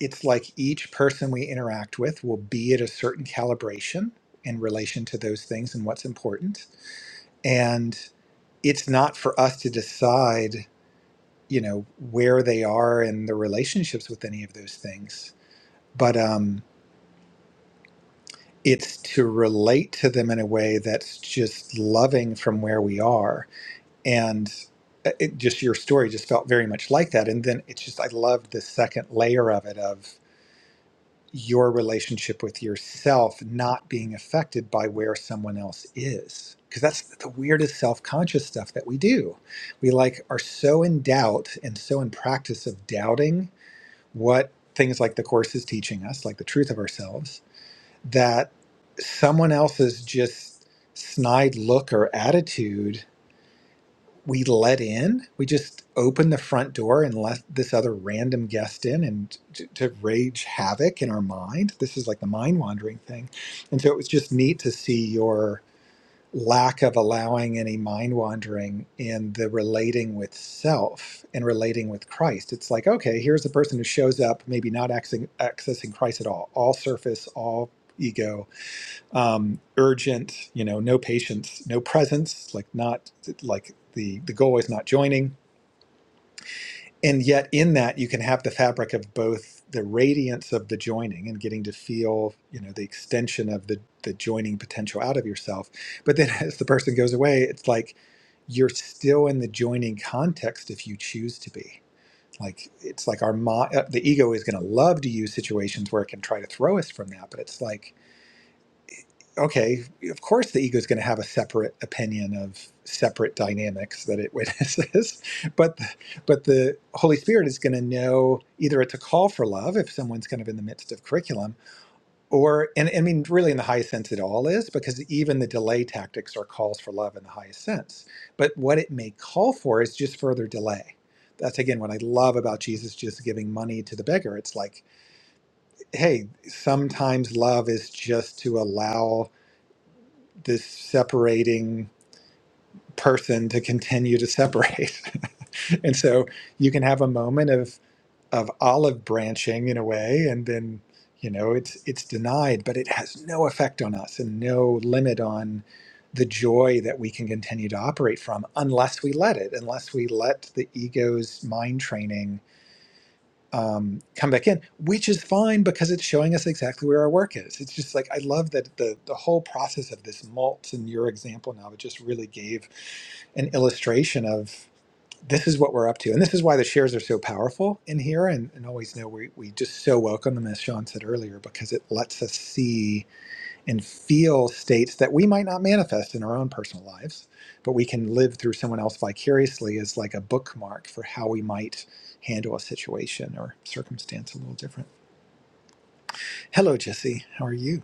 it's like each person we interact with will be at a certain calibration in relation to those things and what's important. And it's not for us to decide, you know, where they are in the relationships with any of those things, but um, it's to relate to them in a way that's just loving from where we are. And uh, it, just your story just felt very much like that. And then it's just, I loved the second layer of it of, your relationship with yourself not being affected by where someone else is because that's the weirdest self-conscious stuff that we do we like are so in doubt and so in practice of doubting what things like the course is teaching us like the truth of ourselves that someone else's just snide look or attitude we let in. We just opened the front door and let this other random guest in and to, to rage havoc in our mind. This is like the mind wandering thing. And so it was just neat to see your lack of allowing any mind wandering in the relating with self and relating with Christ. It's like, okay, here's a person who shows up, maybe not accessing, accessing Christ at all, all surface, all ego, um, urgent, you know, no patience, no presence, like not like the the goal is not joining. And yet in that you can have the fabric of both the radiance of the joining and getting to feel, you know, the extension of the the joining potential out of yourself. But then as the person goes away, it's like you're still in the joining context if you choose to be. Like it's like our mo- uh, the ego is going to love to use situations where it can try to throw us from that, but it's like okay, of course the ego is going to have a separate opinion of separate dynamics that it witnesses, but the, but the Holy Spirit is going to know either it's a call for love if someone's kind of in the midst of curriculum, or and I mean really in the highest sense it all is because even the delay tactics are calls for love in the highest sense. But what it may call for is just further delay. That's again what I love about Jesus just giving money to the beggar. It's like, hey, sometimes love is just to allow this separating person to continue to separate. and so you can have a moment of of olive branching in a way and then you know it's it's denied but it has no effect on us and no limit on the joy that we can continue to operate from unless we let it unless we let the ego's mind training um, come back in, which is fine because it's showing us exactly where our work is. It's just like I love that the the whole process of this mulch and your example now it just really gave an illustration of this is what we're up to. And this is why the shares are so powerful in here and, and always know we, we just so welcome them as Sean said earlier, because it lets us see and feel states that we might not manifest in our own personal lives, but we can live through someone else vicariously as like a bookmark for how we might handle a situation or circumstance a little different. Hello, Jesse. How are you?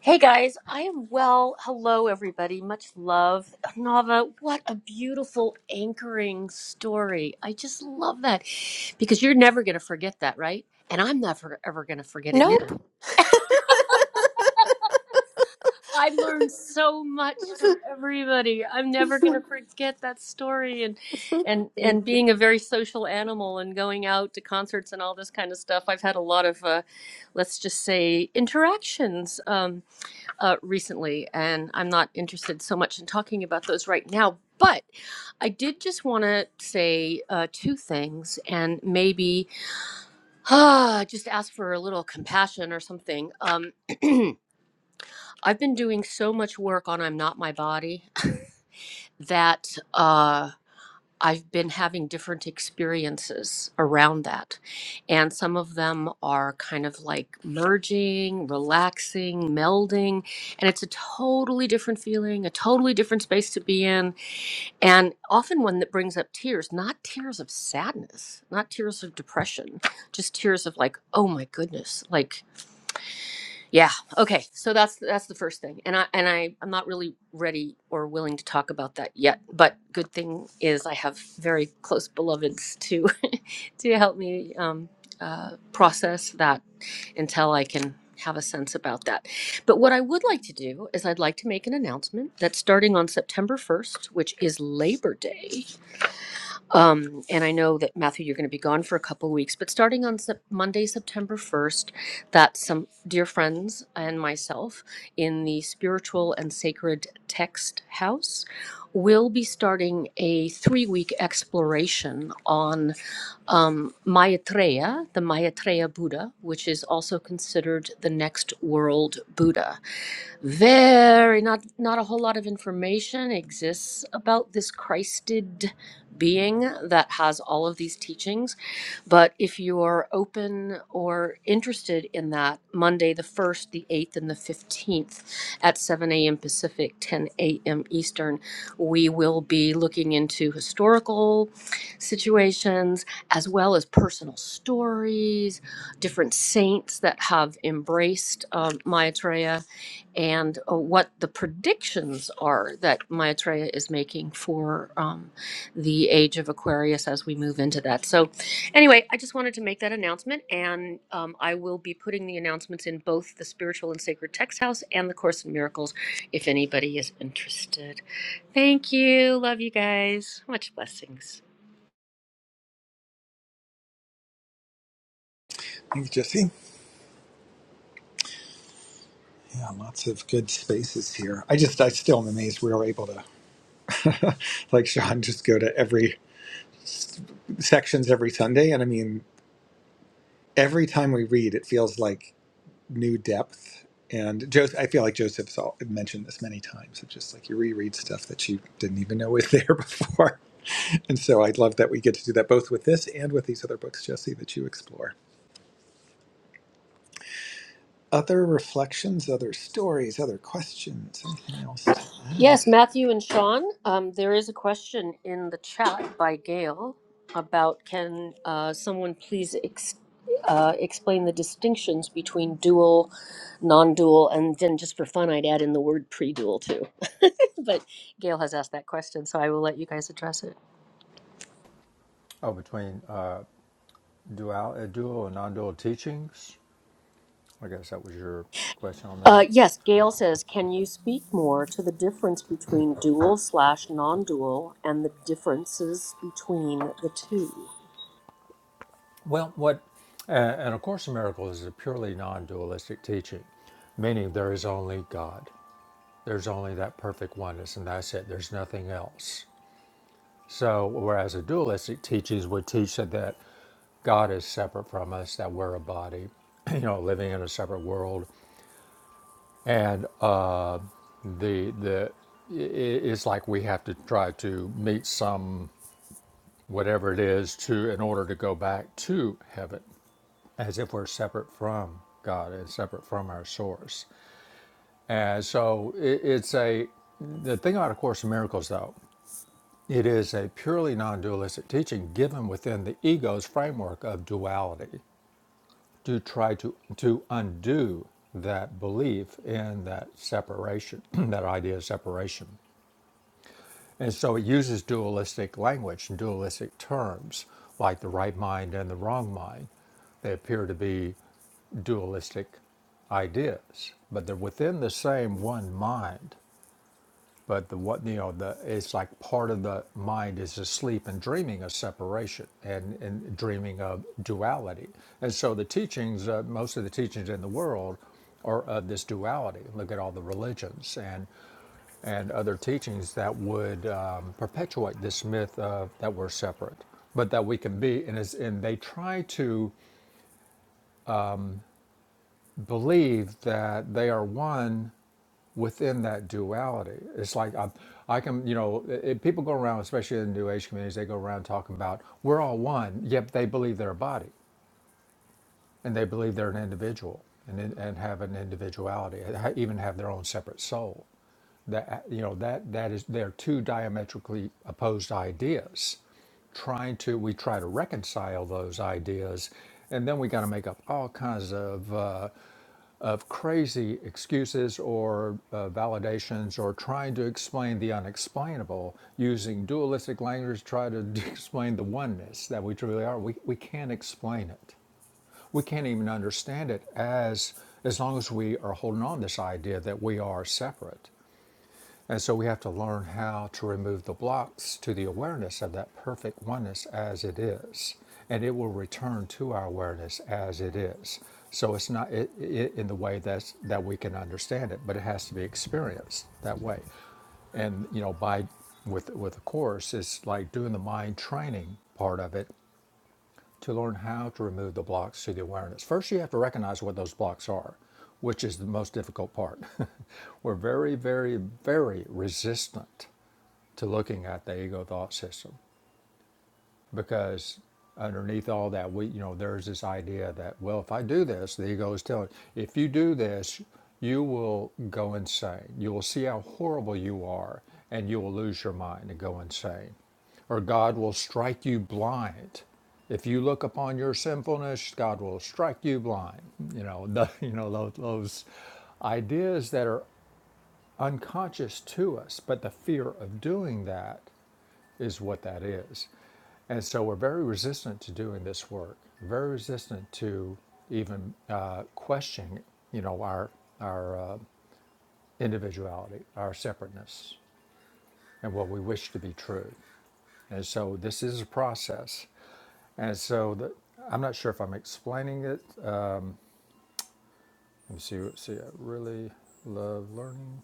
Hey guys, I am well. Hello, everybody. Much love. Nava, what a beautiful anchoring story. I just love that because you're never going to forget that, right? And I'm never ever going to forget it either.
Nope.
I learned so much from everybody. I'm never going to forget that story and and and being a very social animal and going out to concerts and all this kind of stuff. I've had a lot of uh, let's just say interactions. Um uh, recently, and I'm not interested so much in talking about those right now. But I did just want to say uh, two things, and maybe ah, just ask for a little compassion or something. Um, I've been doing so much work on "I'm Not My Body" that. Uh, I've been having different experiences around that. And some of them are kind of like merging, relaxing, melding. And it's a totally different feeling, a totally different space to be in. And often one that brings up tears, not tears of sadness, not tears of depression, just tears of like, oh my goodness, like yeah. Okay. So that's that's the first thing, and I and I I'm not really ready or willing to talk about that yet. But good thing is I have very close beloveds to to help me um, uh, process that until I can have a sense about that. But what I would like to do is I'd like to make an announcement that starting on September 1st, which is Labor Day, um, and I know that Matthew, you're going to be gone for a couple weeks, but starting on Sep- Monday, September 1st, that some dear friends and myself in the Spiritual and Sacred Text House will be starting a three-week exploration on um, Maitreya, the Maitreya Buddha, which is also considered the next world Buddha very not not a whole lot of information exists about this christed being that has all of these teachings but if you're open or interested in that monday the 1st the 8th and the 15th at 7 a.m pacific 10 a.m eastern we will be looking into historical situations as well as personal stories different saints that have embraced um, maitreya and uh, what the predictions are that Maitreya is making for um, the age of Aquarius as we move into that. So, anyway, I just wanted to make that announcement, and um, I will be putting the announcements in both the Spiritual and Sacred Text House and the Course in Miracles if anybody is interested. Thank you. Love you guys. Much blessings.
Thanks, Jesse. Yeah, lots of good spaces here. I just, I still am amazed we were able to, like Sean, just go to every sections every Sunday. And I mean, every time we read, it feels like new depth. And Joseph, I feel like Joseph's all, mentioned this many times. It's just like you reread stuff that you didn't even know was there before. And so I love that we get to do that both with this and with these other books, Jesse, that you explore. Other reflections, other stories, other questions, anything else to add?
Yes, Matthew and Sean, um, there is a question in the chat by Gail about can uh, someone please ex- uh, explain the distinctions between dual, non dual, and then just for fun, I'd add in the word pre dual too. but Gail has asked that question, so I will let you guys address it.
Oh, between uh, dual, uh, dual and non-dual teachings. I guess that was your question on that.
Uh, yes, Gail says, can you speak more to the difference between dual slash non dual and the differences between the two?
Well, what, uh, and of course, the miracle is a purely non-dualistic teaching, meaning there is only God. There's only that perfect oneness, and that's it. There's nothing else. So, whereas a dualistic teaches would teach that that God is separate from us, that we're a body, you know, living in a separate world, and uh, the the i- i- it's like we have to try to meet some whatever it is to in order to go back to heaven, as if we're separate from God and separate from our source. And so it, it's a the thing about A Course in Miracles though. It is a purely non dualistic teaching given within the ego's framework of duality to try to, to undo that belief in that separation, that idea of separation. And so it uses dualistic language and dualistic terms like the right mind and the wrong mind. They appear to be dualistic ideas, but they're within the same one mind. But the what you know the it's like part of the mind is asleep and dreaming of separation and, and dreaming of duality. And so the teachings, uh, most of the teachings in the world, are of this duality. Look at all the religions and and other teachings that would um, perpetuate this myth of that we're separate, but that we can be. And, it's, and they try to believe that they are one within that duality. It's like I, I can, you know, i- people go around, especially in New Age communities, they go around talking about we're all one, yet they believe they're a body and they believe they're an individual and, and have an individuality, even have their own separate soul. That you know that that is they're two diametrically opposed ideas. Trying to we try to reconcile those ideas, and then we got to make up all kinds of uh, of crazy excuses or uh, validations or trying to explain the unexplainable using dualistic language to try to explain the oneness that we truly are. We, we can't explain it. We can't even understand it as as long as we are holding on to this idea that we are separate. And so we have to learn how to remove the blocks to the awareness of that perfect oneness as it is. And it will return to our awareness as it is. So it's not it, it, in the way that's, that we can understand it, but it has to be experienced that way. And, you know, by with, with the Course, it's like doing the mind training part of it to learn how to remove the blocks to the awareness. First, you have to recognize what those blocks are, which is the most difficult part. We're very, very, very resistant to looking at the ego thought system because underneath all that we you know there's this idea that well if i do this the ego is telling if you do this you will go insane you will see how horrible you are and you will lose your mind and go insane or god will strike you blind if you look upon your sinfulness god will strike you blind you know the, you know those, those ideas that are unconscious to us but the fear of doing that is what that is. And so we're very resistant to doing this work, very resistant to even uh, questioning, you know, our our uh, individuality, our separateness, and what we wish to be true. And so this is a process. And so the, I'm not sure if I'm explaining it. Uh, Let me see. See, I really love learning,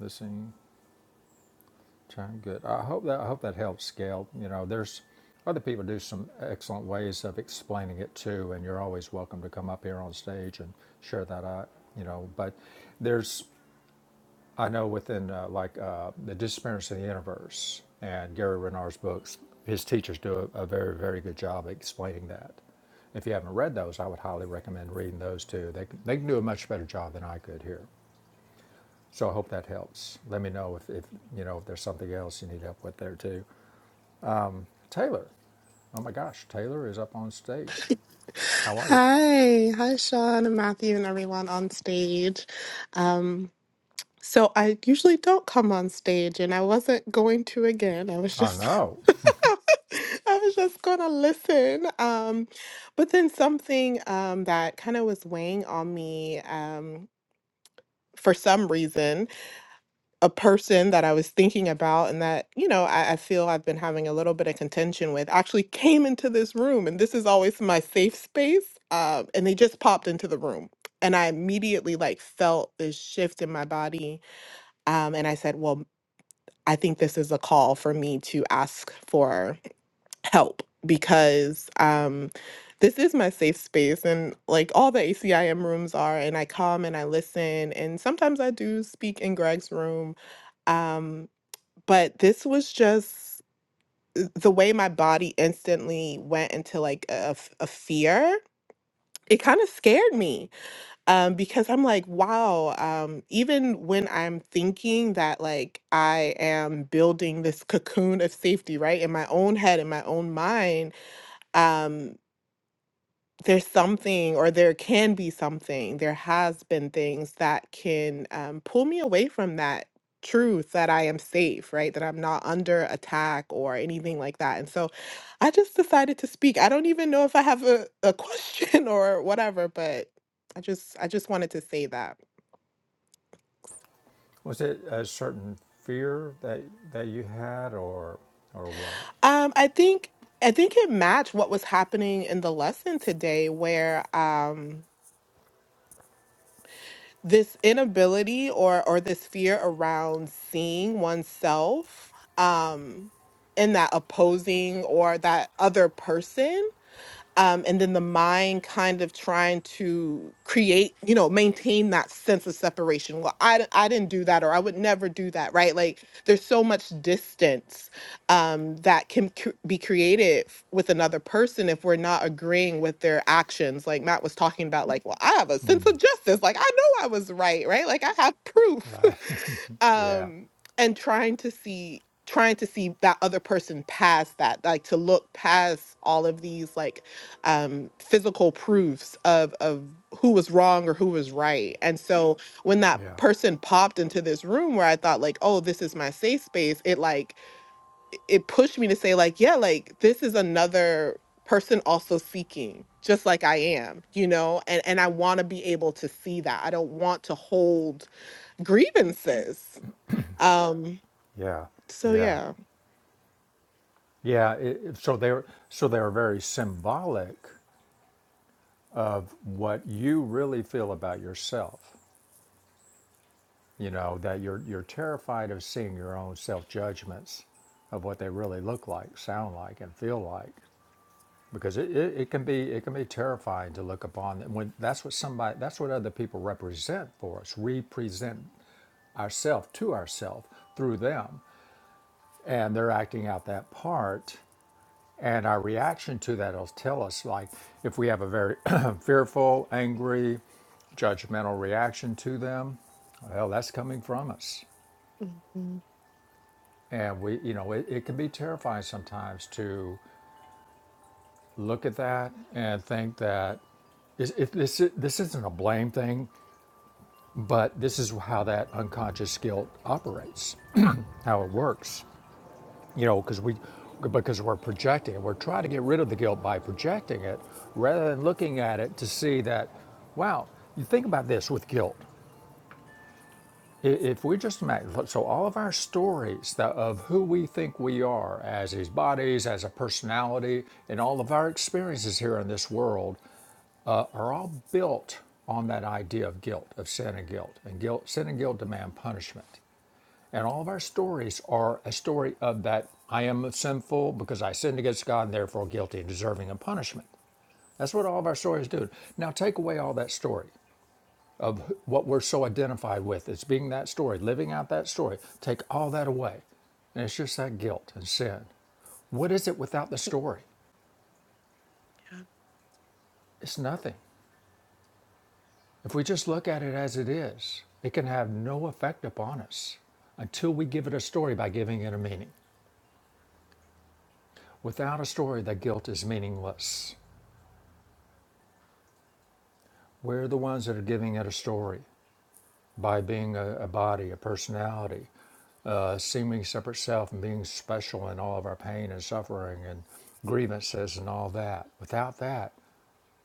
listening. good. I hope that I hope that helps scale. You know, there's other people do some excellent ways of explaining it too, and you're always welcome to come up here on stage and share that out. You know, but there's I know within uh, like uh, the disappearance of the universe and Gary Renard's books, his teachers do a, a very very good job explaining that. If you haven't read those, I would highly recommend reading those too. They can- they can do a much better job than I could here. So I hope that helps. Let me know if, if you know if there's something else you need help with there too. Taylor. Oh my gosh, Taylor is up on stage. How are you?
Hi, hi, Sean and Matthew and everyone on stage. Um, so I usually don't come on stage, and I wasn't going to again. I was
I
just,
know.
I was just gonna listen. Um, but then something um, that kind of was weighing on me um, for some reason a person that I was thinking about and that, you know, I, I feel I've been having a little bit of contention with actually came into this room. And this is always my safe space. Uh, and they just popped into the room. And I immediately like felt this shift in my body. Um, and I said, well, I think this is a call for me to ask for help because um, this is my safe space and like all the ACIM rooms are. And I come and I listen. And sometimes I do speak in Greg's room. Um, but this was just uh, the way my body instantly went into like a, f- a fear it kind of scared me um, because i'm like wow um, even when i'm thinking that like i am building this cocoon of safety right in my own head in my own mind um, there's something or there can be something there has been things that can um, pull me away from that truth that i am safe right that i'm not under attack or anything like that and so i just decided to speak i don't even know if i have a, a question or whatever but i just i just wanted to say that
Was it a certain fear that that you had or or what?
um i think i think it matched what was happening in the lesson today where um this inability or or this fear around seeing oneself um in that opposing or that other person um, and then the mind kind of trying to create you know maintain that sense of separation well I, d- I didn't do that or i would never do that right like there's so much distance um, that can cr- be created f- with another person if we're not agreeing with their actions like matt was talking about like well i have a sense of justice like i know i was right right like i have proof
Right. yeah.
um and trying to see trying to see that other person past that like to look past all of these like um, physical proofs of of who was wrong or who was right. And so when that
Yeah.
person popped into this room where I thought like, oh, this is my safe space, it like it it pushed me to say like, yeah, like this is another person also seeking just like I am, you know? And and I want to be able to see that. I don't want to hold grievances. Um
Yeah.
so
Yeah.
yeah.
Yeah. It, so they're so they're very symbolic what you really feel about yourself. You know, that you're you're terrified of seeing your own self judgments of what they really look like, sound like, and feel like. because it, it, it can be it can be terrifying to look upon when that's what somebody that's what other people represent for us represent ourselves to ourselves through them and they're acting out that part and our reaction to that will tell us like if we have a very fearful angry judgmental reaction to them well that's coming from us
Mhm.
and we you know it, it can be terrifying sometimes to look at that and think that Is, if this, this isn't a blame thing, but this is how that unconscious guilt operates, how it works. You know, because we, because we're projecting it, we're trying to get rid of the guilt by projecting it, rather than looking at it to see that, wow, you think about this with guilt. If we just imagine, so all of our stories that of who we think we are as these bodies, as a personality, and all of our experiences here in this world are all built on that idea of guilt, of sin and guilt. And guilt, sin and guilt demand punishment. And all of our stories are a story of that I am sinful because I sinned against God and therefore guilty and deserving of punishment. That's what all of our stories do. Now take away all that story of what we're so identified with. It's being that story, living out that story. Take all that away. And it's just that guilt and sin. What is it without the story?
Yeah.
It's nothing. If we just look at it as it is, it can have no effect upon us until we give it a story by giving it a meaning. Without a story, that guilt is meaningless. We're the ones that are giving it a story by being a, a body, a personality, uh, seeming separate self and being special in all of our pain and suffering and grievances and all that. Without that,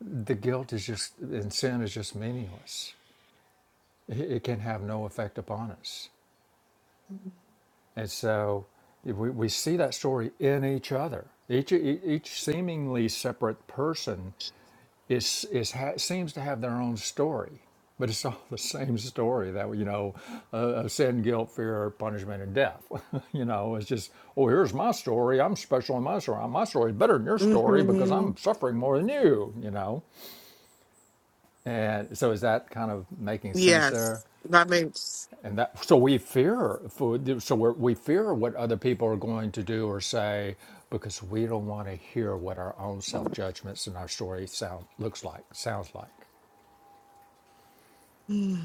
the guilt is just, and sin is just meaningless. It, it can have no effect upon us. And so we, we see that story in each other. Each, e- each seemingly separate person is, is ha, seems to have their own story, but it's all the same story that, you know, uh, of sin, guilt, fear, punishment, and death. you know, it's just, oh, here's my story. I'm special in my story. My story is better than your story because
Mhm.
I'm suffering more than you, you know. And so is that kind of making sense there?
Yes. That makes
And that, so we fear food. So we're, we fear what other people are going to do or say because we don't want to hear what our own self judgments and our story sound looks like, sounds like.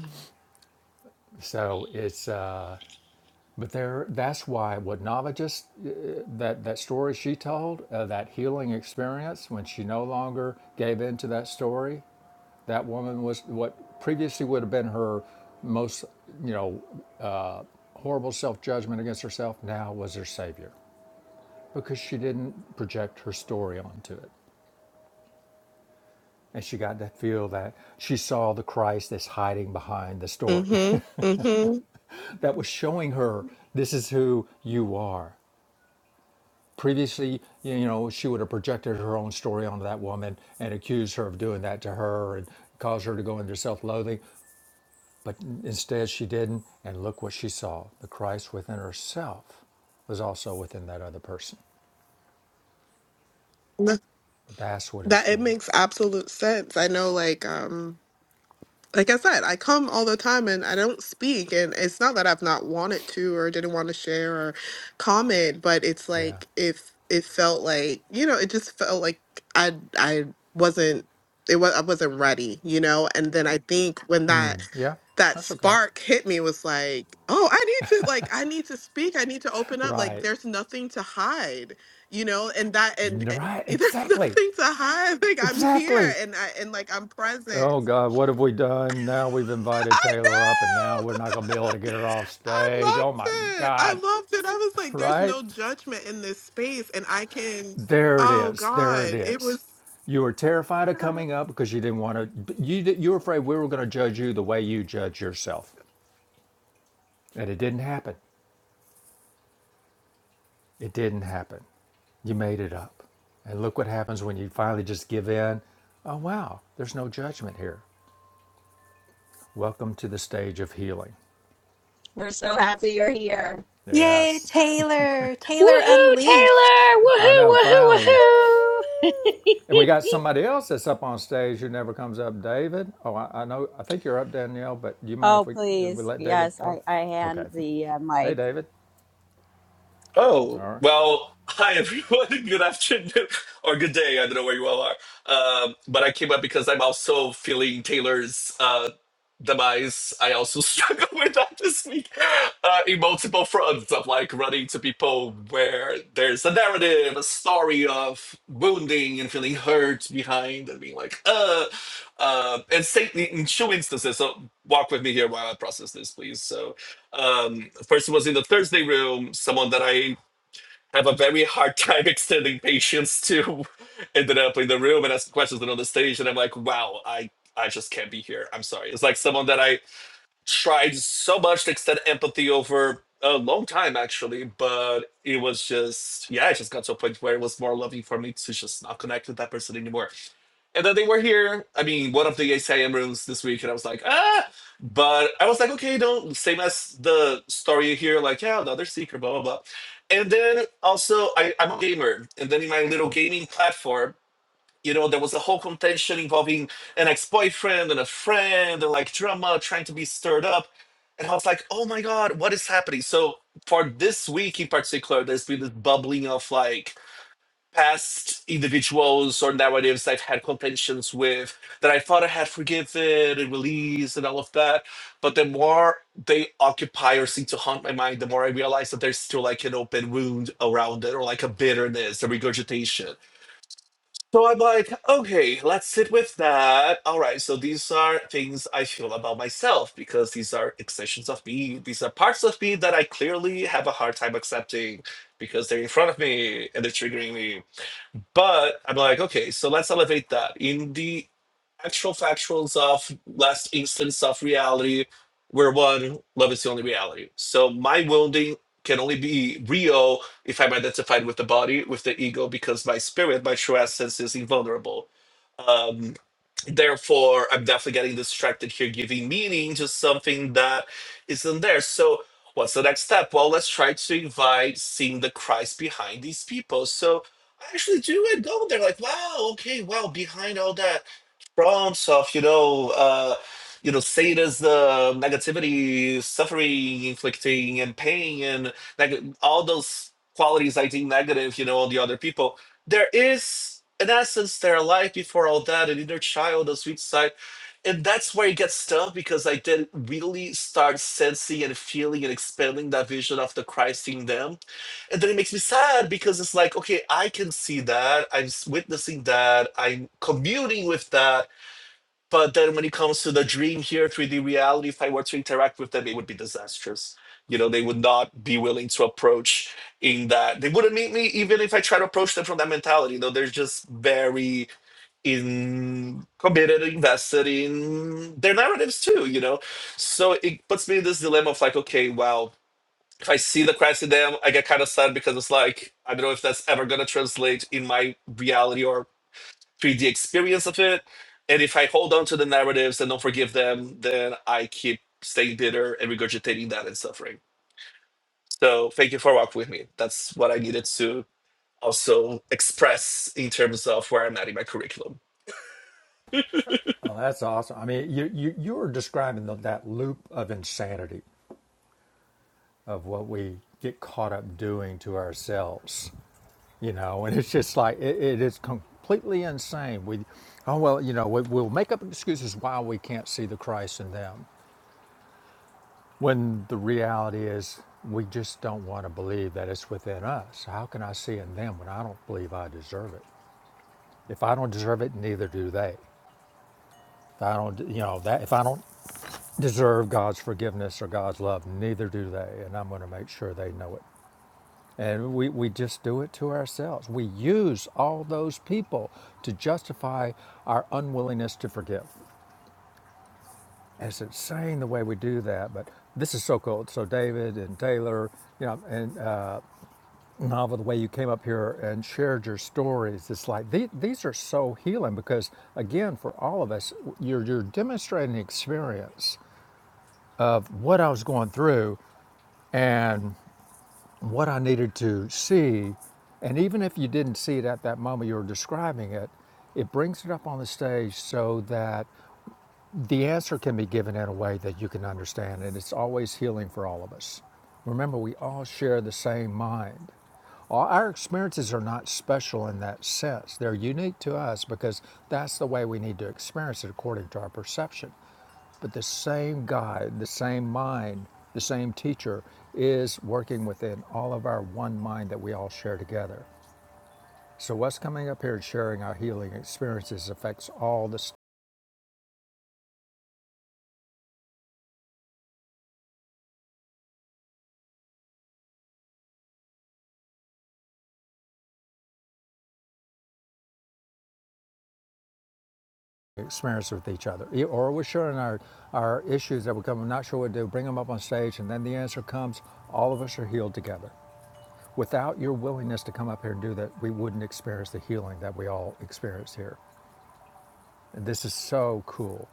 So it's, uh, but there, that's why what Nava just, uh, that, that story she told, uh, that healing experience when she no longer gave in to that story, that woman was what previously would have been her most, you know, uh, horrible self judgment against herself, now was her savior because she didn't project her story onto it. And she got to feel that she saw the Christ that's hiding behind the story
Mm-hmm. Mm-hmm.
that was showing her this is who you are. Previously, you know, she would have projected her own story onto that woman and accused her of doing that to her and caused her to go into self loathing. But instead, she didn't. And look what she saw the Christ within herself was also within that other person. That's what it's
That it
for.
makes absolute sense. I know, like, um, like I said, I come all the time and I don't speak. And it's not that I've not wanted to or didn't want to share or comment, but it's
Yeah.
like if it felt like, you know, it just felt like I I wasn't it was I wasn't ready, you know? And then I think when that
Yeah.
that
That's okay.
spark hit me was like, oh, I need to like I need to speak. I need to open up. Like
Right.
there's nothing to hide, you know, and that and, and
Right,
there's
exactly.
nothing to hide. Like I'm here
Exactly.
and I and like I'm present.
Oh God, what have we done? Now we've
I
invited Taylor up and now we're not gonna be able to get
know.
her off
I
stage. Oh
loved
my
it.
God.
I loved it. I was like, there's
Right?
no judgment in this space, and I can.
There it
Oh
is. There it
God, it
is.
was.
You were terrified of coming up because you didn't want to you di- you were afraid we were gonna judge you the way you judge yourself. And it didn't happen. It didn't happen. You made it up. And look what happens when you finally just give in. Oh wow, there's no judgment here. Welcome to the stage of healing.
We're so happy you're here.
Yay,
Yes.
Taylor. Taylor
Woohoo,
Unleashed.
Taylor!
I
Woohoo!
know,
Woohoo!
finally.
Woo!
And we got somebody else that's up on stage who never comes up, David. Oh, I, I know. I think you're up, Danielle, but do you mind if
Oh,
we, if we
please.
let David
Yes,
go?
I, I
Okay.
hand the uh,
Hey,
mic.
David.
Oh,
All right.
well, hi everyone. Good afternoon or good day. I don't know where you all are. Um, but I came up because I'm also feeling Taylor's uh, demise. I also struggle with that this week uh, in multiple fronts of like running to people where there's a narrative, a story of wounding and feeling hurt behind and being like, uh, uh, and say in two instances. So walk with me here while I process this, please. So um first was in the thursday room someone that i have a very hard time extending patience to ended up in the room and asking questions and on the stage and i'm like wow i i just can't be here i'm sorry it's like someone that i tried so much to extend empathy over a long time actually but it was just yeah it just got to a point where it was more loving for me to just not connect with that person anymore and then they were here i mean one of the acim rooms this week and i was like ah but i was like okay don't same as the story here like yeah another seeker blah blah blah and then also I, i'm a gamer and then in my little gaming platform you know, there was a whole contention involving an ex-boyfriend and a friend and like drama trying to be stirred up. And I was like, oh my God, what is happening? So for this week in particular, there's been this bubbling of like past individuals or narratives I've had contentions with that I thought I had forgiven and released and all of that. But the more they occupy or seem to haunt my mind, the more I realize that there's still like an open wound around it or like a bitterness, a regurgitation. So I'm like, okay, let's sit with that. All right, so these are things I feel about myself because these are extensions of me. These are parts of me that I clearly have a hard time accepting because they're in front of me and they're triggering me. But I'm like, okay, so let's elevate that. In the actual factuals of last instance of reality, where one, love is the only reality. So my wounding can only be real if I'm identified with the body, with the ego, because my spirit, my true essence is invulnerable. Um, therefore, I'm definitely getting distracted here, giving meaning to something that isn't there. So what's the next step? Well, let's try to invite seeing the Christ behind these people. So I actually do it go there like wow okay wow behind all that prompts of you know uh you know sadism negativity suffering inflicting and pain and like all those qualities i think negative you know all the other people there is in essence their life before all that an inner child a sweet side and that's where it gets tough because i did not really start sensing and feeling and expanding that vision of the christ in them and then it makes me sad because it's like okay i can see that i'm s- witnessing that i'm communing with that but then when it comes to the dream here 3d reality if i were to interact with them it would be disastrous you know they would not be willing to approach in that they wouldn't meet me even if i try to approach them from that mentality You know, they're just very in committed invested in their narratives too you know so it puts me in this dilemma of like okay wow if I see the cracks in them, I get kind of sad because it's like I don't know if that's ever gonna translate in my reality or 3D experience of it. And if I hold on to the narratives and don't forgive them, then I keep staying bitter and regurgitating that and suffering. So thank you for walking with me. That's what I needed to also express in terms of where I'm at in my curriculum.
Oh, that's awesome. I mean, you, you, you're describing the, that loop of insanity of what we get caught up doing to ourselves, you know, and it's just like, it, it is completely insane. We, oh, well, you know, we, we'll make up excuses why we can't see the Christ in them. When the reality is, we just don't want to believe that it's within us. How can I see in them when I don't believe I deserve it? If I don't deserve it, neither do they. If I don't, you know, that if I don't deserve God's forgiveness or God's love, neither do they. And I'm going to make sure they know it. And we, we just do it to ourselves. We use all those people to justify our unwillingness to forgive. And it's insane the way we do that. But this is so cool. So David and Taylor, you know, and, novel the way you came up here and shared your stories it's like the- these are so healing because again for all of us you're, you're demonstrating the experience of what i was going through and what i needed to see and even if you didn't see it at that moment you were describing it it brings it up on the stage so that the answer can be given in a way that you can understand, and it's always healing for all of us. Remember, we all share the same mind. All our experiences are not special in that sense. They're unique to us because that's the way we need to experience it according to our perception. But the same guide, the same mind, the same teacher is working within all of our one mind that we all share together. So, what's coming up here and sharing our healing experiences affects all the experience with each other, E- or we're sharing our, our issues that we come, I'm not sure what to do, bring them up on stage, and then the answer comes, all of us are healed together. Without your willingness to come up here and do that, we wouldn't experience the healing that we all experience here. And this is so cool.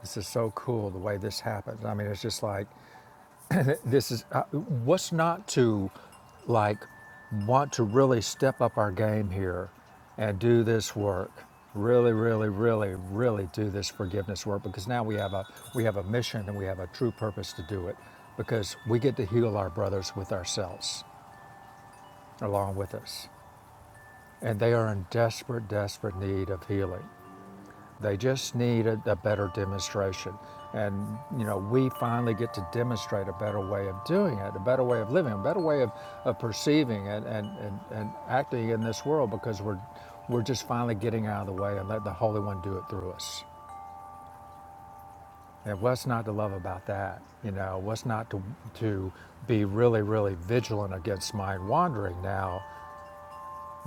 This is so cool the way this happens. I mean, it's just like This is uh, what's not to like want to really step up our game here and do this work. Really, really, really, really do this forgiveness work because now we have a we have a mission and we have a true purpose to do it because we get to heal our brothers with ourselves along with us. And they are in desperate, desperate need of healing. They just need a, a better demonstration. And, you know, we finally get to demonstrate a better way of doing it, a better way of living, a better way of, of perceiving and, and, and, and acting in this world because we're, we're just finally getting out of the way and let the Holy One do it through us. And what's not to love about that? You know, what's not to, to be really, really vigilant against mind wandering now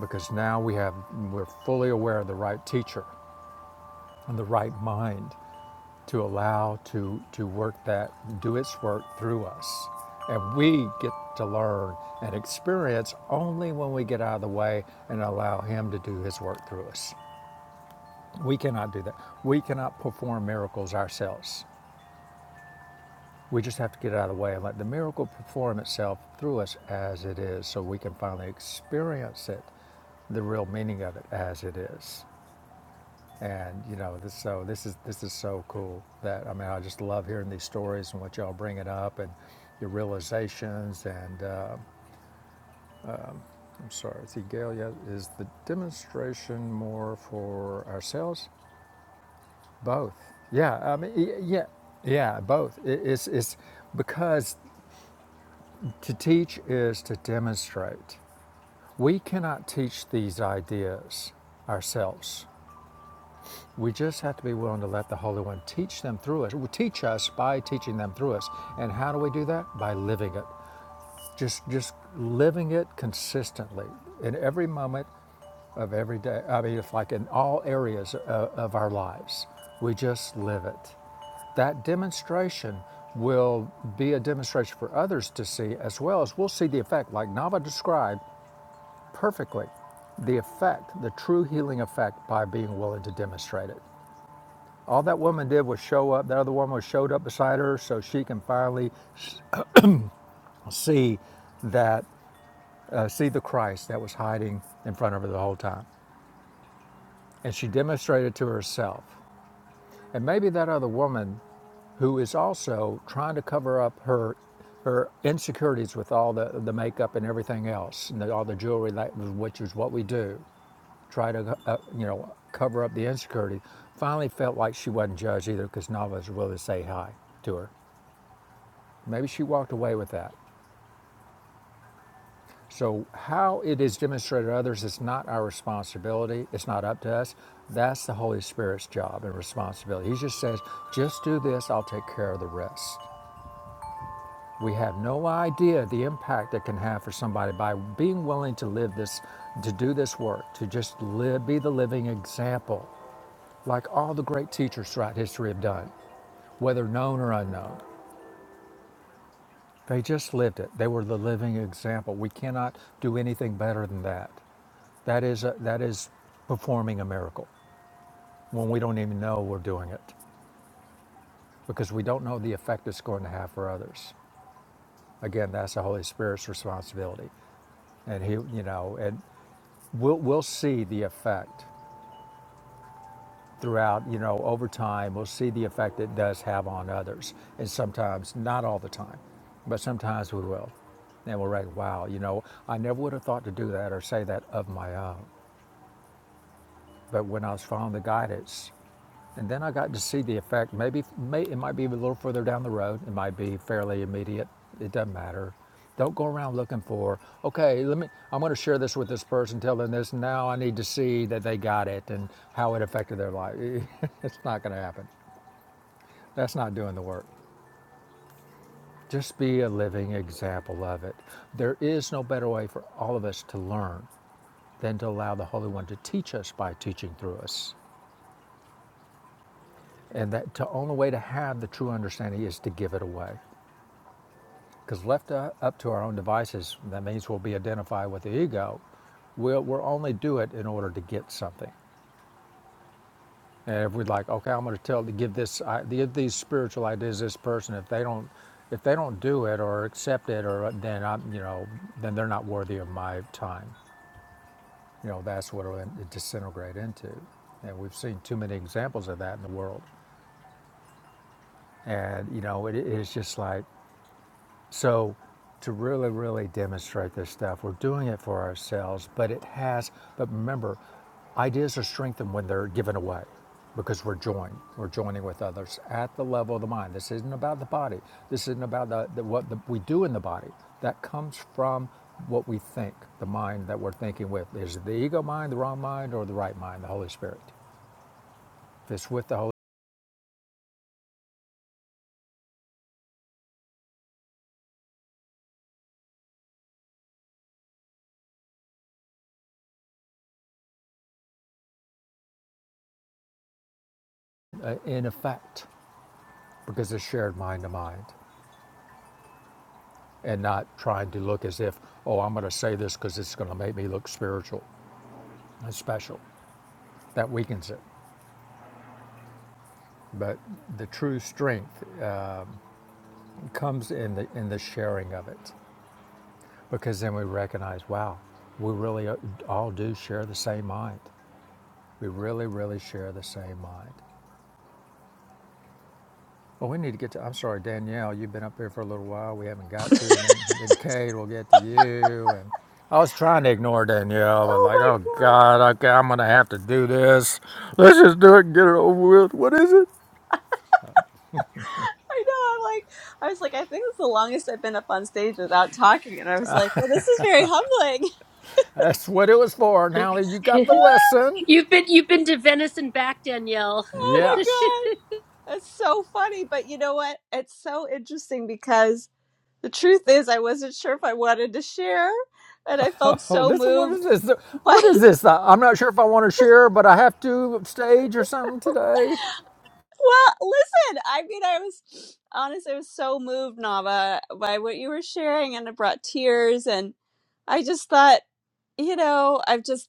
because now we have, we're fully aware of the right teacher and the right mind to allow to to work that do its work through us and we get to learn and experience only when we get out of the way and allow him to do his work through us we cannot do that we cannot perform miracles ourselves we just have to get out of the way and let the miracle perform itself through us as it is so we can finally experience it the real meaning of it as it is and you know this, so this is this is so cool that i mean i just love hearing these stories and what y'all bringing up and your realizations and uh, i'm sorry see gail yeah, is the demonstration more for ourselves both yeah i mean yeah yeah both I- it's, it's because to teach is to demonstrate we cannot teach these ideas ourselves We just have to be willing to let the Holy One teach them through us. Teach us by teaching them through us. And how do we do that? By living it. Just just living it consistently in every moment of every day. I mean, it's like in all areas of, of our lives. We just live it. That demonstration will be a demonstration for others to see as well as we'll see the effect, like Nava described perfectly, the effect, the true healing effect by being willing to demonstrate it. All that woman did was show up. That other woman was showed up beside her so she can finally see that, uh, see the Christ that was hiding in front of her the whole time. And she demonstrated to herself. And maybe that other woman, who is also trying to cover up her her insecurities with all the, the makeup and everything else, and the, all the jewelry, that, which is what we do, try to uh, you know cover up the insecurity. Finally, felt like she wasn't judged either because Nava was willing to say hi to her. Maybe she walked away with that. So, how it is demonstrated to others is not our responsibility. It's not up to us. That's the Holy Spirit's job and responsibility. He just says, just do this, I'll take care of the rest. We have no idea the impact it can have for somebody by being willing to live this, to do this work, to just live, be the living example, like all the great teachers throughout history have done, whether known or unknown. They just lived it. They were the living example. We cannot do anything better than that. That is, a, that is performing a miracle when we don't even know we're doing it because we don't know the effect it's going to have for others. Again, that's the Holy Spirit's responsibility. And he, you know, and we'll, we'll see the effect throughout, you know, over time, we'll see the effect it does have on others. And sometimes, not all the time, but sometimes we will. And we're like, wow, you know, I never would have thought to do that or say that of my own. But when I was following the guidance And then I got to see the effect. Maybe may, it might be a little further down the road. It might be fairly immediate. It doesn't matter. Don't go around looking for, okay, let me, I'm going to share this with this person, tell them this. Now I need to see that they got it and how it affected their life. it's not going to happen. That's not doing the work. Just be a living example of it. There is no better way for all of us to learn than to allow the Holy One to teach us by teaching through us. And that the only way to have the true understanding is to give it away. Because left uh, up to our own devices, that means we'll be identified with the ego. We'll, we'll only do it in order to get something. And if we're like, okay, I'm going to tell, give this, give these spiritual ideas to this person. If they don't, if they don't do it or accept it, or then I'm, you know, then they're not worthy of my time. You know, that's what it'll disintegrate into. And we've seen too many examples of that in the world. And you know, it, it's just like So, to really, really demonstrate this stuff, we're doing it for ourselves, but it has, but remember, ideas are strengthened when they're given away because we're joined. We're joining with others at the level of the mind. This isn't about the body. This isn't about the, the, what the, we do in the body. That comes from what we think, the mind that we're thinking with. Is it the ego mind, the wrong mind, or the right mind, the Holy Spirit? If it's with the Holy, Spirit, uh, in effect, because it's shared mind to mind. and not trying to look as if, oh, I'm going to say this because it's going to make me look spiritual and special. That weakens it. But the true strength uh, comes in the in the sharing of it, because then we recognize, wow, we really uh, all do share the same mind. We really, really share the same mind. Well, we need to get to. I'm sorry, Danielle. You've been up here for a little while. We haven't got to. And then, then Kate will get to you. And I was trying to ignore Danielle, but
Oh
like,
my
oh
God.
God, okay, I'm gonna have to do this. Let's just do it. and Get it over with. What is it?
I know. I'm like, I was like, I think it's the longest I've been up on stage without talking. And I was like, well, this is very humbling.
That's what it was for. Now that you got the
Woohoo!
lesson,
you've been you've been to Venice and back, Danielle.
Oh
yes.
my God. That's so funny. But you know what? It's so interesting because the truth is, I wasn't sure if I wanted to share. And I felt
Oh,
so
this what is
moved
this?
by.
What is this? I- I'm not sure if I want to share, but I have to stage or something today.
Well, listen, I mean, I was honest, I was so moved, Nava, by what you were sharing, and it brought tears. And I just thought, you know, I've just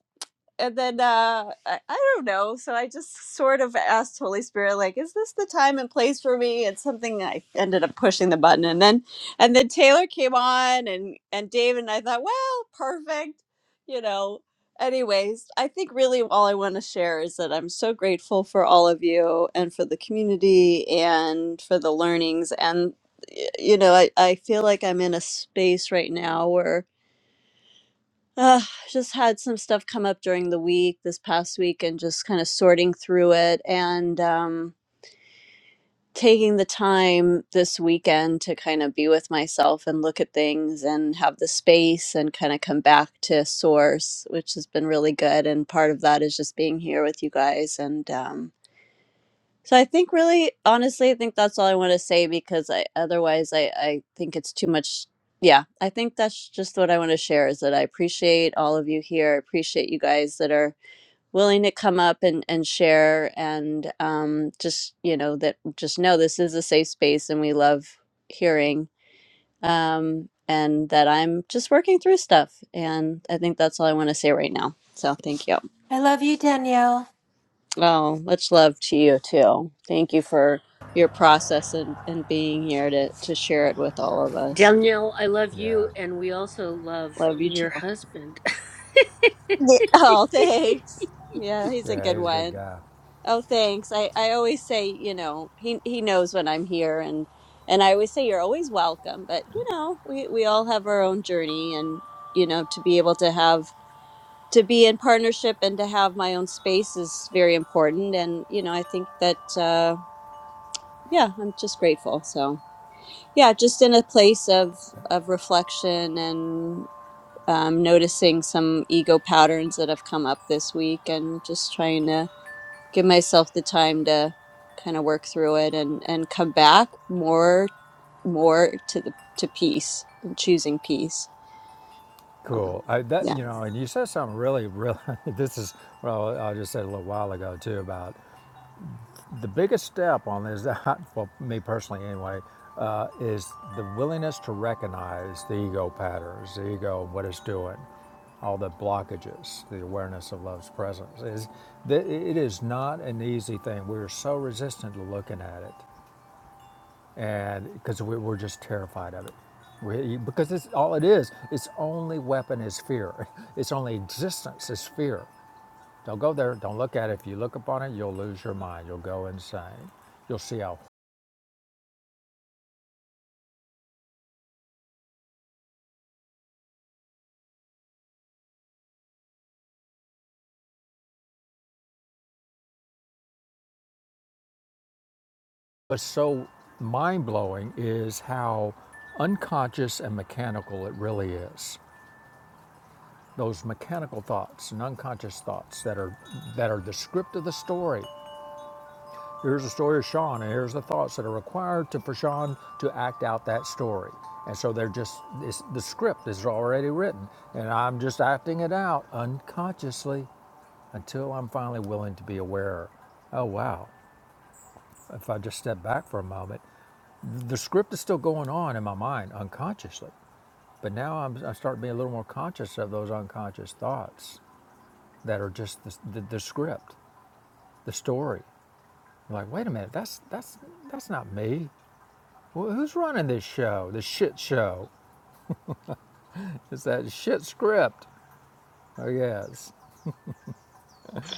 and then uh I, I don't know so i just sort of asked holy spirit like is this the time and place for me it's something i ended up pushing the button and then and then taylor came on and and david and i thought well perfect you know anyways i think really all i want to share is that i'm so grateful for all of you and for the community and for the learnings and you know i, I feel like i'm in a space right now where. Uh, just had some stuff come up during the week this past week and just kind of sorting through it and um, taking the time this weekend to kind of be with myself and look at things and have the space and kind of come back to source, which has been really good. And part of that is just being here with you guys and um, so I think really honestly I think that's all I want to say because I otherwise I I think it's too much yeah, I think that's just what I want to share is that I appreciate all of you here. I appreciate you guys that are willing to come up and and share and um just you know that just know this is a safe space and we love hearing um and that I'm just working through stuff and I think that's all I want to say right now. So thank you.
I love you, Danielle.
Oh, much love to you too. Thank you for your process and, and being here to, to share it with all of us.
Danielle, I love you,
Yeah,
and we also love
Love you
your
too.
husband.
Yeah. Oh, thanks. Yeah, he's a
yeah,
good
he's a good
one.
guy.
Oh, thanks. I, I always say, you know, he he knows when I'm here and and I always say you're always welcome, but you know, we, we all have our own journey and you know, to be able to have to be in partnership and to have my own space is very important and you know, I think that uh yeah, I'm just grateful. So yeah just in a place of of reflection and um, noticing some ego patterns that have come up this week and just trying to give myself the time to kind of work through it and and come back more more to the to peace and choosing peace So,
Cool. I, that
yeah
you know, and you said something really, really. This is well, I just said a little while ago too about the biggest step on this. Well, me personally, anyway, uh, is the willingness to recognize the ego patterns, the ego, and what it's doing, all the blockages, the awareness of love's presence. Is that it is not an easy thing. We're so resistant to looking at it and because we, we're just terrified of it we, because it's all it is its only weapon is fear its only existence is fear don't go there don't look at it if you look upon it you'll lose your mind you'll go insane you'll see how what's so mind-blowing is how unconscious and mechanical it really is those mechanical thoughts and unconscious thoughts that are that are the script of the story Here's the story of Sean, and here's the thoughts that are required to, for Sean to act out that story. And so they're just, it's, the script is already written, and I'm just acting it out unconsciously until I'm finally willing to be aware. Oh, wow. If I just step back for a moment, the script is still going on in my mind unconsciously. But now I'm, I start being a little more conscious of those unconscious thoughts that are just the, the, the script, the story. I'm like, wait a minute, that's, that's, that's not me. Well, who's running this show? The shit show. It's that shit script. Oh, yes.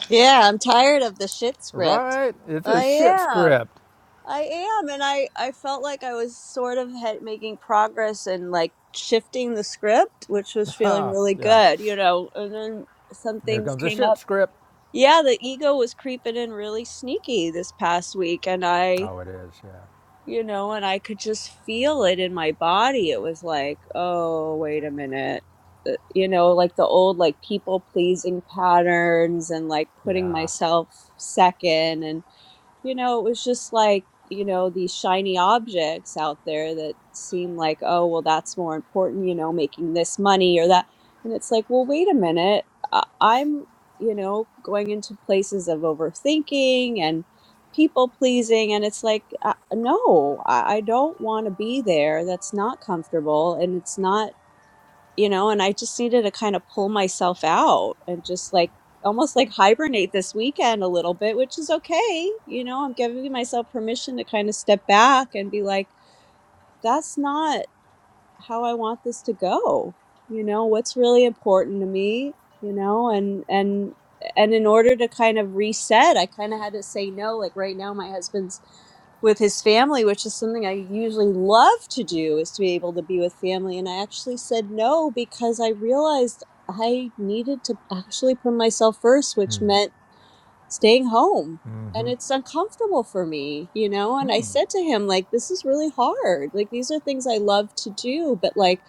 yeah i'm tired of the shit script
Right? It's a
i
shit
am
script.
I am, and I I felt like I was sort of head making progress and like shifting the script, which was feeling
Huh.
really
Yeah.
good, you know. And then some
Here
things
comes the
came
shit
up.
script.
Yeah, the ego was creeping in really sneaky this past week, and I,
Oh, it is. Yeah.
you know, and I could just feel it in my body. It was like, oh, wait a minute. Uh, You know, like the old like people pleasing patterns and like putting
Yeah.
myself second you know, it was just like, you know, these shiny objects out there that seem like, oh, well, that's more important, you know, making this money or that. And it's like, well, wait a minute. I- I'm, you know, going into places of overthinking and people pleasing. And it's like, uh, no, I, I don't want to be there. That's not comfortable. And it's not you know, and I just needed to kind of pull myself out and just like almost like hibernate this weekend a little bit, which is okay. You know, I'm giving myself permission to kind of step back and be like, that's not how I want this to go. You know, what's really important to me, you know, and and and in order to kind of reset, I kind of had to say no. Like right now my husband's with his family, which is something I usually love to do is to be able to be with family and I actually said no because I realized I needed to actually put myself first, which meant staying home and it's uncomfortable for me you know and i said to him like this is really hard like these are things i love to do but like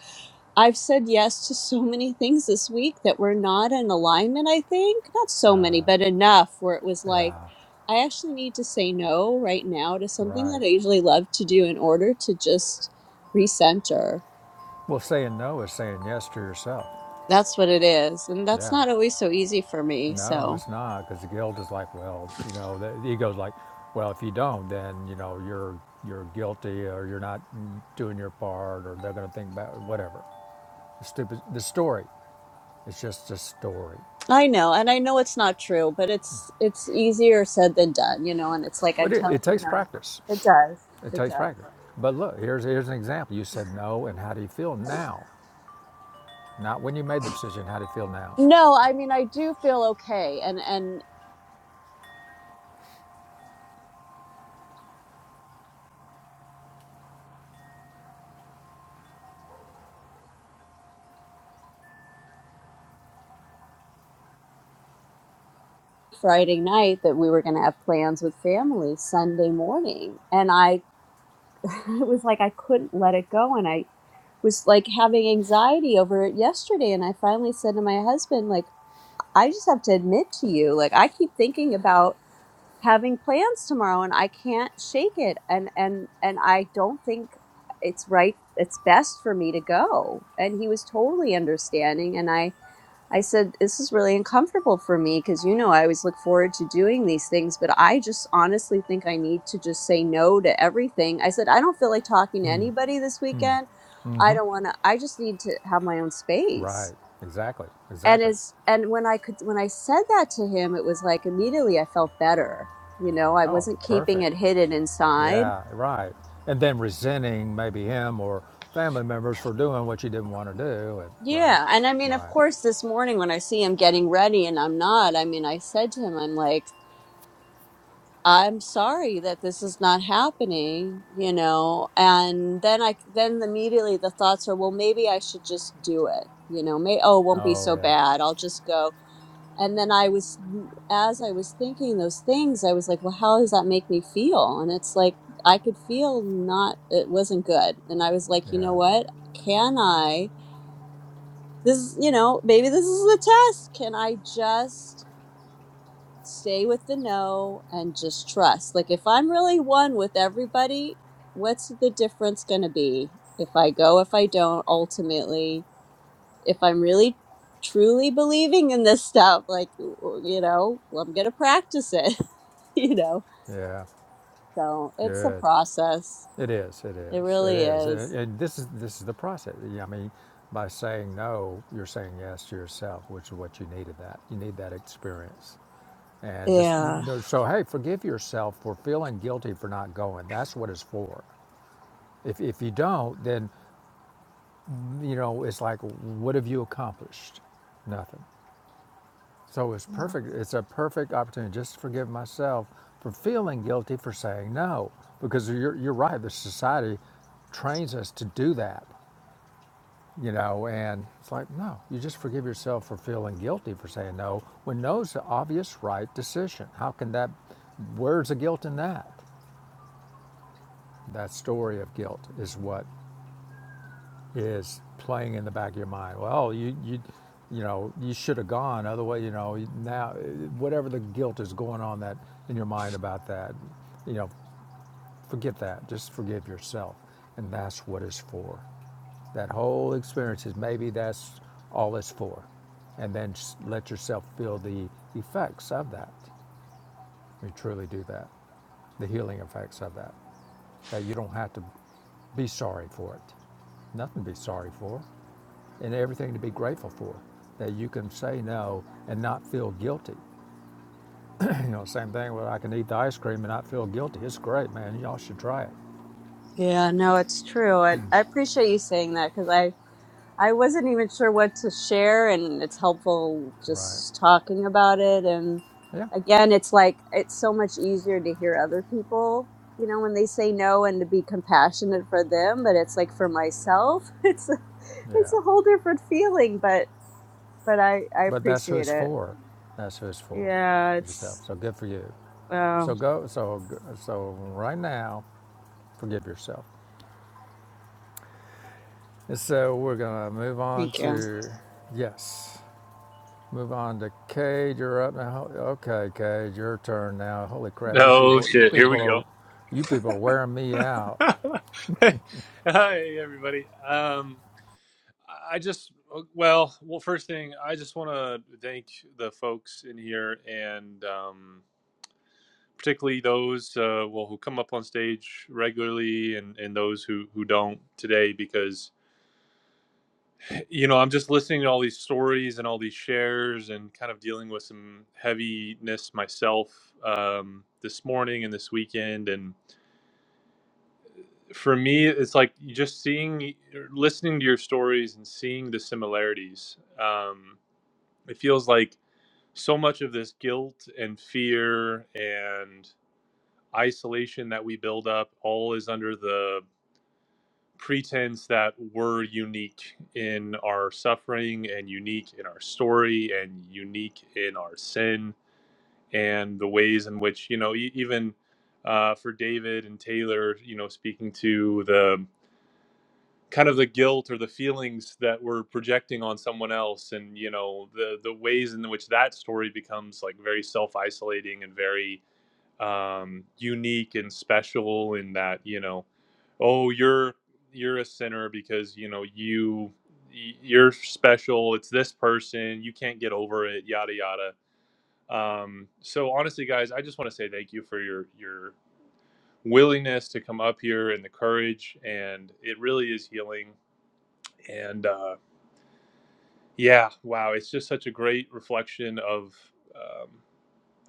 i've said yes to so many things this week that were not in alignment i think not so many but enough where it was like
Yeah.
i actually need to say no right now to something
Right.
that i usually love to do in order to just recenter
Well, saying no is saying yes to yourself.
that's what it is and that's
Yeah.
not always so easy for me
No,
so
it's not because the guilt is like, well, you know, the, the ego's like, well, if you don't, then you know you're you're guilty or you're not doing your part or they're going to think about whatever. The stupid the story. It's just a story.
I know, and I know it's not true, but it's it's easier said than done, you know, and it's like
But
I'm
it,
telling
it
you
takes
know,
practice.
it does.
It
It
takes
does.
practice. But look, here's, here's an example. You said no, and how do you feel now? Not when you made the decision, how do you feel now?
No, I mean I do feel okay and and Friday night that we were going to have plans with family Sunday morning and I it was like I couldn't let it go and I was like having anxiety over it yesterday and I finally said to my husband like I just have to admit to you like I keep thinking about having plans tomorrow and I can't shake it and and and I don't think it's right it's best for me to go and he was totally understanding and I I said this is really uncomfortable for me cuz you know I always look forward to doing these things but I just honestly think I need to just say no to everything. I said I don't feel like talking to anybody this weekend. I don't want to I just need to have my own space
Right, exactly,
and
exactly.
as and when i could when i said that to him it was like immediately i felt better you know i
Oh,
wasn't keeping
perfect.
it hidden inside
Yeah, right. And then resenting maybe him or family members for doing what you didn't want to do. And, right,
yeah and i mean of
right.
course this morning when i see him getting ready and i'm not i mean i said to him i'm like i'm sorry that this is not happening you know and then i then immediately the thoughts are well maybe i should just do it you know may oh it won't be
Oh,
so
yeah,
bad i'll just go and then i was mm, as i was thinking those things i was like well how does that make me feel and it's like i could feel not it wasn't good and i was like you
yeah,
know what can i this is you know maybe this is the test can i just stay with the no and just trust like if i'm really one with everybody what's the difference going to be if i go if i don't ultimately if I'm really truly believing in this stuff, like, you know, well, I'm going to practice it, you know?
yeah.
So it's a
Good.
process.
It is. It
It
is. It
really
is. And,
is.
and this is this is the process. Yeah, I mean, by saying no, you're saying yes to yourself, which is what you needed. That you need that experience, and just you
Yeah.
know. So hey, forgive yourself for feeling guilty for not going. That's what it's for. If if you don't, then you know it's like, what have you accomplished? Nothing. So it's
Yeah.
perfect. It's a perfect opportunity just to forgive myself for feeling guilty for saying no, because you're you're right. The society trains us to do that. you know, and it's like, no, you just forgive yourself for feeling guilty for saying no when no's the obvious right decision. How can that, where's the guilt in that? That story of guilt is what is playing in the back of your mind. Well, you, you, you know, you should have gone. Otherwise, you know, now, whatever the guilt is going on that in your mind about that, you know, Forget that. Just forgive yourself. And that's what it's for. That whole experience is maybe that's all it's for. And then let yourself feel the effects of that. We truly do that. The healing effects of that. That you don't have to be sorry for it. Nothing to be sorry for. And everything to be grateful for. That you can say no and not feel guilty. you know, same thing Well, I can eat the ice cream and not feel guilty. It's great, man. Y'all should try it.
Yeah. No, it's true. And I appreciate you saying that because I, I wasn't even sure what to share, and it's helpful
Right.
just talking about it. And
Yeah.
again, it's like it's so much easier to hear other people, you know, when they say no and to be compassionate for them. But it's like for myself, it's a, it's
Yeah.
a whole different feeling. But but I I
But that's who
appreciate
it's
it.
for. That's who it's for.
Yeah,
It's yourself.
it's
So good for you. So
well,
go. So so right now, forgive yourself. And so we're gonna move on
thank you,
to yes. Move on to Cade. You're up now. Okay, Cade, your turn now. Holy crap! You
Oh
people, you
shit! Here we
people
go.
are, you people are wearing me out.
Hey, Hi, everybody. Um, I just well, well, first thing, I just want to thank the folks in here, and um, particularly those uh, well who come up on stage regularly, and and those who who don't today, because you know I'm just listening to all these stories and all these shares, and kind of dealing with some heaviness myself um, this morning and this weekend, and. for me it's like just seeing listening to your stories and seeing the similarities um, it feels like so much of this guilt and fear and isolation that we build up all is under the pretense that we're unique in our suffering and unique in our story and unique in our sin and the ways in which you know e- even uh, for david and taylor you know speaking to the kind of the guilt or the feelings that we're projecting on someone else and you know the the ways in which that story becomes like very self-isolating and very um unique and special in that you know oh you're you're a sinner because you know you you're special it's this person you can't get over it yada yada um so honestly guys i just want to say thank you for your your willingness to come up here and the courage and it really is healing and uh, yeah, wow, it's just such a great reflection of um,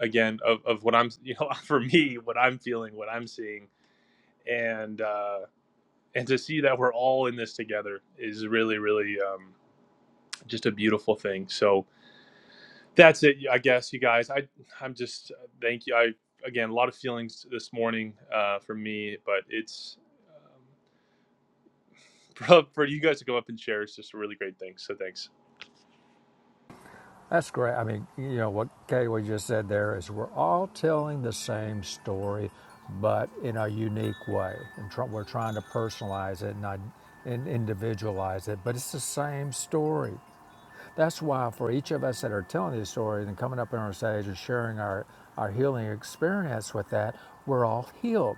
again of, of what I'm you know for me what I'm feeling, what I'm seeing, and uh, and to see that we're all in this together is really really um, just a beautiful thing. So that's it, I guess, you guys. I I'm just uh, thank you. I again a lot of feelings this morning uh, for me, but it's um, for, for you guys to come up and share is just a really great thing. So thanks.
That's great. I mean, you know, what Gateway just said there is we're all telling the same story, but in a unique way. And tr- we're trying to personalize it and, I, and individualize it, but it's the same story. That's why for each of us that are telling these stories and coming up on our stage and sharing our, our healing experience with that, we're all healed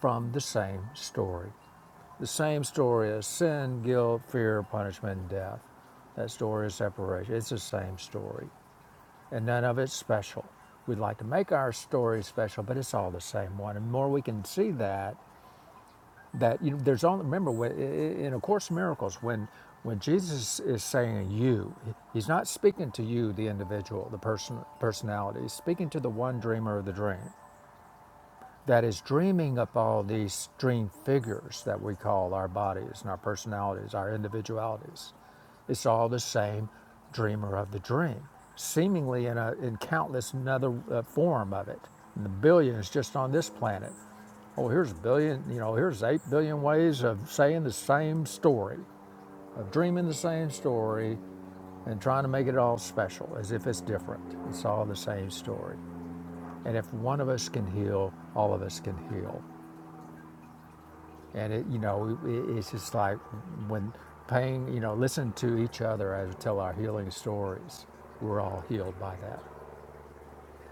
from the same story. The same story of sin, guilt, fear, punishment, and death. That story of separation. It's the same story and none of it's special. We'd like to make our story special, but it's all the same one. And the more we can see that, that you know, there's only remember when, in A Course in Miracles when when Jesus is saying you, he's not speaking to you, the individual, the person personality. He's speaking to the one dreamer of the dream that is dreaming up all these dream figures that we call our bodies and our personalities, our individualities. It's all the same dreamer of the dream, seemingly in, a, in countless another uh, form of it. And the billions just on this planet. Oh, here's a billion, you know, here's eight billion ways of saying the same story, of dreaming the same story and trying to make it all special as if it's different. It's all the same story. And if one of us can heal, all of us can heal. And it, you know, it, it's just like when pain, you know, listen to each other as we tell our healing stories. We're all healed by that.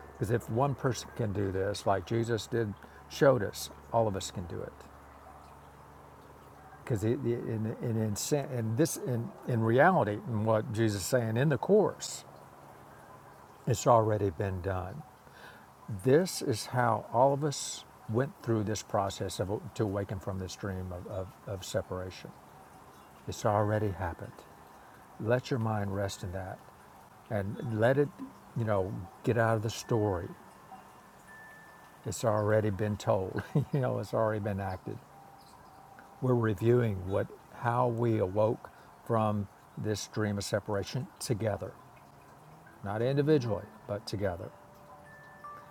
Because if one person can do this, like Jesus did, showed us, all of us can do it. Because it, it, in, in, in, in this, in, in reality, in what Jesus is saying in the Course, it's already been done. This is how all of us went through this process of, to awaken from this dream of, of, of separation. It's already happened. Let your mind rest in that and let it, you know, get out of the story. It's already been told, you know, it's already been acted. We're reviewing what how we awoke from this dream of separation together, not individually, but together.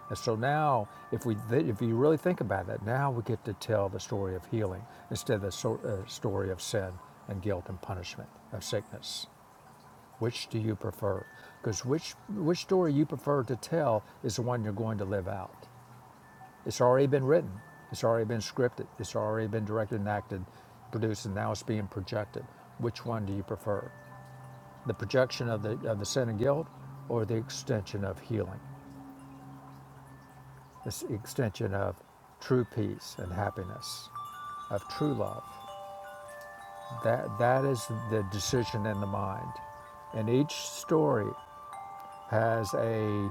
And so now, if we if you really think about that, now we get to tell the story of healing instead of the so- uh, story of sin and guilt and punishment of sickness. Which do you prefer? Because which which story you prefer to tell is the one you're going to live out. It's already been written. It's already been scripted. It's already been directed and acted, produced, and now it's being projected. Which one do you prefer? The projection of the of the sin and guilt, or the extension of healing, the extension of true peace and happiness, of true love. That that is the decision in the mind, and each story has a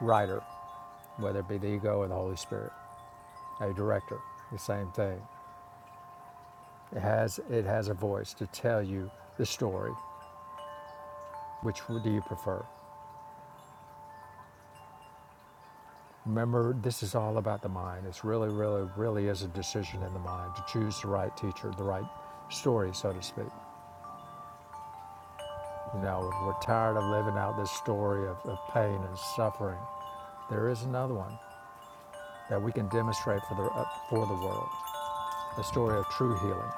writer whether it be the ego or the Holy Spirit, a director, the same thing. It has, it has a voice to tell you the story. Which do you prefer? Remember, this is all about the mind. It's really, really, really is a decision in the mind to choose the right teacher, the right story, so to speak. You know, we're tired of living out this story of, of pain and suffering. There is another one that we can demonstrate for the, uh, for the world the story of true healing.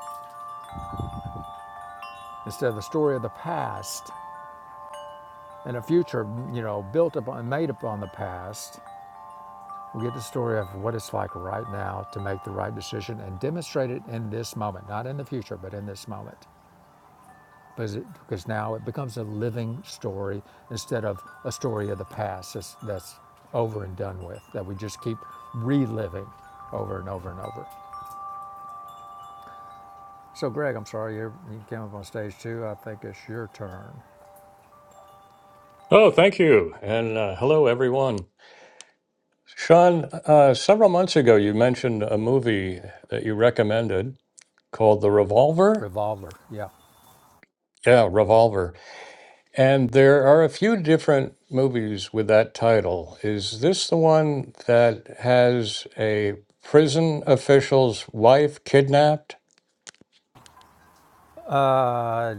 Instead of the story of the past, and a future, you know, built upon, made upon the past. We get the story of what it's like right now to make the right decision and demonstrate it in this moment, not in the future, but in this moment. Because, it, because now it becomes a living story instead of a story of the past that's, that's over and done with, that we just keep reliving over and over and over. So, Greg, I'm sorry, you you came up on stage too. I think it's your turn.
Oh, thank you. And uh, hello, everyone. Sean, uh, several months ago, you mentioned a movie that you recommended called The Revolver.
Revolver, yeah.
Yeah, Revolver. And there are a few different movies with that title. Is this the one that has a prison official's wife kidnapped?
Uh,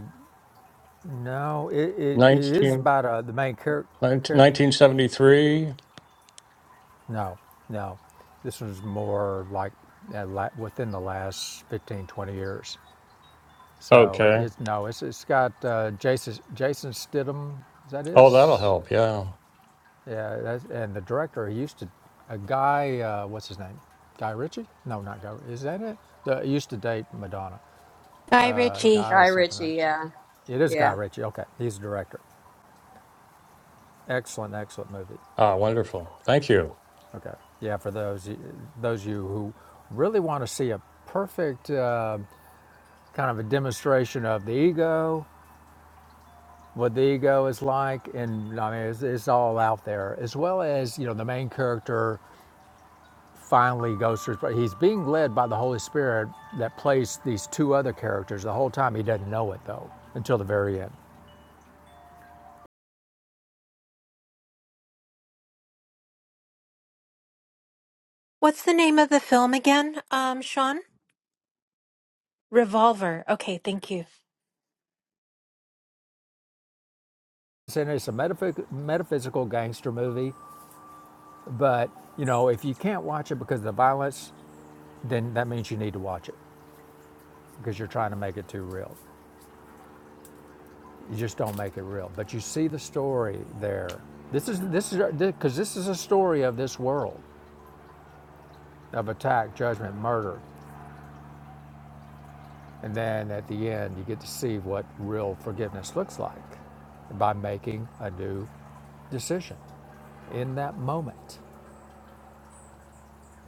No, it, it, it is
19,
about uh, the main character.
1973.
no, no. This was more like uh, la- within the last 15 20 years. So
Okay.
it's no, it's it's got uh, Jason Jason Stidham. Is that
Oh, that'll
his?
help. Yeah.
Yeah, that's, and the director he used to a guy. Uh, what's his name? Guy Ritchie? No, not Guy. Is that it? The, he used to date Madonna.
Bye,
Uh,
Richie.
guy
Guy
something. like,
Ritchie. Yeah,
It is
yeah.
Guy Ritchie. Okay, he's the director. Excellent, excellent movie.
Ah, wonderful. Thank you.
Okay. Yeah, for those those of you who really want to see a perfect uh, kind of a demonstration of the ego, what the ego is like, and I mean, it's, it's all out there, as well as you know the main character finally goes through. He's being led by the Holy Spirit that plays these two other characters the whole time. He doesn't know it though until the very end.
What's the name of the film again, um, Sean? Revolver. Okay, thank you.
And it's a metaphy- metaphysical gangster movie, but you know if you can't watch it because of the violence, then that means you need to watch it because you're trying to make it too real. You just don't make it real. But you see the story there. This is this is because this is a story of this world of attack, judgment, murder, and then at the end you get to see what real forgiveness looks like by making a new decision in that moment.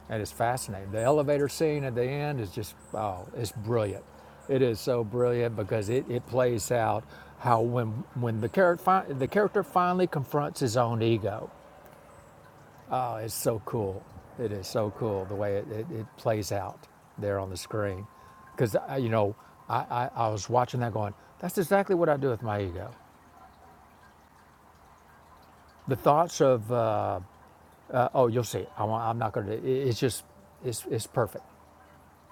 and it's fascinating. The elevator scene at the end is just oh, it's brilliant. It is so brilliant because it, it plays out how when when the character fi- the character finally confronts his own ego. Oh, it's so cool. It is so cool the way it, it, it plays out there on the screen. Because you know, I, I, I was watching that going, that's exactly what I do with my ego. The thoughts of uh, uh, oh, you'll see. I, want I'm not going to. It's just it's it's perfect.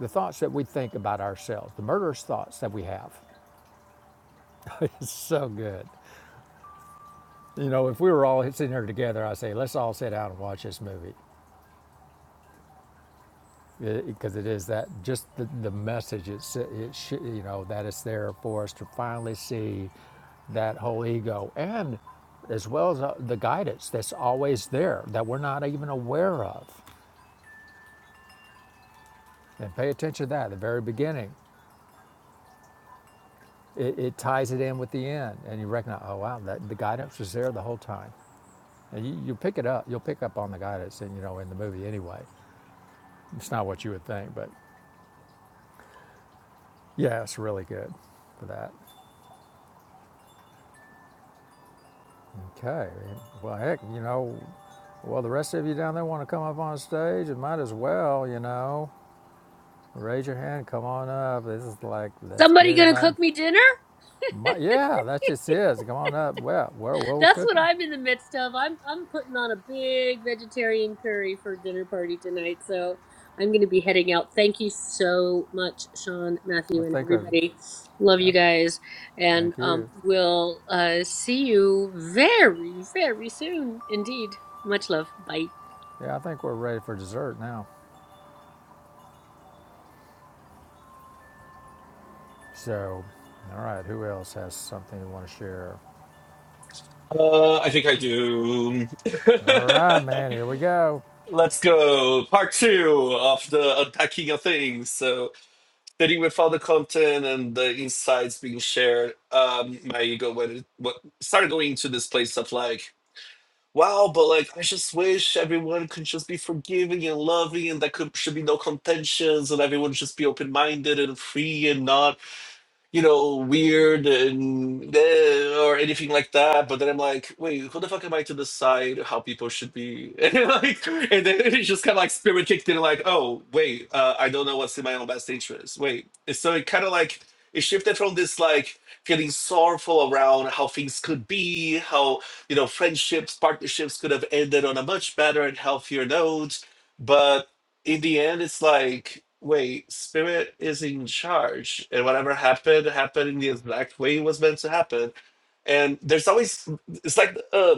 the thoughts that we think about ourselves, the murderous thoughts that we have. It's so good. You know, if we were all sitting here together, I say, let's all sit down and watch this movie because it it is that just the, the message it's it sh- you know that is there for us to finally see that whole ego and as well as uh, the guidance that's always there that we're not even aware of and pay attention to that at the very beginning it, it ties it in with the end and you recognize oh wow that the guidance was there the whole time you, you pick it up. You'll pick up on the guy that's in, you know, in the movie anyway. It's not what you would think, but yeah, it's really good for that. Okay. Well, heck, you know, well, the rest of you down there want to come up on stage? It might as well, you know. Raise your hand. Come on up. This is like, let's get
Somebody gonna
everybody.
cook me dinner?
My, yeah, that's just it. Come on up. Well, we're, we're
That's what
cooking.
I'm in the midst of. I'm I'm putting on a big vegetarian curry for dinner party tonight, so I'm going to be heading out. Thank you so much, Sean,
I
Matthew, and
think we're,
everybody. Love
yeah,
you guys, and
thank
um,
you.
we'll uh, see you very, very soon, indeed. Much love. Bye.
Yeah, I think we're ready for dessert now. So, all right, who else has something they want to share?
Uh, I think I do.
All right, man, here we go.
Let's go. Part two of the unpacking of things. So. sitting with all the content and the insights being shared, um, my ego went what started going into this place of like, wow, but like I just wish everyone could just be forgiving and loving, and there could should be no contentions, and everyone should just be open minded and free and not you know, weird and eh, or anything like that. But then I'm like, wait, who the fuck am I to decide how people should be? And like, and then it's just kind of like spirit kicked in, like, oh wait, uh, I don't know what's in my own best interest. Wait, And so it kind of like it shifted from this like feeling sorrowful around how things could be, how you know friendships, partnerships could have ended on a much better and healthier note. But in the end, it's like, wait, spirit is in charge, and whatever happened happened in the exact way it was meant to happen. And there's always, it's like, uh,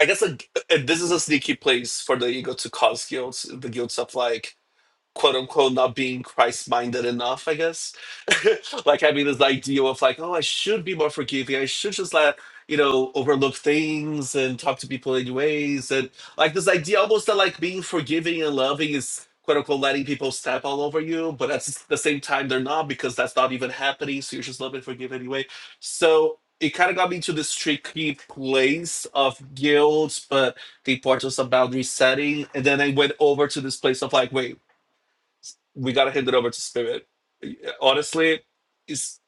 I guess, like, and this is a sneaky place for the ego to cause guilt, the guilt of like, quote unquote not being Christ minded enough, I guess. like having this idea of like, oh, I should be more forgiving. I should just let, you know, overlook things and talk to people anyways." And like this idea almost that like being forgiving and loving is quote unquote letting people step all over you, but at the same time they're not because that's not even happening. So you're just love and forgive anyway. So it kind of got me to this tricky place of guilt, but the importance of boundary setting. And then I went over to this place of like, wait, we gotta hand it over to spirit. Honestly, is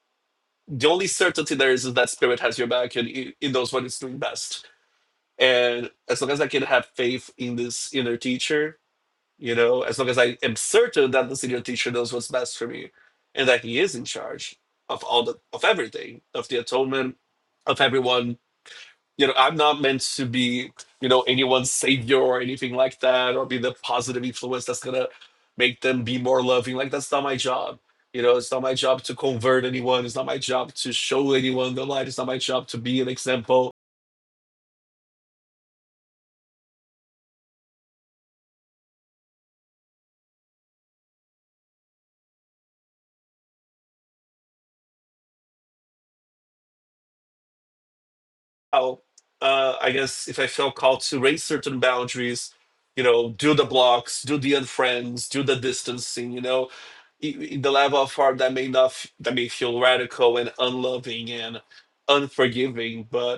the only certainty there is is that spirit has your back and it, it knows what it's doing best. And as long as I can have faith in this inner teacher, you know, as long as I am certain that this inner teacher knows what's best for me, and that he is in charge of all the of everything, of the atonement, of everyone you know i'm not meant to be you know anyone's savior or anything like that or be the positive influence that's gonna make them be more loving like that's not my job you know it's not my job to convert anyone it's not my job to show anyone the light it's not my job to be an example oh uh, i guess if i felt called to raise certain boundaries you know do the blocks do the unfriends do the distancing you know i- i- the level of harm that may not f- that may feel radical and unloving and unforgiving but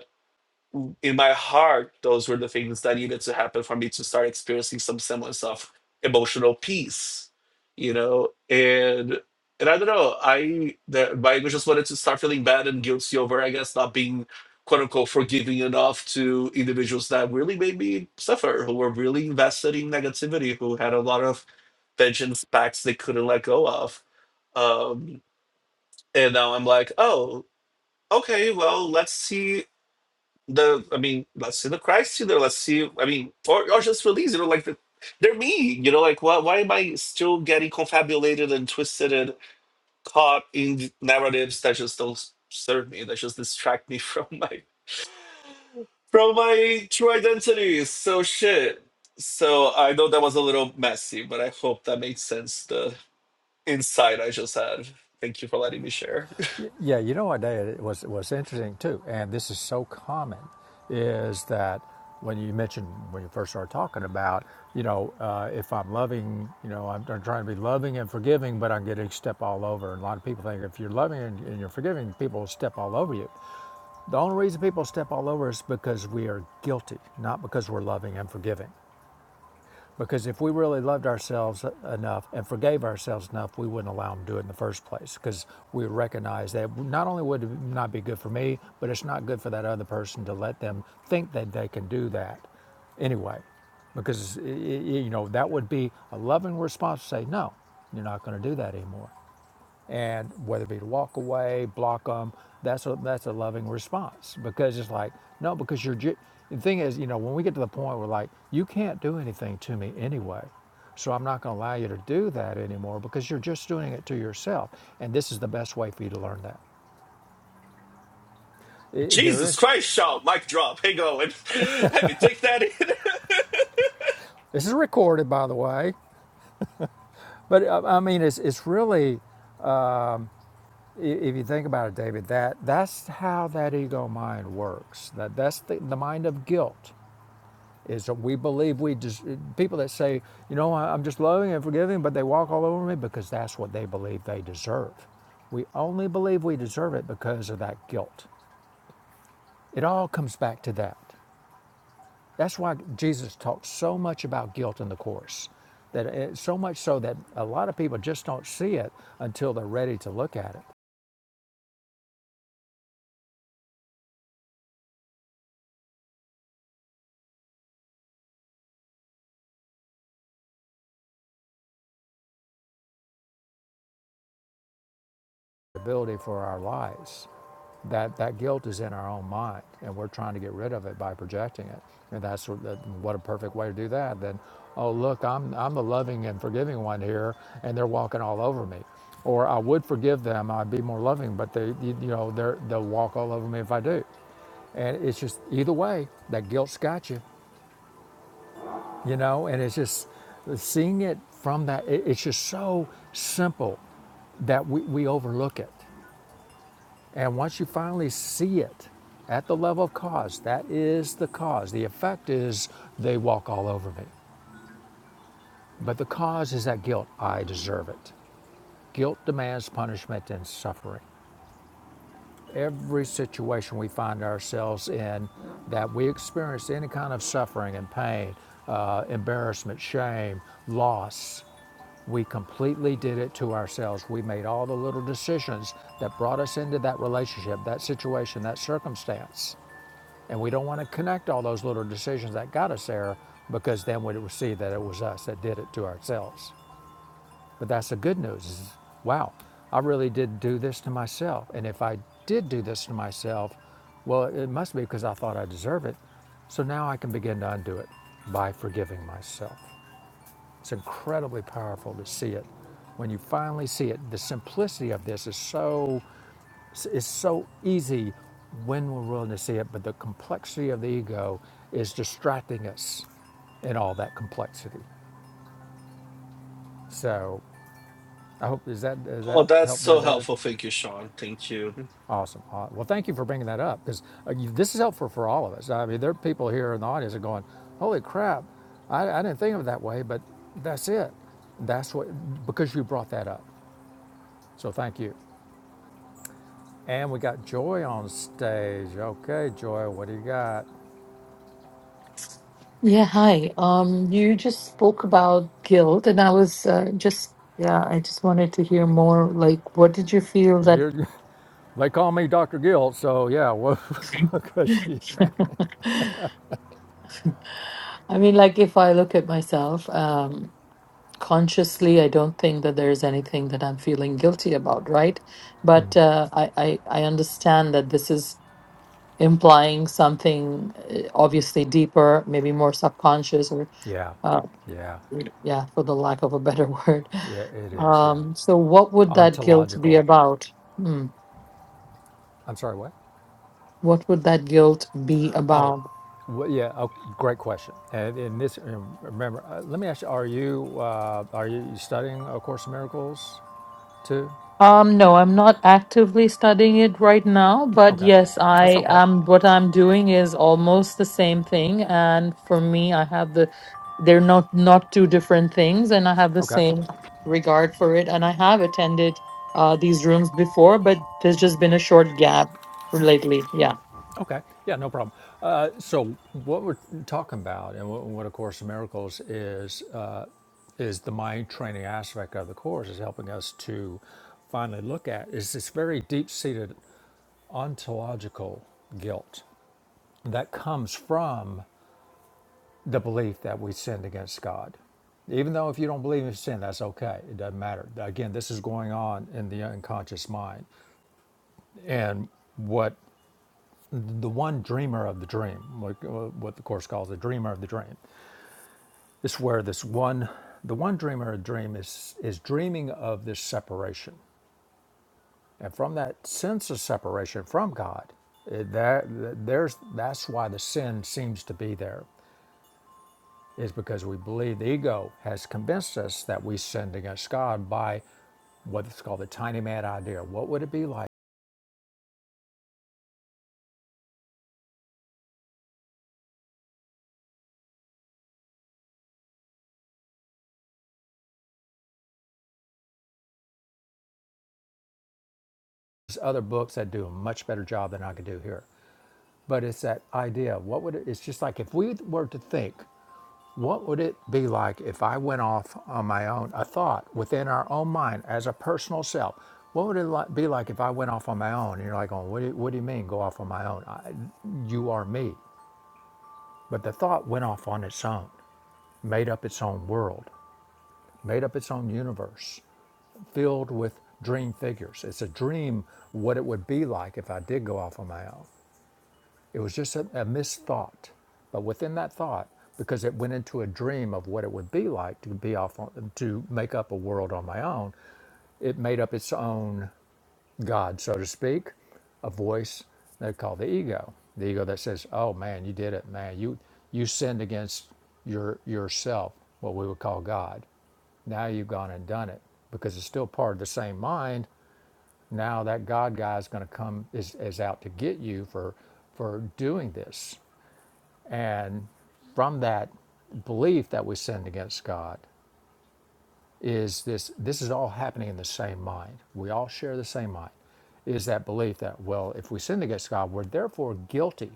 in my heart, those were the things that needed to happen for me to start experiencing some semblance of emotional peace, you know, and and I don't know, I that I just wanted to start feeling bad and guilty over, I guess, not being quote unquote forgiving enough to individuals that really made me suffer, who were really invested in negativity, who had a lot of vengeance packs they couldn't let go of. Um, and now I'm like, oh, okay, well, let's see the I mean, let's see the Christ, you know, let's see. I mean, or, or just release, you know, like the, they're me, you know, like why why am I still getting confabulated and twisted and caught in narratives that just don't serve me, that just distract me from my from my true identity. So shit. So I know that was a little messy, but I hope that made sense. The insight I just had. Thank you for letting me share.
Yeah, you know what day it was it was interesting too, and this is so common, is that when you mentioned when you first started talking about, you know, uh, if I'm loving, you know, I'm, I'm trying to be loving and forgiving, but I'm getting step all over. And a lot of people think if you're loving and, and you're forgiving, people will step all over you. The only reason people step all over is because we are guilty, not because we're loving and forgiving. Because if we really loved ourselves enough and forgave ourselves enough, we wouldn't allow them to do it in the first place. Because we recognize that not only would it not be good for me, but it's not good for that other person to let them think that they can do that anyway. Because, you know, that would be a loving response to say, no, you're not going to do that anymore and whether it be to walk away, block them, that's a that's a loving response because it's like no, because you're. Ju- the thing is, you know, when we get to the point where like you can't do anything to me anyway, so I'm not going to allow you to do that anymore because you're just doing it to yourself, and this is the best way for you to learn that. It, there
Jesus
is
Christ, shout, mic drop, hey going. Let me take that in.
this is recorded, by the way, but uh, I mean, it's it's really if you think about it, David, that that's how that ego mind works. That that's the, the mind of guilt is that we believe we just people that say you know I- am just loving and forgiving but they walk all over me because that's what they believe they deserve we only believe we deserve it because of that guilt it all comes back to that that's why jesus talks so much about guilt in the course that it, so much so that a lot of people just don't see it until they're ready to look at it The ability for our lives that, that guilt is in our own mind and we're trying to get rid of it by projecting it. And that's what, a perfect way to do that. Then, oh, look, I'm, I'm the loving and forgiving one here and they're walking all over me. Or I would forgive them, I'd be more loving, but they, you, you know, they're, they'll walk all over me if I do. And it's just either way, that guilt's got you, you know, and it's just seeing it from that, it- it's just so simple that we, we overlook it. And once you finally see it at the level of cause, that is the cause. The effect is they walk all over me. But the cause is that guilt. I deserve it. Guilt demands punishment and suffering. Every situation we find ourselves in that we experience any kind of suffering and pain, uh, embarrassment, shame, loss, we completely did it to ourselves. We made all the little decisions that brought us into that relationship, that situation, that circumstance And we don't want to connect all those little decisions that got us there because then we would see that it was us that did it to ourselves. But that's the good news is, wow, I really did do this to myself. And if I did do this to myself, well, it must be because I thought I deserved it. So now I can begin to undo it by forgiving myself. It's incredibly powerful to see it. When you finally see it, the simplicity of this is so it's so easy when we're willing to see it, but the complexity of the ego is distracting us in all that complexity. So I hope, is that, is
Oh,
that
that's
help there,
so
David?
helpful. Thank you, Sean. Thank you.
Awesome. Well, thank you for bringing that up because this is helpful for all of us. I mean, there are people here in the audience that are going, holy crap, I, I didn't think of it that way, but that's it. That's what, because you brought that up. So thank you. And we got Joy on stage. Okay, Joy, what do you got?
Yeah, hi. Um, you just spoke about guilt, and I was uh, just, yeah, I just wanted to hear more. Like, what did you feel
Well,
that?
You're, They call me Dr. Gill, so yeah, well, 'cause she-
I mean, like, if I look at myself, um, consciously, I don't think that there's anything that I'm feeling guilty about, right? But uh, I, I, I understand that this is implying something uh, obviously deeper, maybe more subconscious, or
yeah,
uh,
yeah,
yeah, for the lack of a better word.
yeah, it is, yeah.
Um, so, what would that guilt be
Ontological.
about? Hmm.
I'm sorry, what?
What would that guilt be
Oh,
about?
wh- yeah, oh, great question. And in this, um, remember, uh, let me ask you: Are you uh, are you studying A Course in Miracles too?
Um, no, I'm not actively studying it right now, but
Okay,
yes,
that's
I
okay.
am. What I'm doing is almost the same thing, and for me, I have the they're not not two different things, and I have the
Okay.
same regard for it. And I have attended uh, these rooms before, but there's just been a short gap lately. Yeah.
Okay. Yeah, no problem. Uh, so what we're talking about, and what, what A Course in Miracles is, uh, is the mind training aspect of the course is helping us to finally look at is this very deep-seated ontological guilt that comes from the belief that we sinned against God. Even though if you don't believe in sin, that's okay. It doesn't matter. Again, this is going on in the unconscious mind. And what the one dreamer of the dream, like uh, what the course calls the dreamer of the dream. This is where this one, the one dreamer of the dream is is dreaming of this separation, and from that sense of separation from God, it, that there's that's why the sin seems to be there, is because we believe the ego has convinced us that we sinned against God by what's called the tiny man idea. What would it be like? There's other books that do a much better job than I could do here But it's that idea. What would it, it's just like if we were to think, what would it be like if I went off on my own, a thought within our own mind as a personal self? What would it li- be like if I went off on my own? And you're like, oh, what do you, what do you mean go off on my own? I, you are me. But the thought went off on its own, made up its own world, made up its own universe, filled with dream figures. It's a dream what it would be like if I did go off on my own. It was just a, a missed thought. But within that thought, because it went into a dream of what it would be like to be off on, to make up a world on my own, it made up its own God, so to speak, a voice they call the ego. The ego that says, Oh man, you did it, man. You you sinned against your yourself, what we would call God. Now you've gone and done it because it's still part of the same mind. Now that God guy is going to come is, is out to get you for for doing this and from that belief that we sinned against god is this this is all happening in the same mind we all share the same mind is that belief that well if we sinned against god we're therefore guilty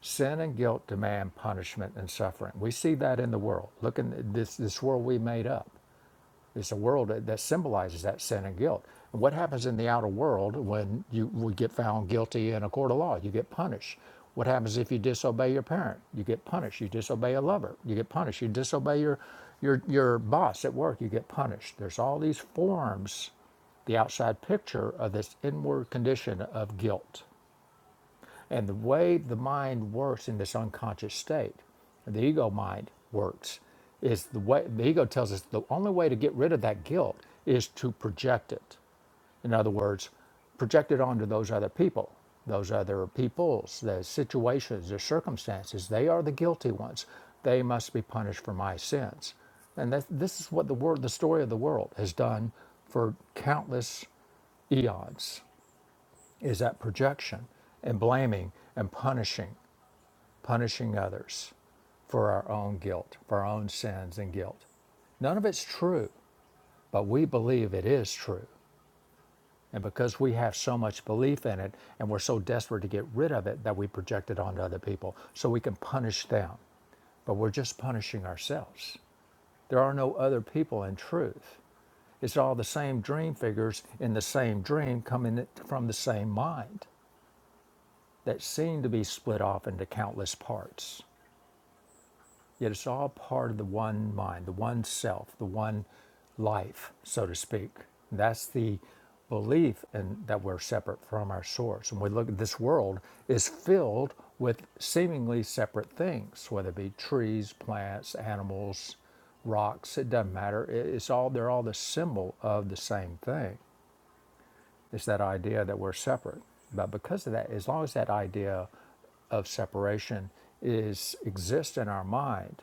sin and guilt demand punishment and suffering we see that in the world look in this this world we made up It's a world that, that symbolizes that sin and guilt. And what happens in the outer world when you would get found guilty in a court of law? You get punished. What happens if you disobey your parent? You get punished. You disobey a lover. You get punished. You disobey your your your boss at work. You get punished. There's all these forms, the outside picture of this inward condition of guilt. And the way the mind works in this unconscious state, the ego mind works, is the way the ego tells us the only way to get rid of that guilt is to project it. In other words, project it onto those other people, those other peoples, the situations, the circumstances. They are the guilty ones. They must be punished for my sins. And that, this is what the word, the story of the world has done for countless eons is that projection and blaming and punishing, punishing others for our own guilt, for our own sins and guilt. None of it's true, but we believe it is true. And because we have so much belief in it and we're so desperate to get rid of it that we project it onto other people so we can punish them. But we're just punishing ourselves. There are no other people in truth. It's all the same dream figures in the same dream coming from the same mind. that seem to be split off into countless parts. Yet it's all part of the one mind, the one self, the one life, so to speak. That's the belief in, that we're separate from our source. And we look at this world is filled with seemingly separate things, whether it be trees, plants, animals, rocks, it doesn't matter. It's all they're all the symbol of the same thing. It's that idea that we're separate. But because of that, as long as that idea of separation is exists in our mind,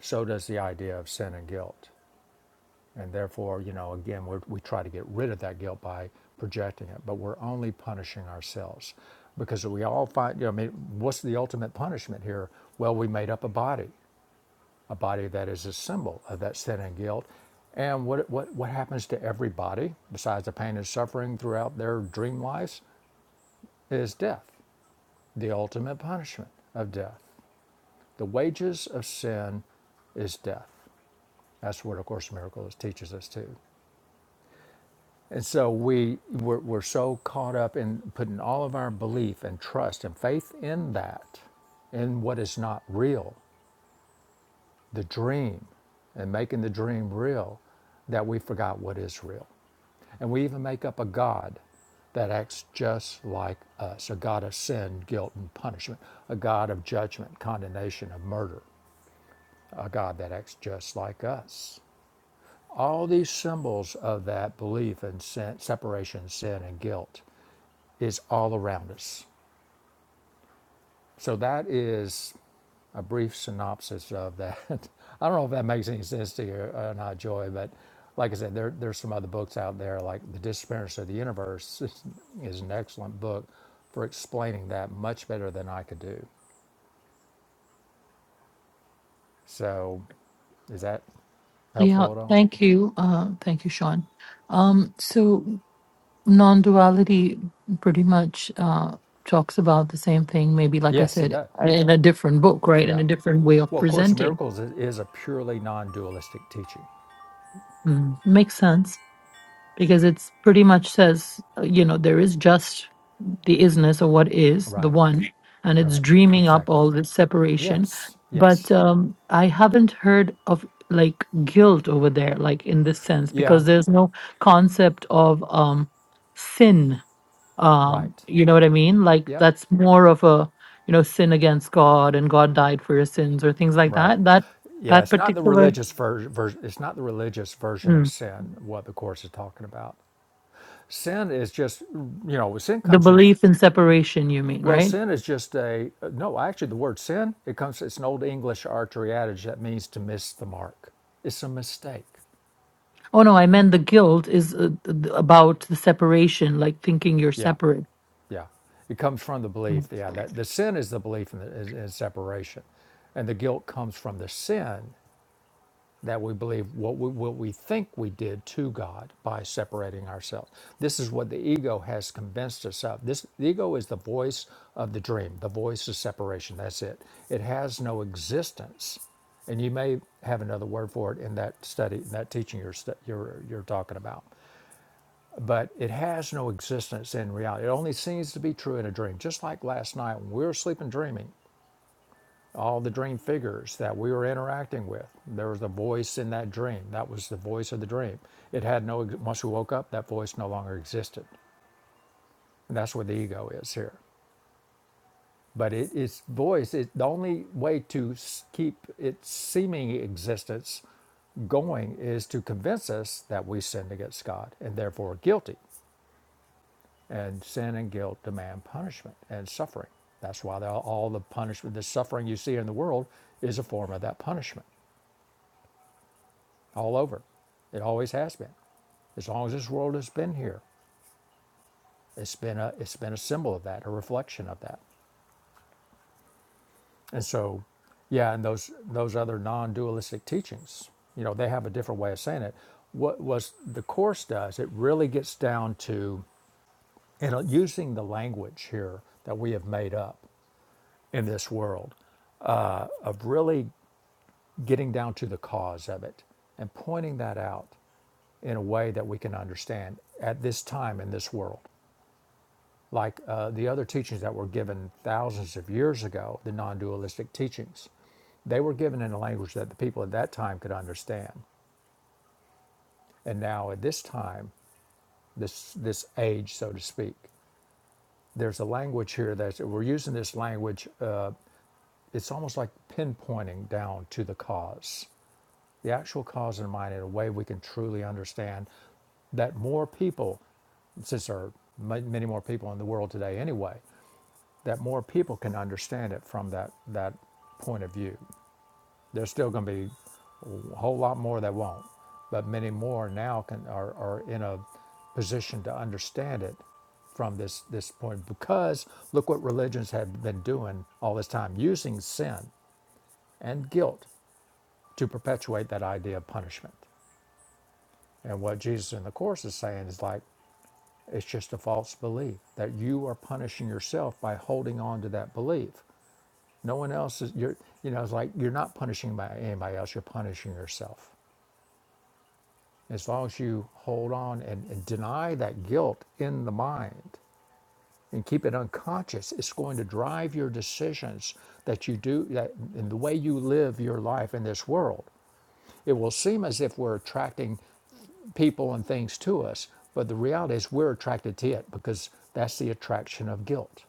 so does the idea of sin and guilt. And therefore, you know, again, we're, we try to get rid of that guilt by projecting it, but we're only punishing ourselves because we all find, you know, I mean, what's the ultimate punishment here? Well, we made up a body, a body that is a symbol of that sin and guilt. And what, what, what happens to every body besides the pain and suffering throughout their dream lives? is death, the ultimate punishment of death. The wages of sin is death. That's what A Course in Miracles teaches us too. And so we, we're, we're so caught up in putting all of our belief and trust and faith in that, in what is not real. the dream and making the dream real that we forgot what is real. And we even make up a God that acts just like us a God of sin, guilt, and punishment, a God of judgment, condemnation, of murder, a God that acts just like us. All these symbols of that belief in sin, separation, sin, and guilt is all around us. So that is a brief synopsis of that. I don't know if that makes any sense to you or not, Joy, but like I said, there, there's some other books out there, like The Disappearance of the Universe is, is an excellent book for explaining that much better than I could do. So is that
Yeah,
helpful at all?
thank you. Uh, thank you, Sean. Um, so non-duality pretty much uh, talks about the same thing maybe like i
Yes, it
said
does.
in a different book right in
Yeah.
a different way of
Well, A Course in
presenting
Miracles is, is a purely non dualistic teaching.
Mm. makes sense because it's pretty much says uh, you know there is just the isness or what is the
Right,
one and it's
right,
dreaming up
exactly.
all this separation
Yes,
but
yes.
um i haven't heard of like guilt over there like in this sense
Yeah,
because there's no concept of um sin um
right.
you know what i mean like
Yep,
that's more of a you know sin against god and god died for your sins or things like
Right.
that that
Yeah,
that
it's not the
particular
religious version. Ver- it's not the religious version of
mm,
sin. What the course is talking about. Sin is just, you know, sin
the
comes from.
belief in separation you mean
Well,
right
sin is just a no. Actually, the word sin it comes. It's an old English archery adage that means to miss the mark. It's a mistake.
oh no i meant the guilt is uh, th- about the separation like thinking you're
Yeah,
separate
yeah. It comes from the belief.
Mm.
Yeah, that the sin is the belief in, the, is, in separation, and the guilt comes from the sin that we believe what we, what we think we did to God by separating ourselves. This is what the ego has convinced us of. This the ego is the voice of the dream, the voice of separation. That's it. It has no existence, and you may have another word for it in that study, in that teaching you're stu- you're you're talking about. But it has no existence in reality. It only seems to be true in a dream, just like last night when we were sleeping, dreaming all the dream figures that we were interacting with. There was a voice in that dream. That was the voice of the dream. It had no, once we woke up, that voice no longer existed. And that's where the ego is here. But it, its voice, it, the only way to keep its seeming existence going is to convince us that we sinned against God and therefore are guilty. And sin and guilt demand punishment and suffering. That's why all the punishment, the suffering you see in the world is a form of that punishment. all over. It always has been. As long as this world has been here, it's been a it's been a symbol of that, a reflection of that. And so, yeah, and those those other non-dualistic teachings, you know, they have a different way of saying it. What was the course does? It really gets down to and using the language here that we have made up in this world of really getting down to the cause of it and pointing that out in a way that we can understand at this time in this world like uh, the other teachings that were given thousands of years ago, the non dualistic teachings. They were given in a language that the people at that time could understand. And now, at this time, this, this age, so to speak, there's a language here that we're using this language. Uh, it's almost like pinpointing down to the cause, the actual cause in mind, in a way we can truly understand that more people since there are many more people in the world today anyway, that more people can understand it from that that point of view. There's still going to be a whole lot more that won't, but many more now can are, are in a position to understand it from this this point because look what religions have been doing all this time using sin and guilt to perpetuate that idea of punishment. And what Jesus in the course is saying is like it's just a false belief that you are punishing yourself by holding on to that belief No one else is you're you know, it's like you're not punishing by anybody else, you're punishing yourself. As long as you hold on and, and deny that guilt in the mind and keep it unconscious, it's going to drive your decisions that you do that in the way you live your life in this world. It will seem as if we're attracting people and things to us, but the reality is we're attracted to it because that's the attraction of guilt.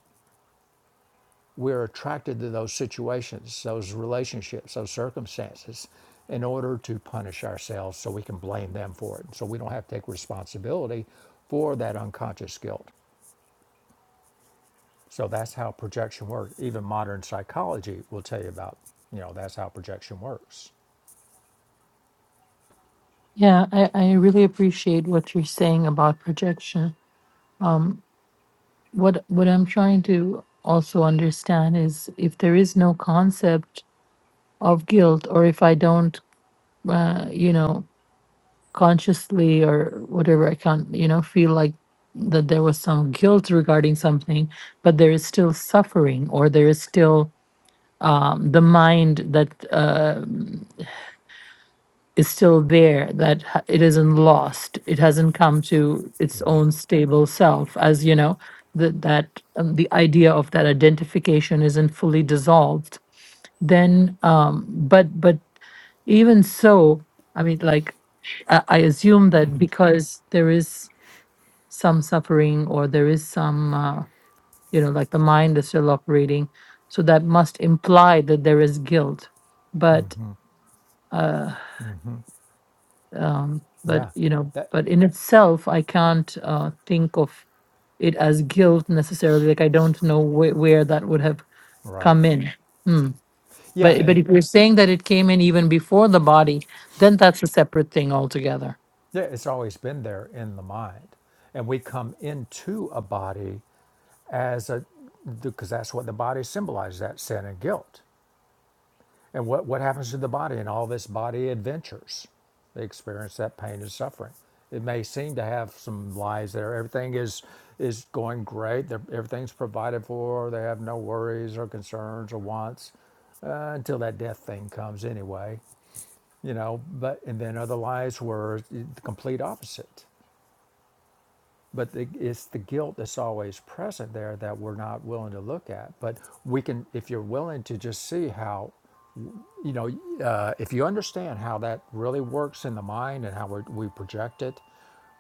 we're attracted to those situations, those relationships, those circumstances in order to punish ourselves so we can blame them for it. So we don't have to take responsibility for that unconscious guilt. So that's how projection works. Even modern psychology will tell you about, you know, that's how projection works.
yeah i i really appreciate what you're saying about projection what what i'm trying to also understand is if there is no concept of guilt or if i don't uh, you know consciously or whatever i can't you know feel like that there was some guilt regarding something but there is still suffering or there is still um, the mind that uh, is still there that ha- it isn't lost it hasn't come to its
Yeah.
own stable self as you know that that um, the idea of that identification isn't fully dissolved then um, but but even so i mean like I, I assume that because there is some suffering or there is some uh, you know like the mind is still operating so that must imply that there is guilt but uh um but
Yeah.
you know
That
but in itself i can't uh think of it as guilt necessarily like i don't know wh- where that would have
right.
come in hmm.
Yeah,
but but
and
if you're saying that it came in even before the body then that's a separate thing altogether
yeah, it's always been there in the mind. And we come into a body as a because that's what the body symbolizes, that sin and guilt. And what, what happens to the body in all this body adventures? They experience that pain and suffering. It may seem to have some lies there. Everything is is going great. They're, everything's provided for. They have no worries or concerns or wants uh, until that death thing comes anyway. You know, but and then other lies were the complete opposite. But the, it's the guilt that's always present there that we're not willing to look at. But we can, if you're willing to just see how you know, uh, if you understand how that really works in the mind and how we we project it,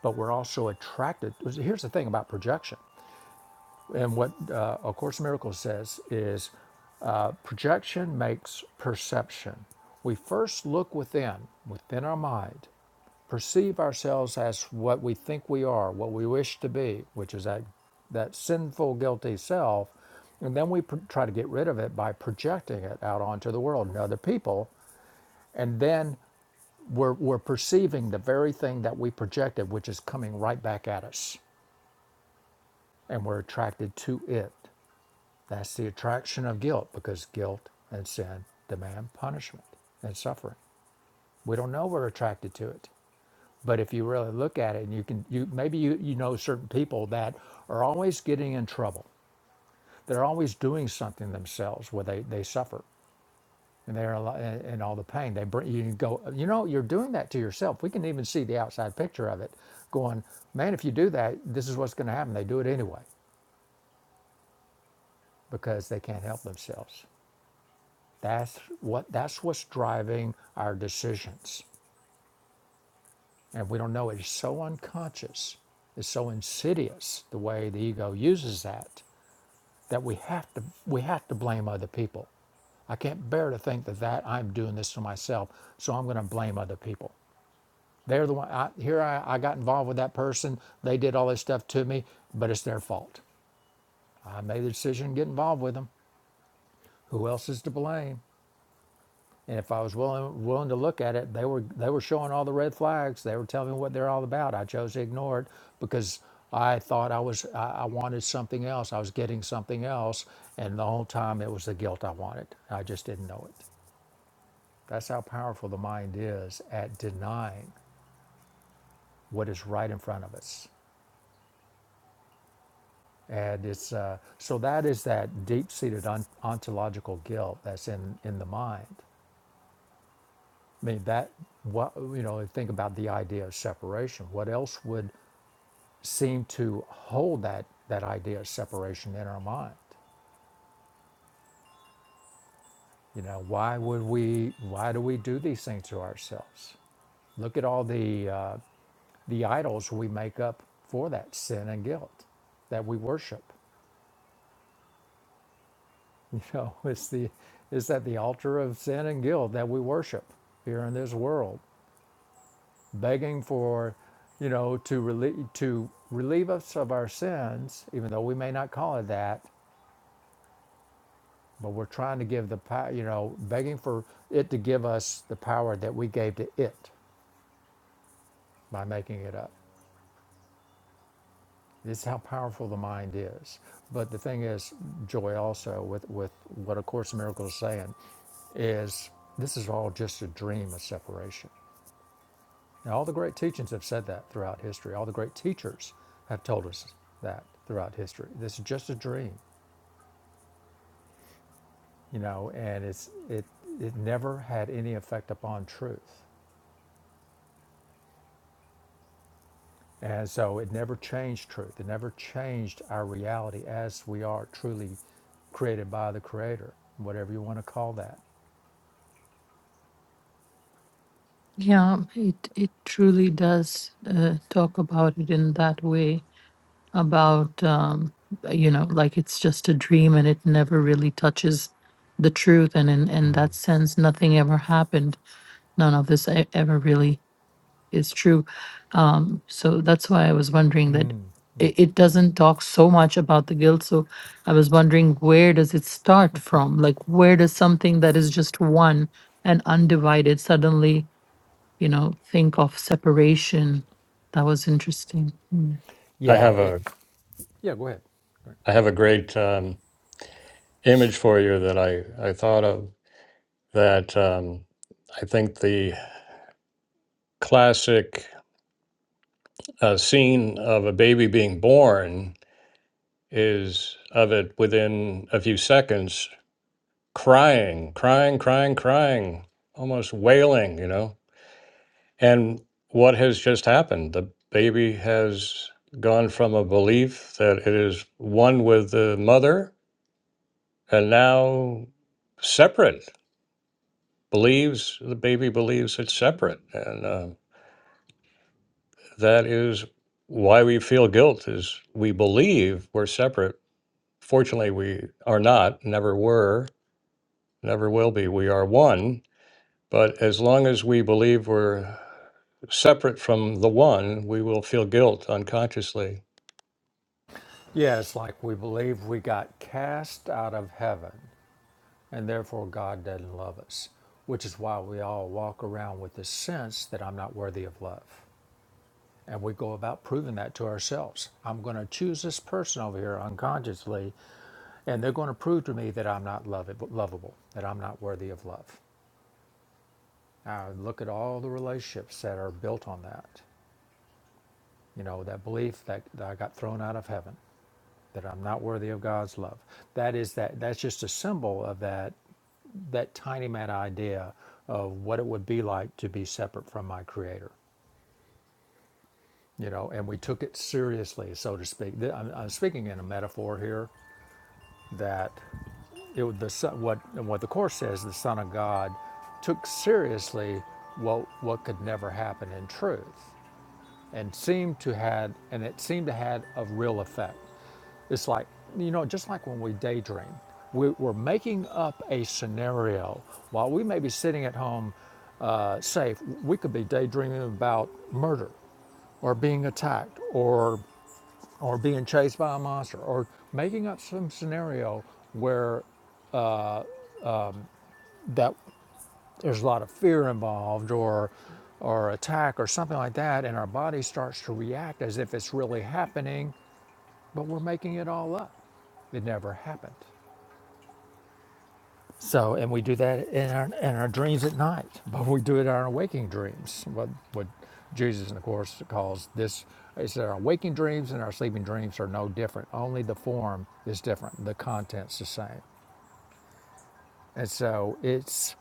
but we're also attracted. Here's the thing about projection, and what uh, A Course in Miracles says is uh, projection makes perception. We first look within, within our mind, perceive ourselves as what we think we are, what we wish to be, which is that, that sinful, guilty self. And then we pr- try to get rid of it by projecting it out onto the world and other people. And then we're, we're perceiving the very thing that we projected, which is coming right back at us, and we're attracted to it. That's the attraction of guilt because guilt and sin demand punishment and suffering. We don't know we're attracted to it. But if you really look at it and you can you maybe you, you know certain people that are always getting in trouble. They're always doing something themselves where they, they suffer. and they're al- and all the pain they bring you go you know you're doing that to yourself we can even see the outside picture of it going man if you do that this is what's going to happen they do it anyway because they can't help themselves that's what that's what's driving our decisions and we don't know it. it's so unconscious it's so insidious the way the ego uses that that we have to we have to blame other people I can't bear to think that that I'm doing this to myself, so I'm going to blame other people. They're the one. I, here I, I got involved with that person. They did all this stuff to me, but it's their fault. I made the decision to get involved with them. Who else is to blame? And if I was willing willing to look at it, they were they were showing all the red flags. They were telling me what they're all about. I chose to ignore it because I thought I was I, I wanted something else. I was getting something else, and the whole time it was the guilt I wanted. I just didn't know it. That's how powerful the mind is at denying what is right in front of us. And it's uh, so that is that deep-seated on, ontological guilt that's in in the mind. I mean that what you know. Think about the idea of separation. What else would seem to hold that that idea of separation in our mind? You know, why would we? Why do we do these things to ourselves? Look at all the uh, the idols we make up for that sin and guilt that we worship. You know, it's the is that the altar of sin and guilt that we worship here in this world, begging for, you know, to relieve to relieve us of our sins, even though we may not call it that, but we're trying to give the power, you know, begging for it to give us the power that we gave to it by making it up. This is how powerful the mind is. But the thing is, Joy also with with what A Course in Miracles is saying is this is all just a dream of separation Now, all the great teachings have said that throughout history. All the great teachers have told us that throughout history. This is just a dream, you know, and it's it it never had any effect upon truth. And so it never changed truth. It never changed our reality as we are truly created by the creator, whatever you want to call that.
Yeah, it it truly does uh, talk about it in that way about um, you know like it's just a dream and it never really touches the truth and in in that sense nothing ever happened none of this e- ever really is true. Um, so that's why I was wondering that it, it doesn't talk so much about the guilt. So I was wondering where does it start from? Like where does something that is just one and undivided suddenly, you know, think of separation? That was interesting. Hmm.
I
Yeah,
have
it
a
Yeah, go ahead.
I have a great um, image for you that I, I thought of that um, I think the classic uh, scene of a baby being born is of it within a few seconds crying, crying, crying, crying, almost wailing, you know. And what has just happened? The baby has gone from a belief that it is one with the mother and now separate believes the baby believes it's separate and uh, that is why we feel guilt is we believe we're separate fortunately we are not never were never will be we are one but as long as we believe we're separate from the one we will feel guilt unconsciously
Yeah, it's like we believe we got cast out of heaven and therefore God doesn't love us, which is why we all walk around with this sense that I'm not worthy of love. And we go about proving that to ourselves. I'm going to choose this person over here unconsciously, and they're going to prove to me that I'm not lovab- lovable, that I'm not worthy of love. I look at all the relationships that are built on that. You know, that belief that, that I got thrown out of heaven, that I'm not worthy of God's love. That is that that's just a symbol of that that tiny mad idea of what it would be like to be separate from my creator you know and we took it seriously so to speak i'm, I'm speaking in a metaphor here that it would the son, what what the course says the son of god took seriously what what could never happen in truth and seemed to had and it seemed to had a real effect It's like, you know, just like when we daydream, we, we're making up a scenario. While we may be sitting at home uh, safe, we could be daydreaming about murder or being attacked or, or being chased by a monster or making up some scenario where that there's a lot of fear involved or, or attack or something like that. And our body starts to react as if it's really happening, but we're making it all up. It never happened. So, and we do that in our, in our dreams at night, but we do it in our waking dreams. What, what Jesus, of course, calls this is that our waking dreams and our sleeping dreams are no different. Only the form is different, the content's the same. And so, it's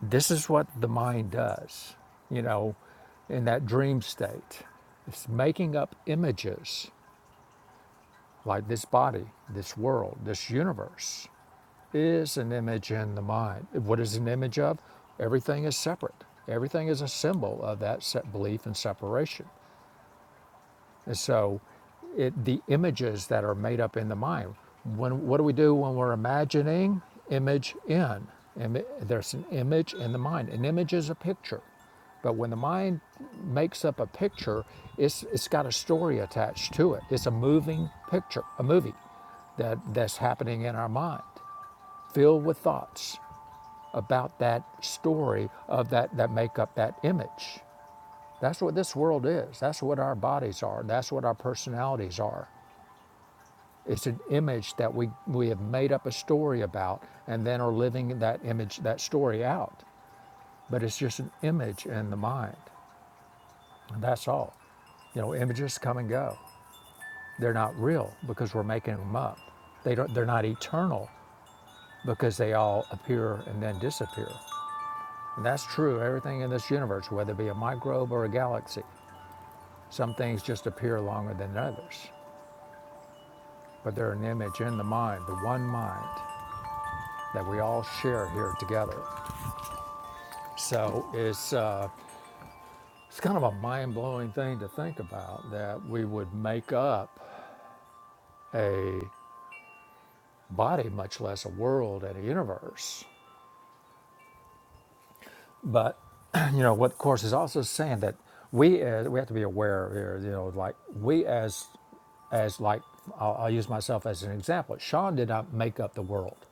this is what the mind does, you know, in that dream state. It's making up images like this body, this world, this universe is an image in the mind. What is an image of? Everything is separate. Everything is a symbol of that se- belief and separation. And so, it, the images that are made up in the mind. When what do we do when we're imagining? Image in. Imi- there's an image in the mind. An image is a picture. But when the mind makes up a picture, it's, it's got a story attached to it. It's a moving picture, a movie that, that's happening in our mind, filled with thoughts about that story of that that make up that image. That's what this world is. That's what our bodies are. That's what our personalities are. It's an image that we we have made up a story about and then are living that image that story out. But it's just an image in the mind. And that's all. You know, images come and go. They're not real because we're making them up. They don't, they're not eternal because they all appear and then disappear. That's true, everything in this universe, whether it be a microbe or a galaxy. Some things just appear longer than others, but they're an image in the mind, the one mind that we all share here together. So it's, uh, it's kind of a mind blowing thing to think about that we would make up a body, much less a world and a universe. But you know what course is also saying that we as we have to be aware here. You know, like we as as like I'll, I'll use myself as an example. Sean did not make up the world,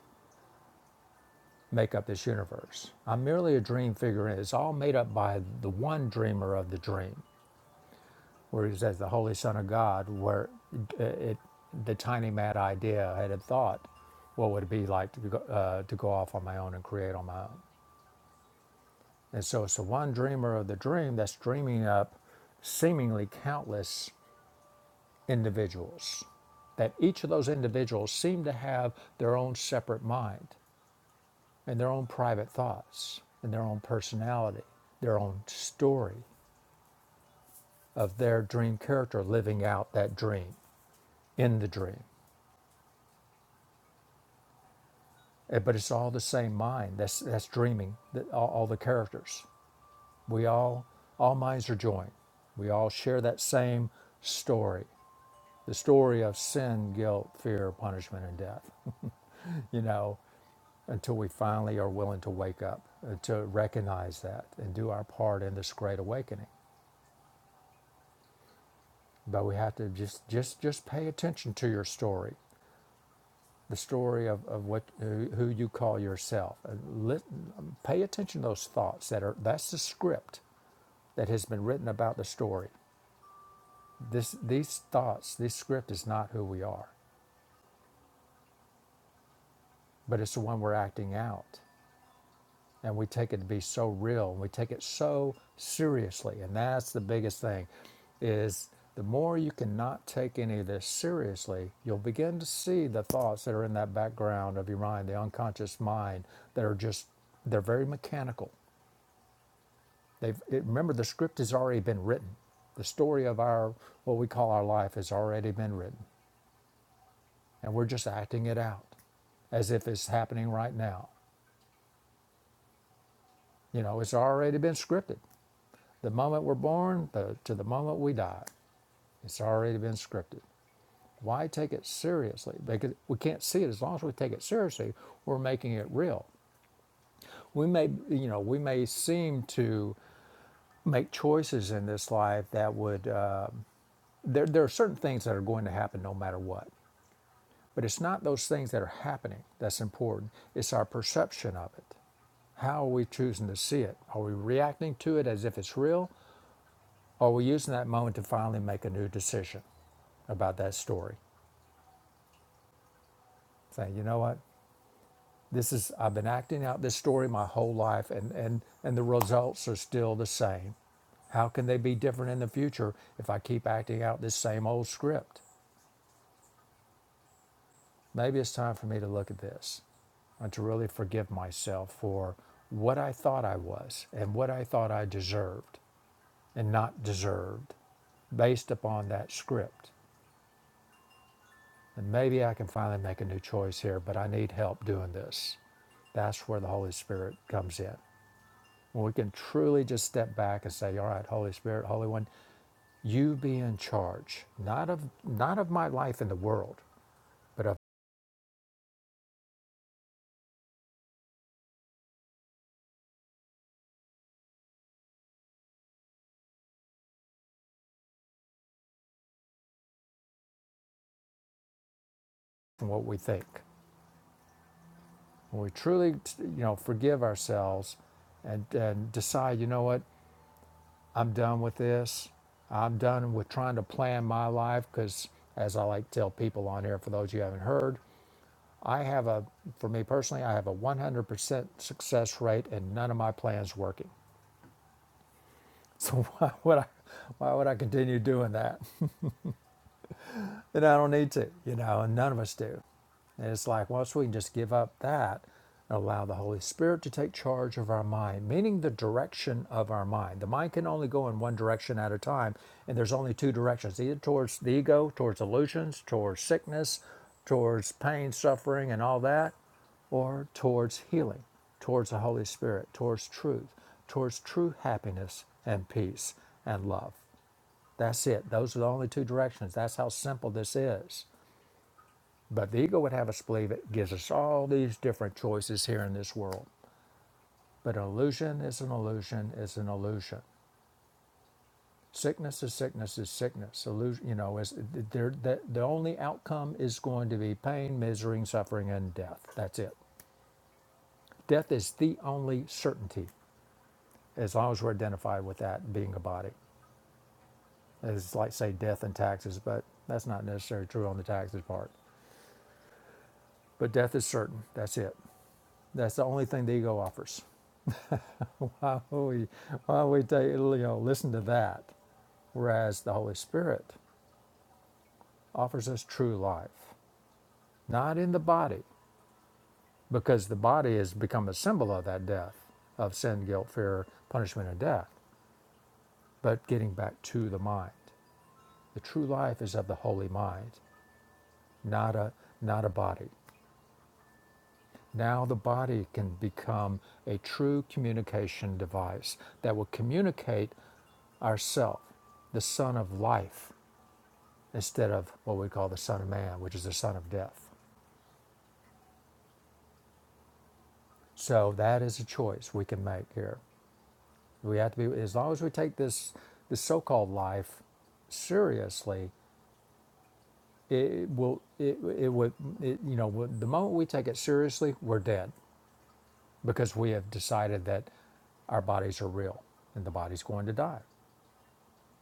make up this universe. I'm merely a dream figure, and it's all made up by the one dreamer of the dream, where he says the Holy Son of God, where it, it the tiny mad idea I had a thought, what would it be like to go, uh, to go off on my own and create on my own? And so it's the one dreamer of the dream that's dreaming up seemingly countless individuals. That each of those individuals seem to have their own separate mind and their own private thoughts and their own personality, their own story of their dream character living out that dream in the dream. Eh, But it's all the same mind that's, that's dreaming that all, all the characters. We all, all minds are joined. We all share that same story the story of sin, guilt, fear, punishment, and death, you know, until we finally are willing to wake up, uh, to recognize that and do our part in this great awakening. But we have to just, just, just pay attention to your story, the story of, of what, who, who you call yourself. And lit, pay attention to those thoughts that are, that's the script that has been written about the story. This, these thoughts, this script is not who we are, but it's the one we're acting out. and we take it to be so real and we take it so seriously and that's the biggest thing is the more you cannot take any of this seriously you'll begin to see the thoughts that are in that background of your mind the unconscious mind that are just they're very mechanical they've it, remember the script has already been written the story of our what we call our life has already been written and we're just acting it out as if it's happening right now you know it's already been scripted The moment we're born to the moment we die, it's already been scripted. Why take it seriously? Because we can't see it. As long as we take it seriously, we're making it real. We may, you know, we may seem to make choices in this life that would. Uh, there, there are certain things that are going to happen no matter what. But it's not those things that are happening that's important. It's our perception of it. How are we choosing to see it? Are we reacting to it as if it's real? Or are we using that moment to finally make a new decision? about that story. Saying, you know what, this is I've been acting out this story my whole life, and and and the results are still the same. How can they be different in the future if I keep acting out this same old script? Maybe it's time for me to look at this and to really forgive myself for what I thought I was and what I thought I deserved and not deserved based upon that script. And maybe I can finally make a new choice here, but I need help doing this. That's where the Holy Spirit comes in. When we can truly just step back and say, all right, Holy Spirit, Holy One, you be in charge, not of not of my life in the world, but of what we think. When we truly, you know, forgive ourselves and, and decide, you know what, I'm done with this. I'm done with trying to plan my life because, as I like to tell people on here, for those you haven't heard, I have a, for me personally, I have a 100% success rate and none of my plans working. So why would I, why would I continue doing that? then I don't need to, you know, and none of us do. And it's like, once we can just give up that and allow the Holy Spirit to take charge of our mind, meaning the direction of our mind. The mind can only go in one direction at a time, and there's only two directions either towards the ego, towards illusions, towards sickness, towards pain, suffering, and all that, or towards healing, towards the Holy Spirit, towards truth, towards true happiness and peace and love. That's it. Those are the only two directions. That's how simple this is. But the ego would have us believe it gives us all these different choices here in this world. But an illusion is an illusion is an illusion. Sickness is sickness is sickness. Illusion, you know, is there the, the only outcome is going to be pain, misery, and suffering, and death. That's it. Death is the only certainty, as long as we're identified with that being a body. It's like say death and taxes, but that's not necessarily true on the taxes part. But death is certain. That's it. That's the only thing the ego offers. Why would we, why would we take, you know, listen to that? Whereas the Holy Spirit offers us true life, not in the body, because the body has become a symbol of that death, of sin, guilt, fear, punishment, and death, but getting back to the mind. The true life is of the holy mind, not a, not a body. Now the body can become a true communication device that will communicate ourself, the son of life, instead of what we call the son of man, which is the son of death. So that is a choice we can make here. We have to be as long as we take this this so-called life seriously, it will it, it would it, you know the moment we take it seriously, we're dead because we have decided that our bodies are real and the body's going to die.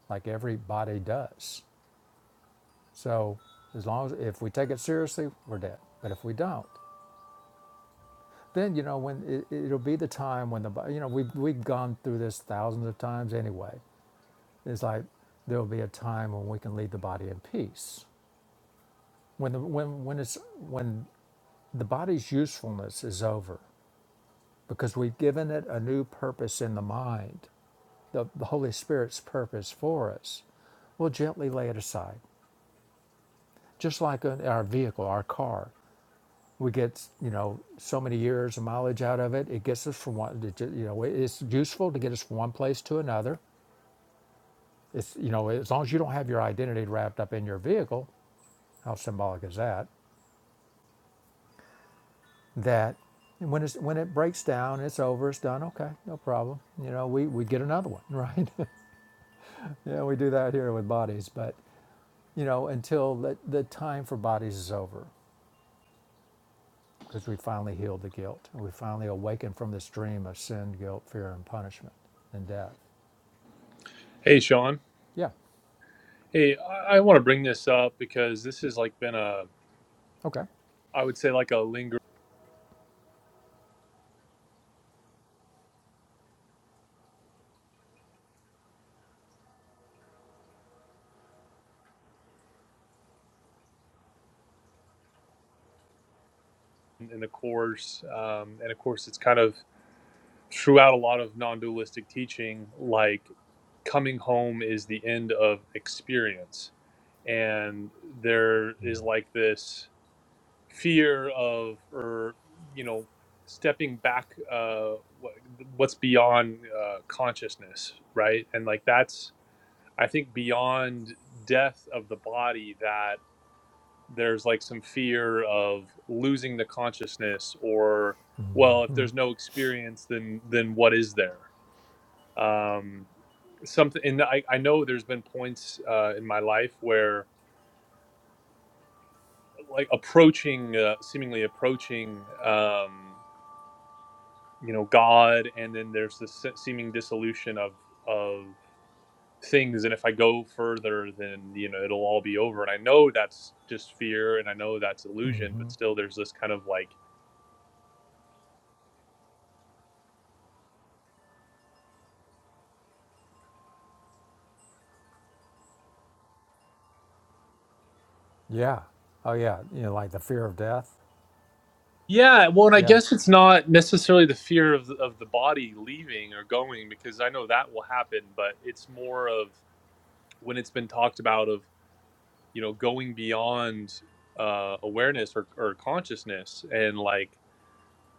like every body does. So as long as if we take it seriously, we're dead. But if we don't, then you know when it, it'll be the time when the you know we've we've gone through this thousands of times anyway. It's like there'll be a time when we can leave the body in peace when the when when it's when the body's usefulness is over because we've given it a new purpose in the mind, the, the Holy Spirit's purpose for us we'll gently lay it aside. Just like in our vehicle, our car. we get you know so many years of mileage out of it it gets us from one you know it's useful to get us from one place to another it's you know as long as you don't have your identity wrapped up in your vehicle how symbolic is that that when it's when it breaks down it's over it's done okay no problem you know we we get another one right yeah we do that here with bodies but you know until the, the time for bodies is over because we finally healed the guilt we finally awaken from this dream of sin guilt fear and punishment and death
Hey, Sean.
Yeah.
Hey, I, I want to bring this up because this has like been a,
Okay.
I would say like a linger in the course, um, and of course it's kind of throughout a lot of non-dualistic teaching. Like coming home is the end of experience, and there is like this fear of, or you know, stepping back, uh, what, what's beyond uh, consciousness, right? And like that's, I think, beyond death of the body that there's like some fear of losing the consciousness or well if there's no experience then then what is there um something and i, I know there's been points uh, in my life where like approaching uh, seemingly approaching um you know god and then there's this se- seeming dissolution of of things and if i go further then you know it'll all be over and i know that's just fear and i know that's illusion but still there's this kind of like
Yeah. Oh, yeah. You know, like the fear of death.
Yeah, well, and I
Yeah.
guess it's not necessarily the fear of the, of the body leaving or going because I know that will happen, but it's more of when it's been talked about of you know going beyond uh, awareness or, or consciousness and like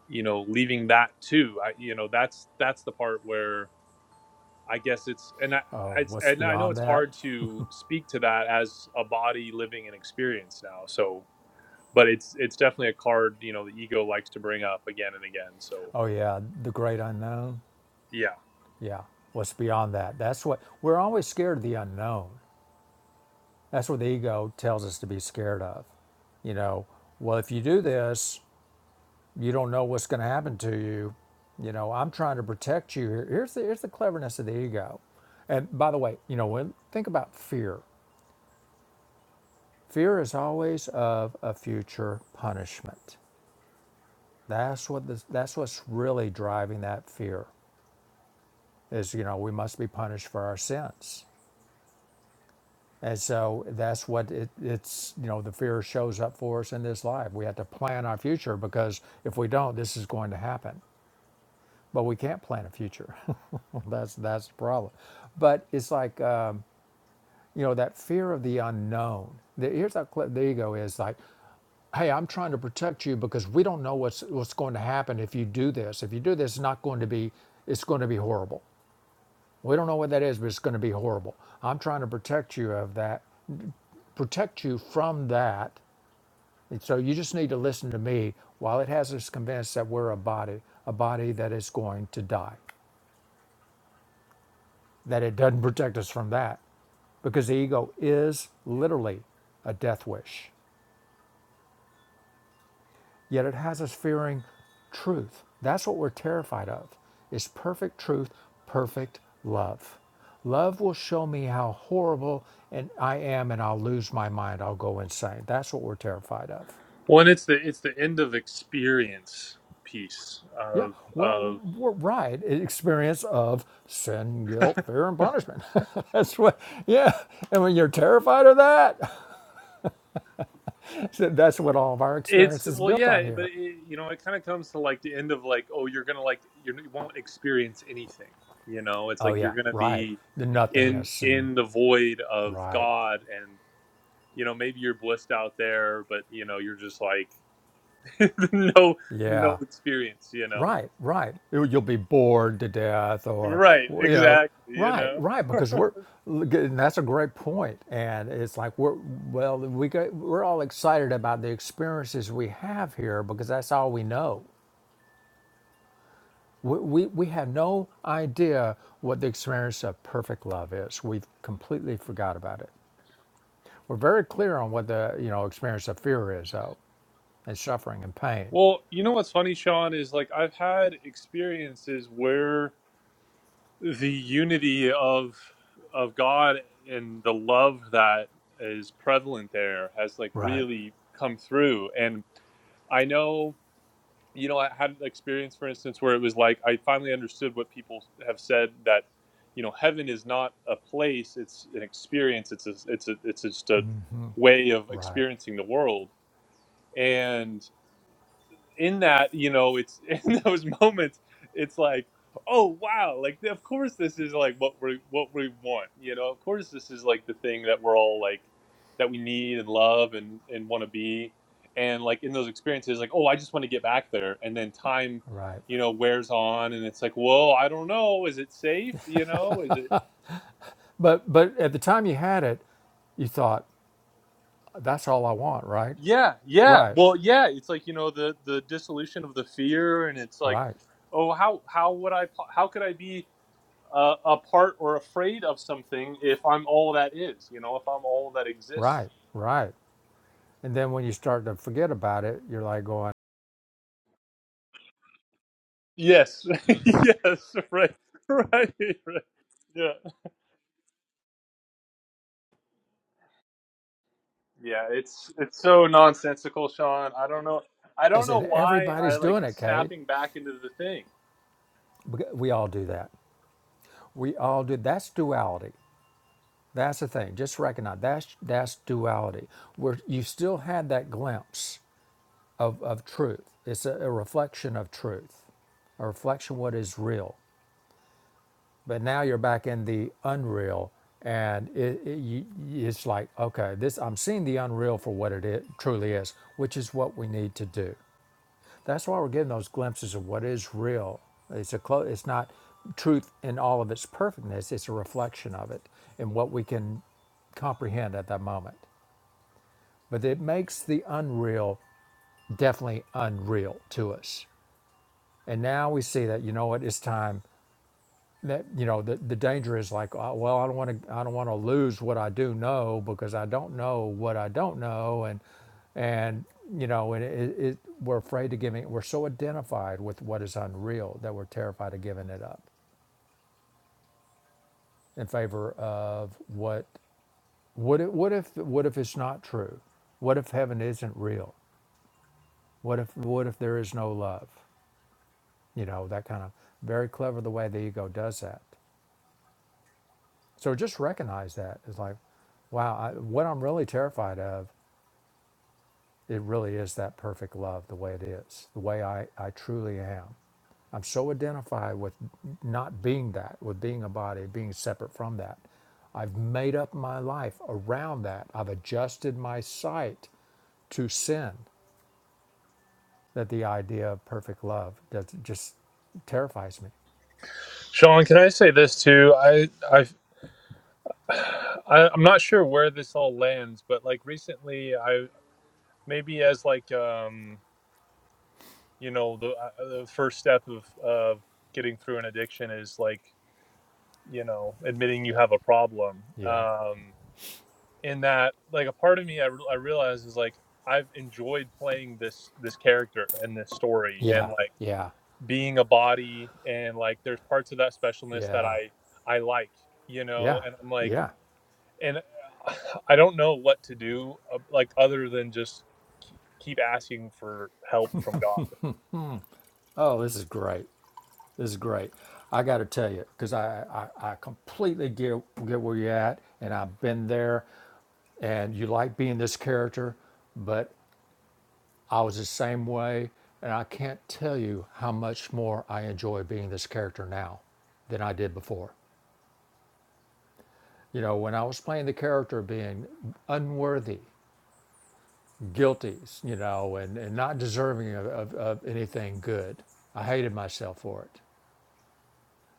you know leaving that too. I you know that's that's the part where I guess it's and I
Oh,
it's,
what's
and I know
beyond
it's
that?
hard to speak to that as a body living an experience now. So, but it's it's definitely a card you know the ego likes to bring up again and again. So.
Oh, yeah. The great unknown.
Yeah.
Yeah. What's beyond that? That's what we're always scared of the unknown. That's what the ego tells us to be scared of. You know, well, if you do this, you don't know what's going to happen to you. You know, I'm trying to protect you. Here- Here's the, here's the cleverness of the ego. And by the way, you know, when think about fear, fear is always of a future punishment That's what this, that's what's really driving that fear is you know we must be punished for our sins, and so that's what it, it's you know the fear shows up for us in this life. We have to plan our future because if we don't, this is going to happen. But we can't plan a future. that's that's the problem. But it's like. uh, You know, that fear of the unknown. The, here's how cl- the ego is like, hey, I'm trying to protect you because we don't know what's what's going to happen if you do this. If you do this, it's not going to be it's going to be horrible. We don't know what that is, but it's going to be horrible. I'm trying to protect you of that, protect you from that. And so you just need to listen to me while it has us convinced that we're a body, a body that is going to die, that it doesn't protect us from that, because the ego is literally a death wish. Yet it has us fearing truth. That's what we're terrified of. It's perfect truth, perfect love. Love will show me how horrible and I am and I'll lose my mind. I'll go insane. That's what we're terrified of.
Well, and it's the it's the end of experience piece
Yeah,
of
well,
of
we're right. Experience of sin, guilt, fear, and punishment. that's what, yeah. And when you're terrified of that, so that's what all of our
it's
experience is
well,
built
yeah,
on
but
here.
it, you know, it kind of comes to like the end of like, oh, you're gonna like you're, you won't experience anything. You know, it's
Oh,
like you're
yeah,
gonna
right.
be
The
in
nothingness and
in the void of
right.
God, and you know, maybe you're blissed out there, but you know, you're just like no no
Yeah.
experience. You know,
Right, right. You- You'll be bored to death, or
right?
well, you know,
Exactly. You
right,
know.
right. Because we're look, and that's a great point, and it's like we're well, we get, we're all excited about the experiences we have here because that's all we know. We, we we have no idea what the experience of perfect love is. We've completely forgot about it. We're very clear on what the you know experience of fear is, though, and suffering and pain.
Well, you know what's funny, Sean, is like I've had experiences where the unity of of God and the love that is prevalent there has like
Right.
really come through. And I know, you know, I had an experience, for instance, where it was like I finally understood what people have said that, you know, heaven is not a place; it's an experience. It's a, it's a, it's just a way of
Right,
experiencing the world. and in that you know it's in those moments it's like oh wow like of course this is like what we what we want you know of course this is like the thing that we're all like that we need and love and and want to be and like in those experiences like oh i just want to get back there and then time
right.
you know wears on and it's like whoa i don't know is it safe you know is it
But but at the time you had it, you thought, that's all I want, right?
yeah yeah
Right,
well yeah it's like you know the the dissolution of the fear and it's like
right,
oh how how would i po- how could i be uh, apart or afraid of something if I'm all that is, you know, if I'm all that exists.
right, right. And then when you start to forget about it, you're like going,
Yes. yes. Right. Right. Right. Yeah. Yeah. It's it's so nonsensical, Sean. I don't know. I don't
yes,
know
and
why I
everybody's
like
doing it, Kate.
snapping back into the thing.
We all do that. We all do. That's duality. That's the thing. Just recognize that's that's duality. Where you still had that glimpse of, of truth. It's a, a reflection of truth, a reflection of what is real. But now you're back in the unreal, and it, it, you, it's like, okay, this I'm seeing the unreal for what it is, truly is, which is what we need to do. That's why we're getting those glimpses of what is real. It's a clo- It's not truth in all of its perfectness. It's a reflection of it and what we can comprehend at that moment. But it makes the unreal definitely unreal to us. And now we see that you know what? It's time. that you know the, the danger is like uh, well i don't want to i don't want to lose what i do know because i don't know what i don't know and and you know and it, it, we're afraid of giving we're so identified with what is unreal that we're terrified of giving it up in favor of what what if what if what if it's not true what if heaven isn't real what if what if there is no love you know that kind of very clever the way the ego does that So just recognize that. It's like, wow, I, what I'm really terrified of, it really is that perfect love, the way it is, the way I, I truly am. I'm so identified with not being that, with being a body, being separate from that. I've made up my life around that. I've adjusted my sight to sin that the idea of perfect love does, just terrifies me.
Sean, can I say this too? I I I, I'm not sure where this all lands, but like recently, I maybe as like um you know the uh, the first step of of getting through an addiction is like you know, admitting you have a problem.
Yeah.
Um, in that, like, a part of me, I, re- I realize is like, I've enjoyed playing this this character and this story, and
Yeah.
like
Yeah.
being a body, and like, there's parts of that specialness that
Yeah.
I I like, you know,
Yeah.
and I'm like,
Yeah.
and I don't know what to do, uh, like, other than just ke- keep asking for help from God.
Oh, this is great. This is great. I got to tell you, because I, I, I completely get, get where you're at, and I've been there, and you like being this character, but I was the same way, and I can't tell you how much more I enjoy being this character now than I did before. You know, when I was playing the character being unworthy, guilty, you know, and, and not deserving of, of, of anything good, I hated myself for it.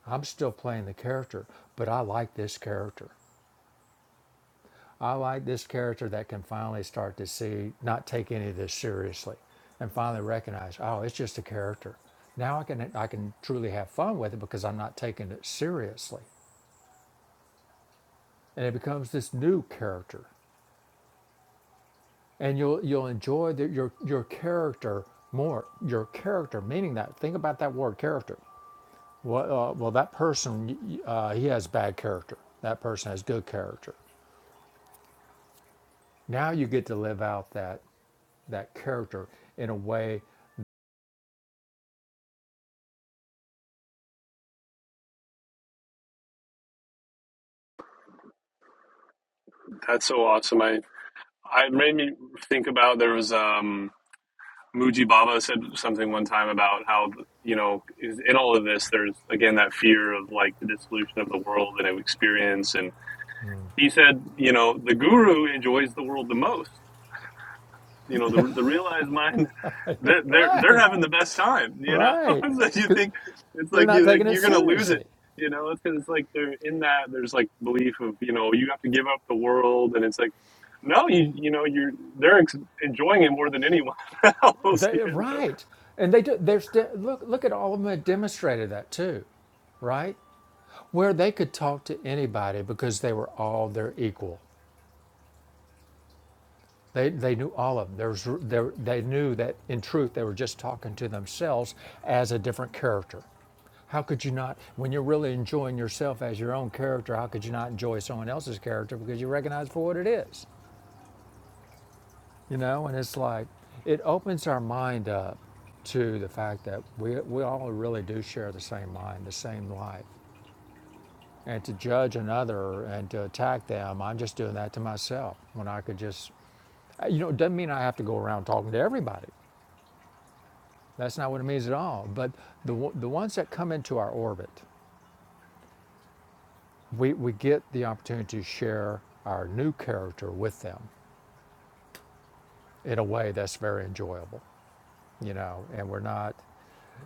I'm still playing the character, but I like this character. I like this character that can finally start to see, not take any of this seriously, and finally recognize, oh, it's just a character. Now I can I can truly have fun with it because I'm not taking it seriously, and it becomes this new character, and you'll you'll enjoy the, your your character more. Your character, meaning that. Think about that word, character. Well, uh, well, that person y- y- uh, he has bad character. That person has good character. Now you get to live out that that character in a way,
That's so awesome. I I made me think about there was um Muji Baba said something one time about how you know in all of this there's again that fear of like the dissolution of the world and experience and he said you know the guru enjoys the world the most you know the the realized mind they're they're, they're
right?
having the best time you know
Right,
so you
'Cause
think it's
They're
like you
not
think
taking it
you're gonna lose it
seriously.
you know it's because it's like they're in that there's like belief of you know you have to give up the world and it's like no, you you know you're they're ex- enjoying it more than anyone else. you
They,
know.
right. And they do, are de- look look at all of them that demonstrated that too, right? Where they could talk to anybody because they were all their equal. They, they knew all of them. There was, there, they knew that in truth they were just talking to themselves as a different character. How could you not, when you're really enjoying yourself as your own character, how could you not enjoy someone else's character because you recognize for what it is? you know and it's like it opens our mind up to the fact that we, we all really do share the same mind the same life and to judge another and to attack them i'm just doing that to myself when i could just you know it doesn't mean i have to go around talking to everybody that's not what it means at all but the, the ones that come into our orbit we, we get the opportunity to share our new character with them in a way that's very enjoyable you know and we're not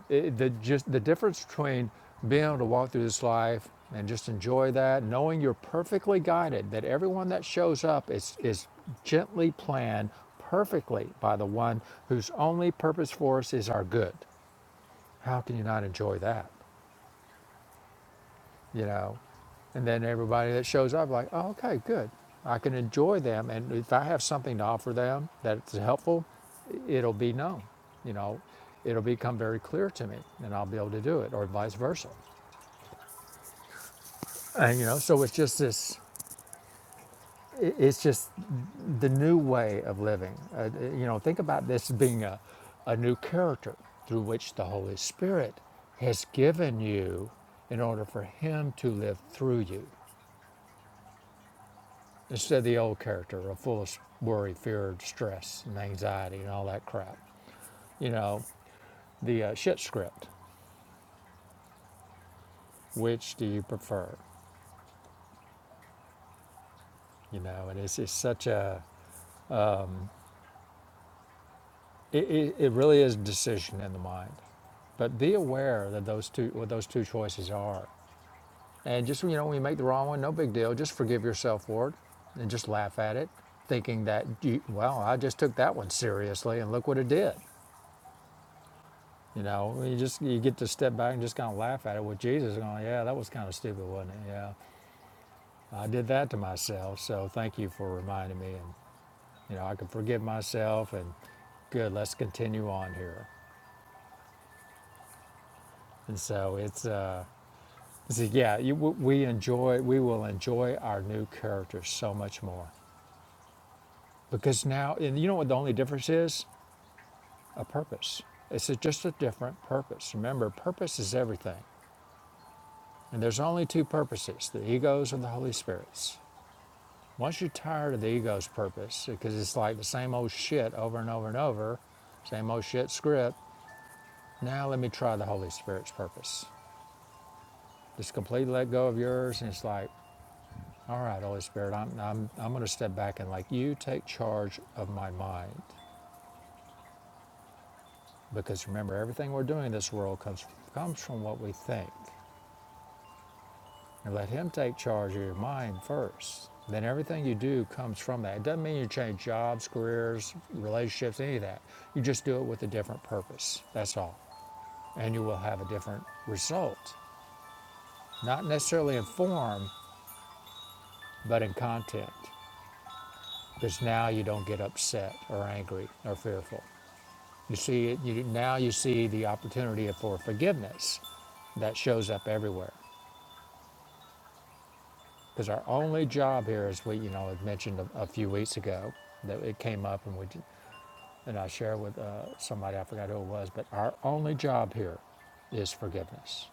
It, the, just the difference between being able to walk through this life and just enjoy that, knowing you're perfectly guided, that everyone that shows up is, is gently planned perfectly by the one whose only purpose for us is our good. How can you not enjoy that? You know? And then everybody that shows up, like, oh, okay, good. I can enjoy them. And if I have something to offer them that's helpful, it'll be known. You know, it'll become very clear to me and I'll be able to do it, or vice versa. and you know so it's just this it's just the new way of living uh, uh, you know think about this being a, a new character through which the holy spirit has given you in order for him to live through you instead of the old character of full of worry fear stress and anxiety and all that crap you know the uh, shit script which do you prefer you know and it's, it's such a It, it, it really is a decision in the mind. But be aware that those two, what those two choices are. And just, you know, when you make the wrong one, no big deal. Just forgive yourself for it and just laugh at it, thinking that, you, well, I just took that one seriously and look what it did. You know, you just, you get to step back and just kind of laugh at it with Jesus going, yeah, that was kind of stupid, wasn't it? Yeah, I did that to myself. So thank you for reminding me. And, you know, I can forgive myself and good, let's continue on here. And so it's, uh, It's like, yeah, you, we enjoy, we will enjoy our new characters so much more because now, and you know what the only difference is? A purpose. It's a, just a different purpose. Remember, purpose is everything, and there's only two purposes: the egos and the Holy Spirits. Once you're tired of the ego's purpose, because it's like the same old shit over and over and over, same old shit script. Now let me try the Holy Spirit's purpose. Just completely let go of yours, and it's like All right, Holy Spirit, I'm, I'm, I'm going to step back and like you take charge of my mind. Because remember, everything we're doing in this world comes, comes from what we think. And let Him take charge of your mind first. Then everything you do comes from that. It doesn't mean you change jobs, careers, relationships, any of that. You just do it with a different purpose. That's all. And you will have a different result. Not necessarily in form, but in content. Because now you don't get upset or angry or fearful. You see it you, now. You see the opportunity for forgiveness that shows up everywhere. Because our only job here, as we you know had mentioned a, a few weeks ago, that it came up and we did- and I shared with uh, somebody I forgot who it was, but our only job here is forgiveness.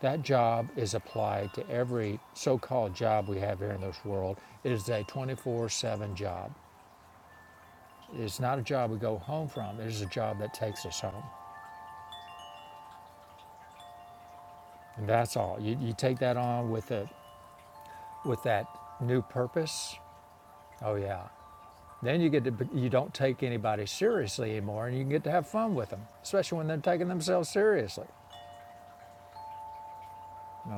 That job is applied to every so-called job we have here in this world. It is a 24/7 job. It's not a job we go home from. It is a job that takes us home, and that's all. You, you take that on with it with that new purpose, oh yeah. Then you get to, you don't take anybody seriously anymore, and you can get to have fun with them, especially when they're taking themselves seriously.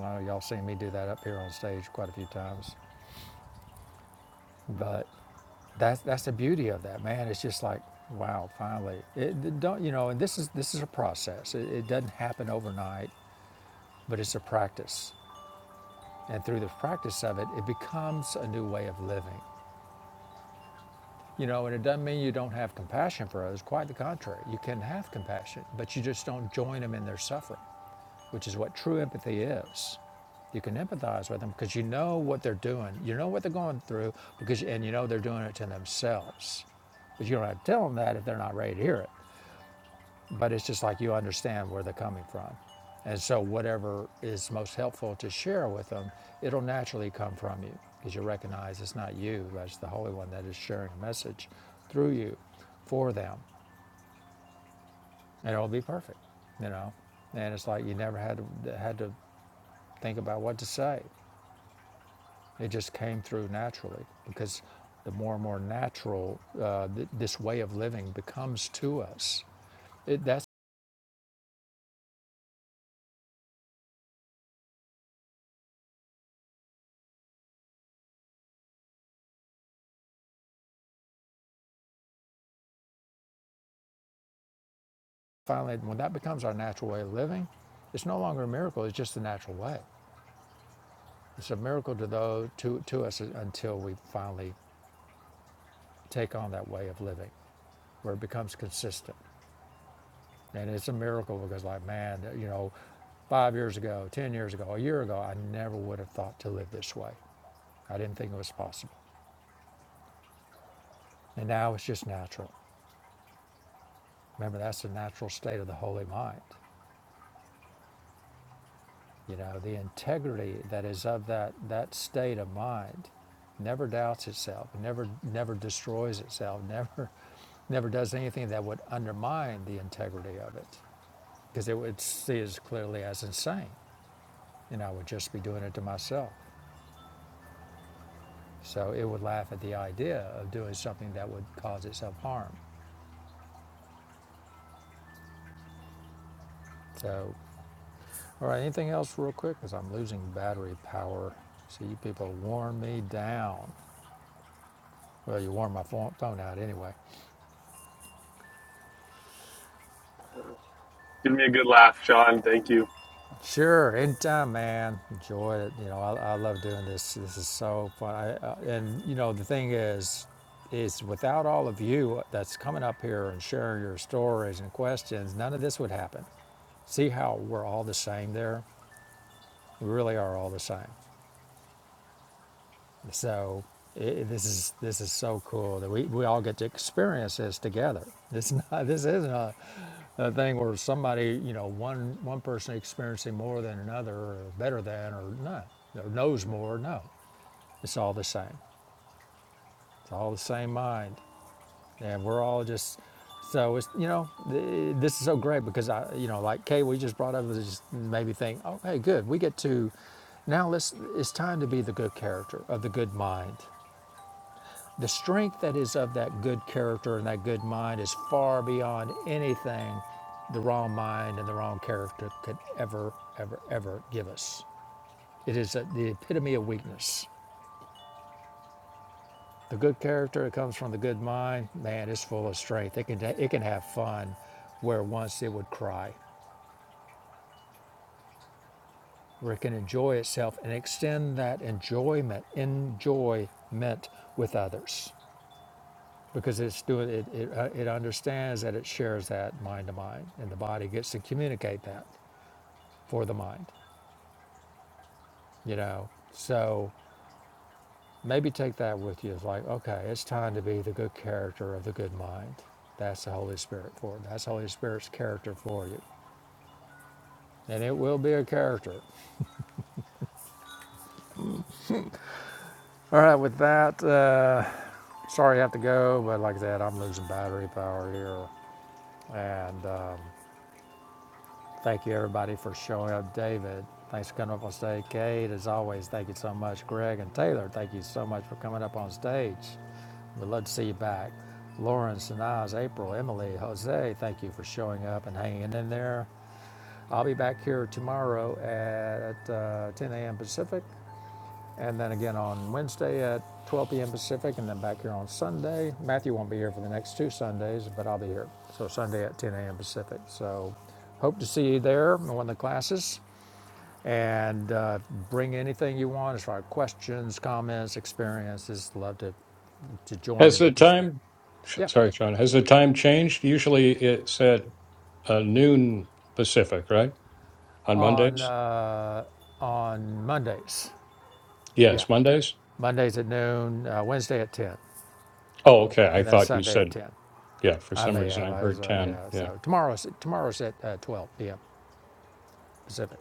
I know y'all seen me do that up here on stage quite a few times, but that's that's the beauty of that, man. It's just like, wow, finally. it don't you know? And this is this is a process. It, it doesn't happen overnight, but it's a practice, and through the practice of it, it becomes a new way of living. You know, and it doesn't mean you don't have compassion for others. Quite the contrary. You can have compassion, but you just don't join them in their suffering, which is what true empathy is. You can empathize with them because you know what they're doing. You know what they're going through because and you know they're doing it to themselves. But you don't have to tell them that if they're not ready to hear it but it's just like you understand where they're coming from. And so, whatever is most helpful to share with them, it'll naturally come from you because you recognize it's not you, but it's the Holy One that is sharing a message through you for them, and it'll be perfect, you know. And it's like you never had to, had to think about what to say; it just came through naturally because the more and more natural uh, th- this way of living becomes to us. It, that Finally, when that becomes our natural way of living, it's no longer a miracle, it's just the natural way. It's a miracle to, those, to, to us until we finally take on that way of living where it becomes consistent. And it's a miracle because, like, man, you know, five years ago, 10 years ago, a year ago, I never would have thought to live this way. I didn't think it was possible. And now it's just natural. Remember, that's the natural state of the holy mind. You know, the integrity that is of that, that state of mind never doubts itself, never, never destroys itself, never, never does anything that would undermine the integrity of it because it would see as clearly as insane. And I would just be doing it to myself. So it would laugh at the idea of doing something that would cause itself harm. So, all right, anything else real quick? Because I'm losing battery power. So you people warm me down. Well, you warm my phone out anyway.
Give me a good laugh, Sean. Thank you.
Sure, anytime, man. Enjoy it. You know, I, I love doing this. This is so fun. I, uh, and you know, the thing is, is without all of you uh, that's coming up here and sharing your stories and questions, none of this would happen. See how we're all the same there? We really are all the same. So it, this is this is so cool that we, we all get to experience this together. This not this is not a thing where somebody, you know, one one person experiencing more than another, or better than, or not, or knows more. No, it's all the same. It's all the same mind, and we're all just. So it's you know th- this is so great because I you know like Kay we just brought up it just made me think okay good we get to now let's it's time to be the good character of the good mind The strength that is of that good character and that good mind is far beyond anything the wrong mind and the wrong character could ever, ever, ever give us. It is a, the epitome of weakness. The good character that comes from the good mind, man, is full of strength. It can, it can have fun where once it would cry, where it can enjoy itself and extend that enjoyment, enjoyment with others. because it's doing it it, uh, it understands that it shares that mind to mind and the body gets to communicate that for the mind you know so maybe take that with you it's like okay it's time to be the good character of the good mind that's the holy spirit for it. that's the holy spirit's character for you and it will be a character all right with that uh sorry i have to go but like i said i'm losing battery power here and um Thank you, everybody, for showing up. David, thanks for coming up on stage. Kate, as always, thank you so much. Greg and Taylor, thank you so much for coming up on stage. We'd love to see you back. Lauren, Sanaz, April, Emily, Jose, thank you for showing up and hanging in there. I'll be back here tomorrow at uh, 10 a.m. Pacific and then again on Wednesday at 12 p.m. Pacific, and then back here on Sunday. Matthew won't be here for the next two Sundays, but I'll be here. So Sunday at 10 a.m. Pacific. So hope to see you there in one of the classes. And uh, bring anything you want as far as questions, comments, experiences. Love to, to join
has
and
the
participate.
time sh-
Yeah.
sorry sean has the time changed usually it's at uh, noon pacific right on
On
mondays
uh, on Mondays. Yeah.
yes mondays
Mondays at noon, uh, Wednesday at 10,
oh okay i
and then
thought you
Sunday at
said
10.
yeah for
I
some
may
reason
have.
i
I was,
heard
uh,
10
yeah.
Yeah.
So tomorrow's tomorrow's at uh, 12 p.m. Pacific.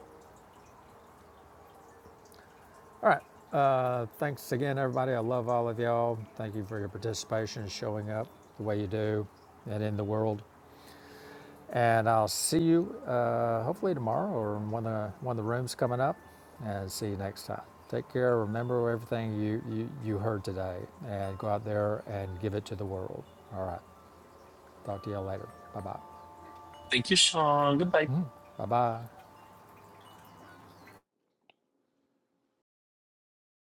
All right. Uh, thanks again, everybody. I love all of y'all. Thank you for your participation and showing up the way you do and in the world. And I'll see you uh, hopefully tomorrow or in one of the, one of the rooms coming up. And see you next time. Take care. Remember everything you, you, you heard today and go out there and give it to the world. All right. Talk to y'all later. Bye bye.
Thank you, Sean. Goodbye.
Bye bye.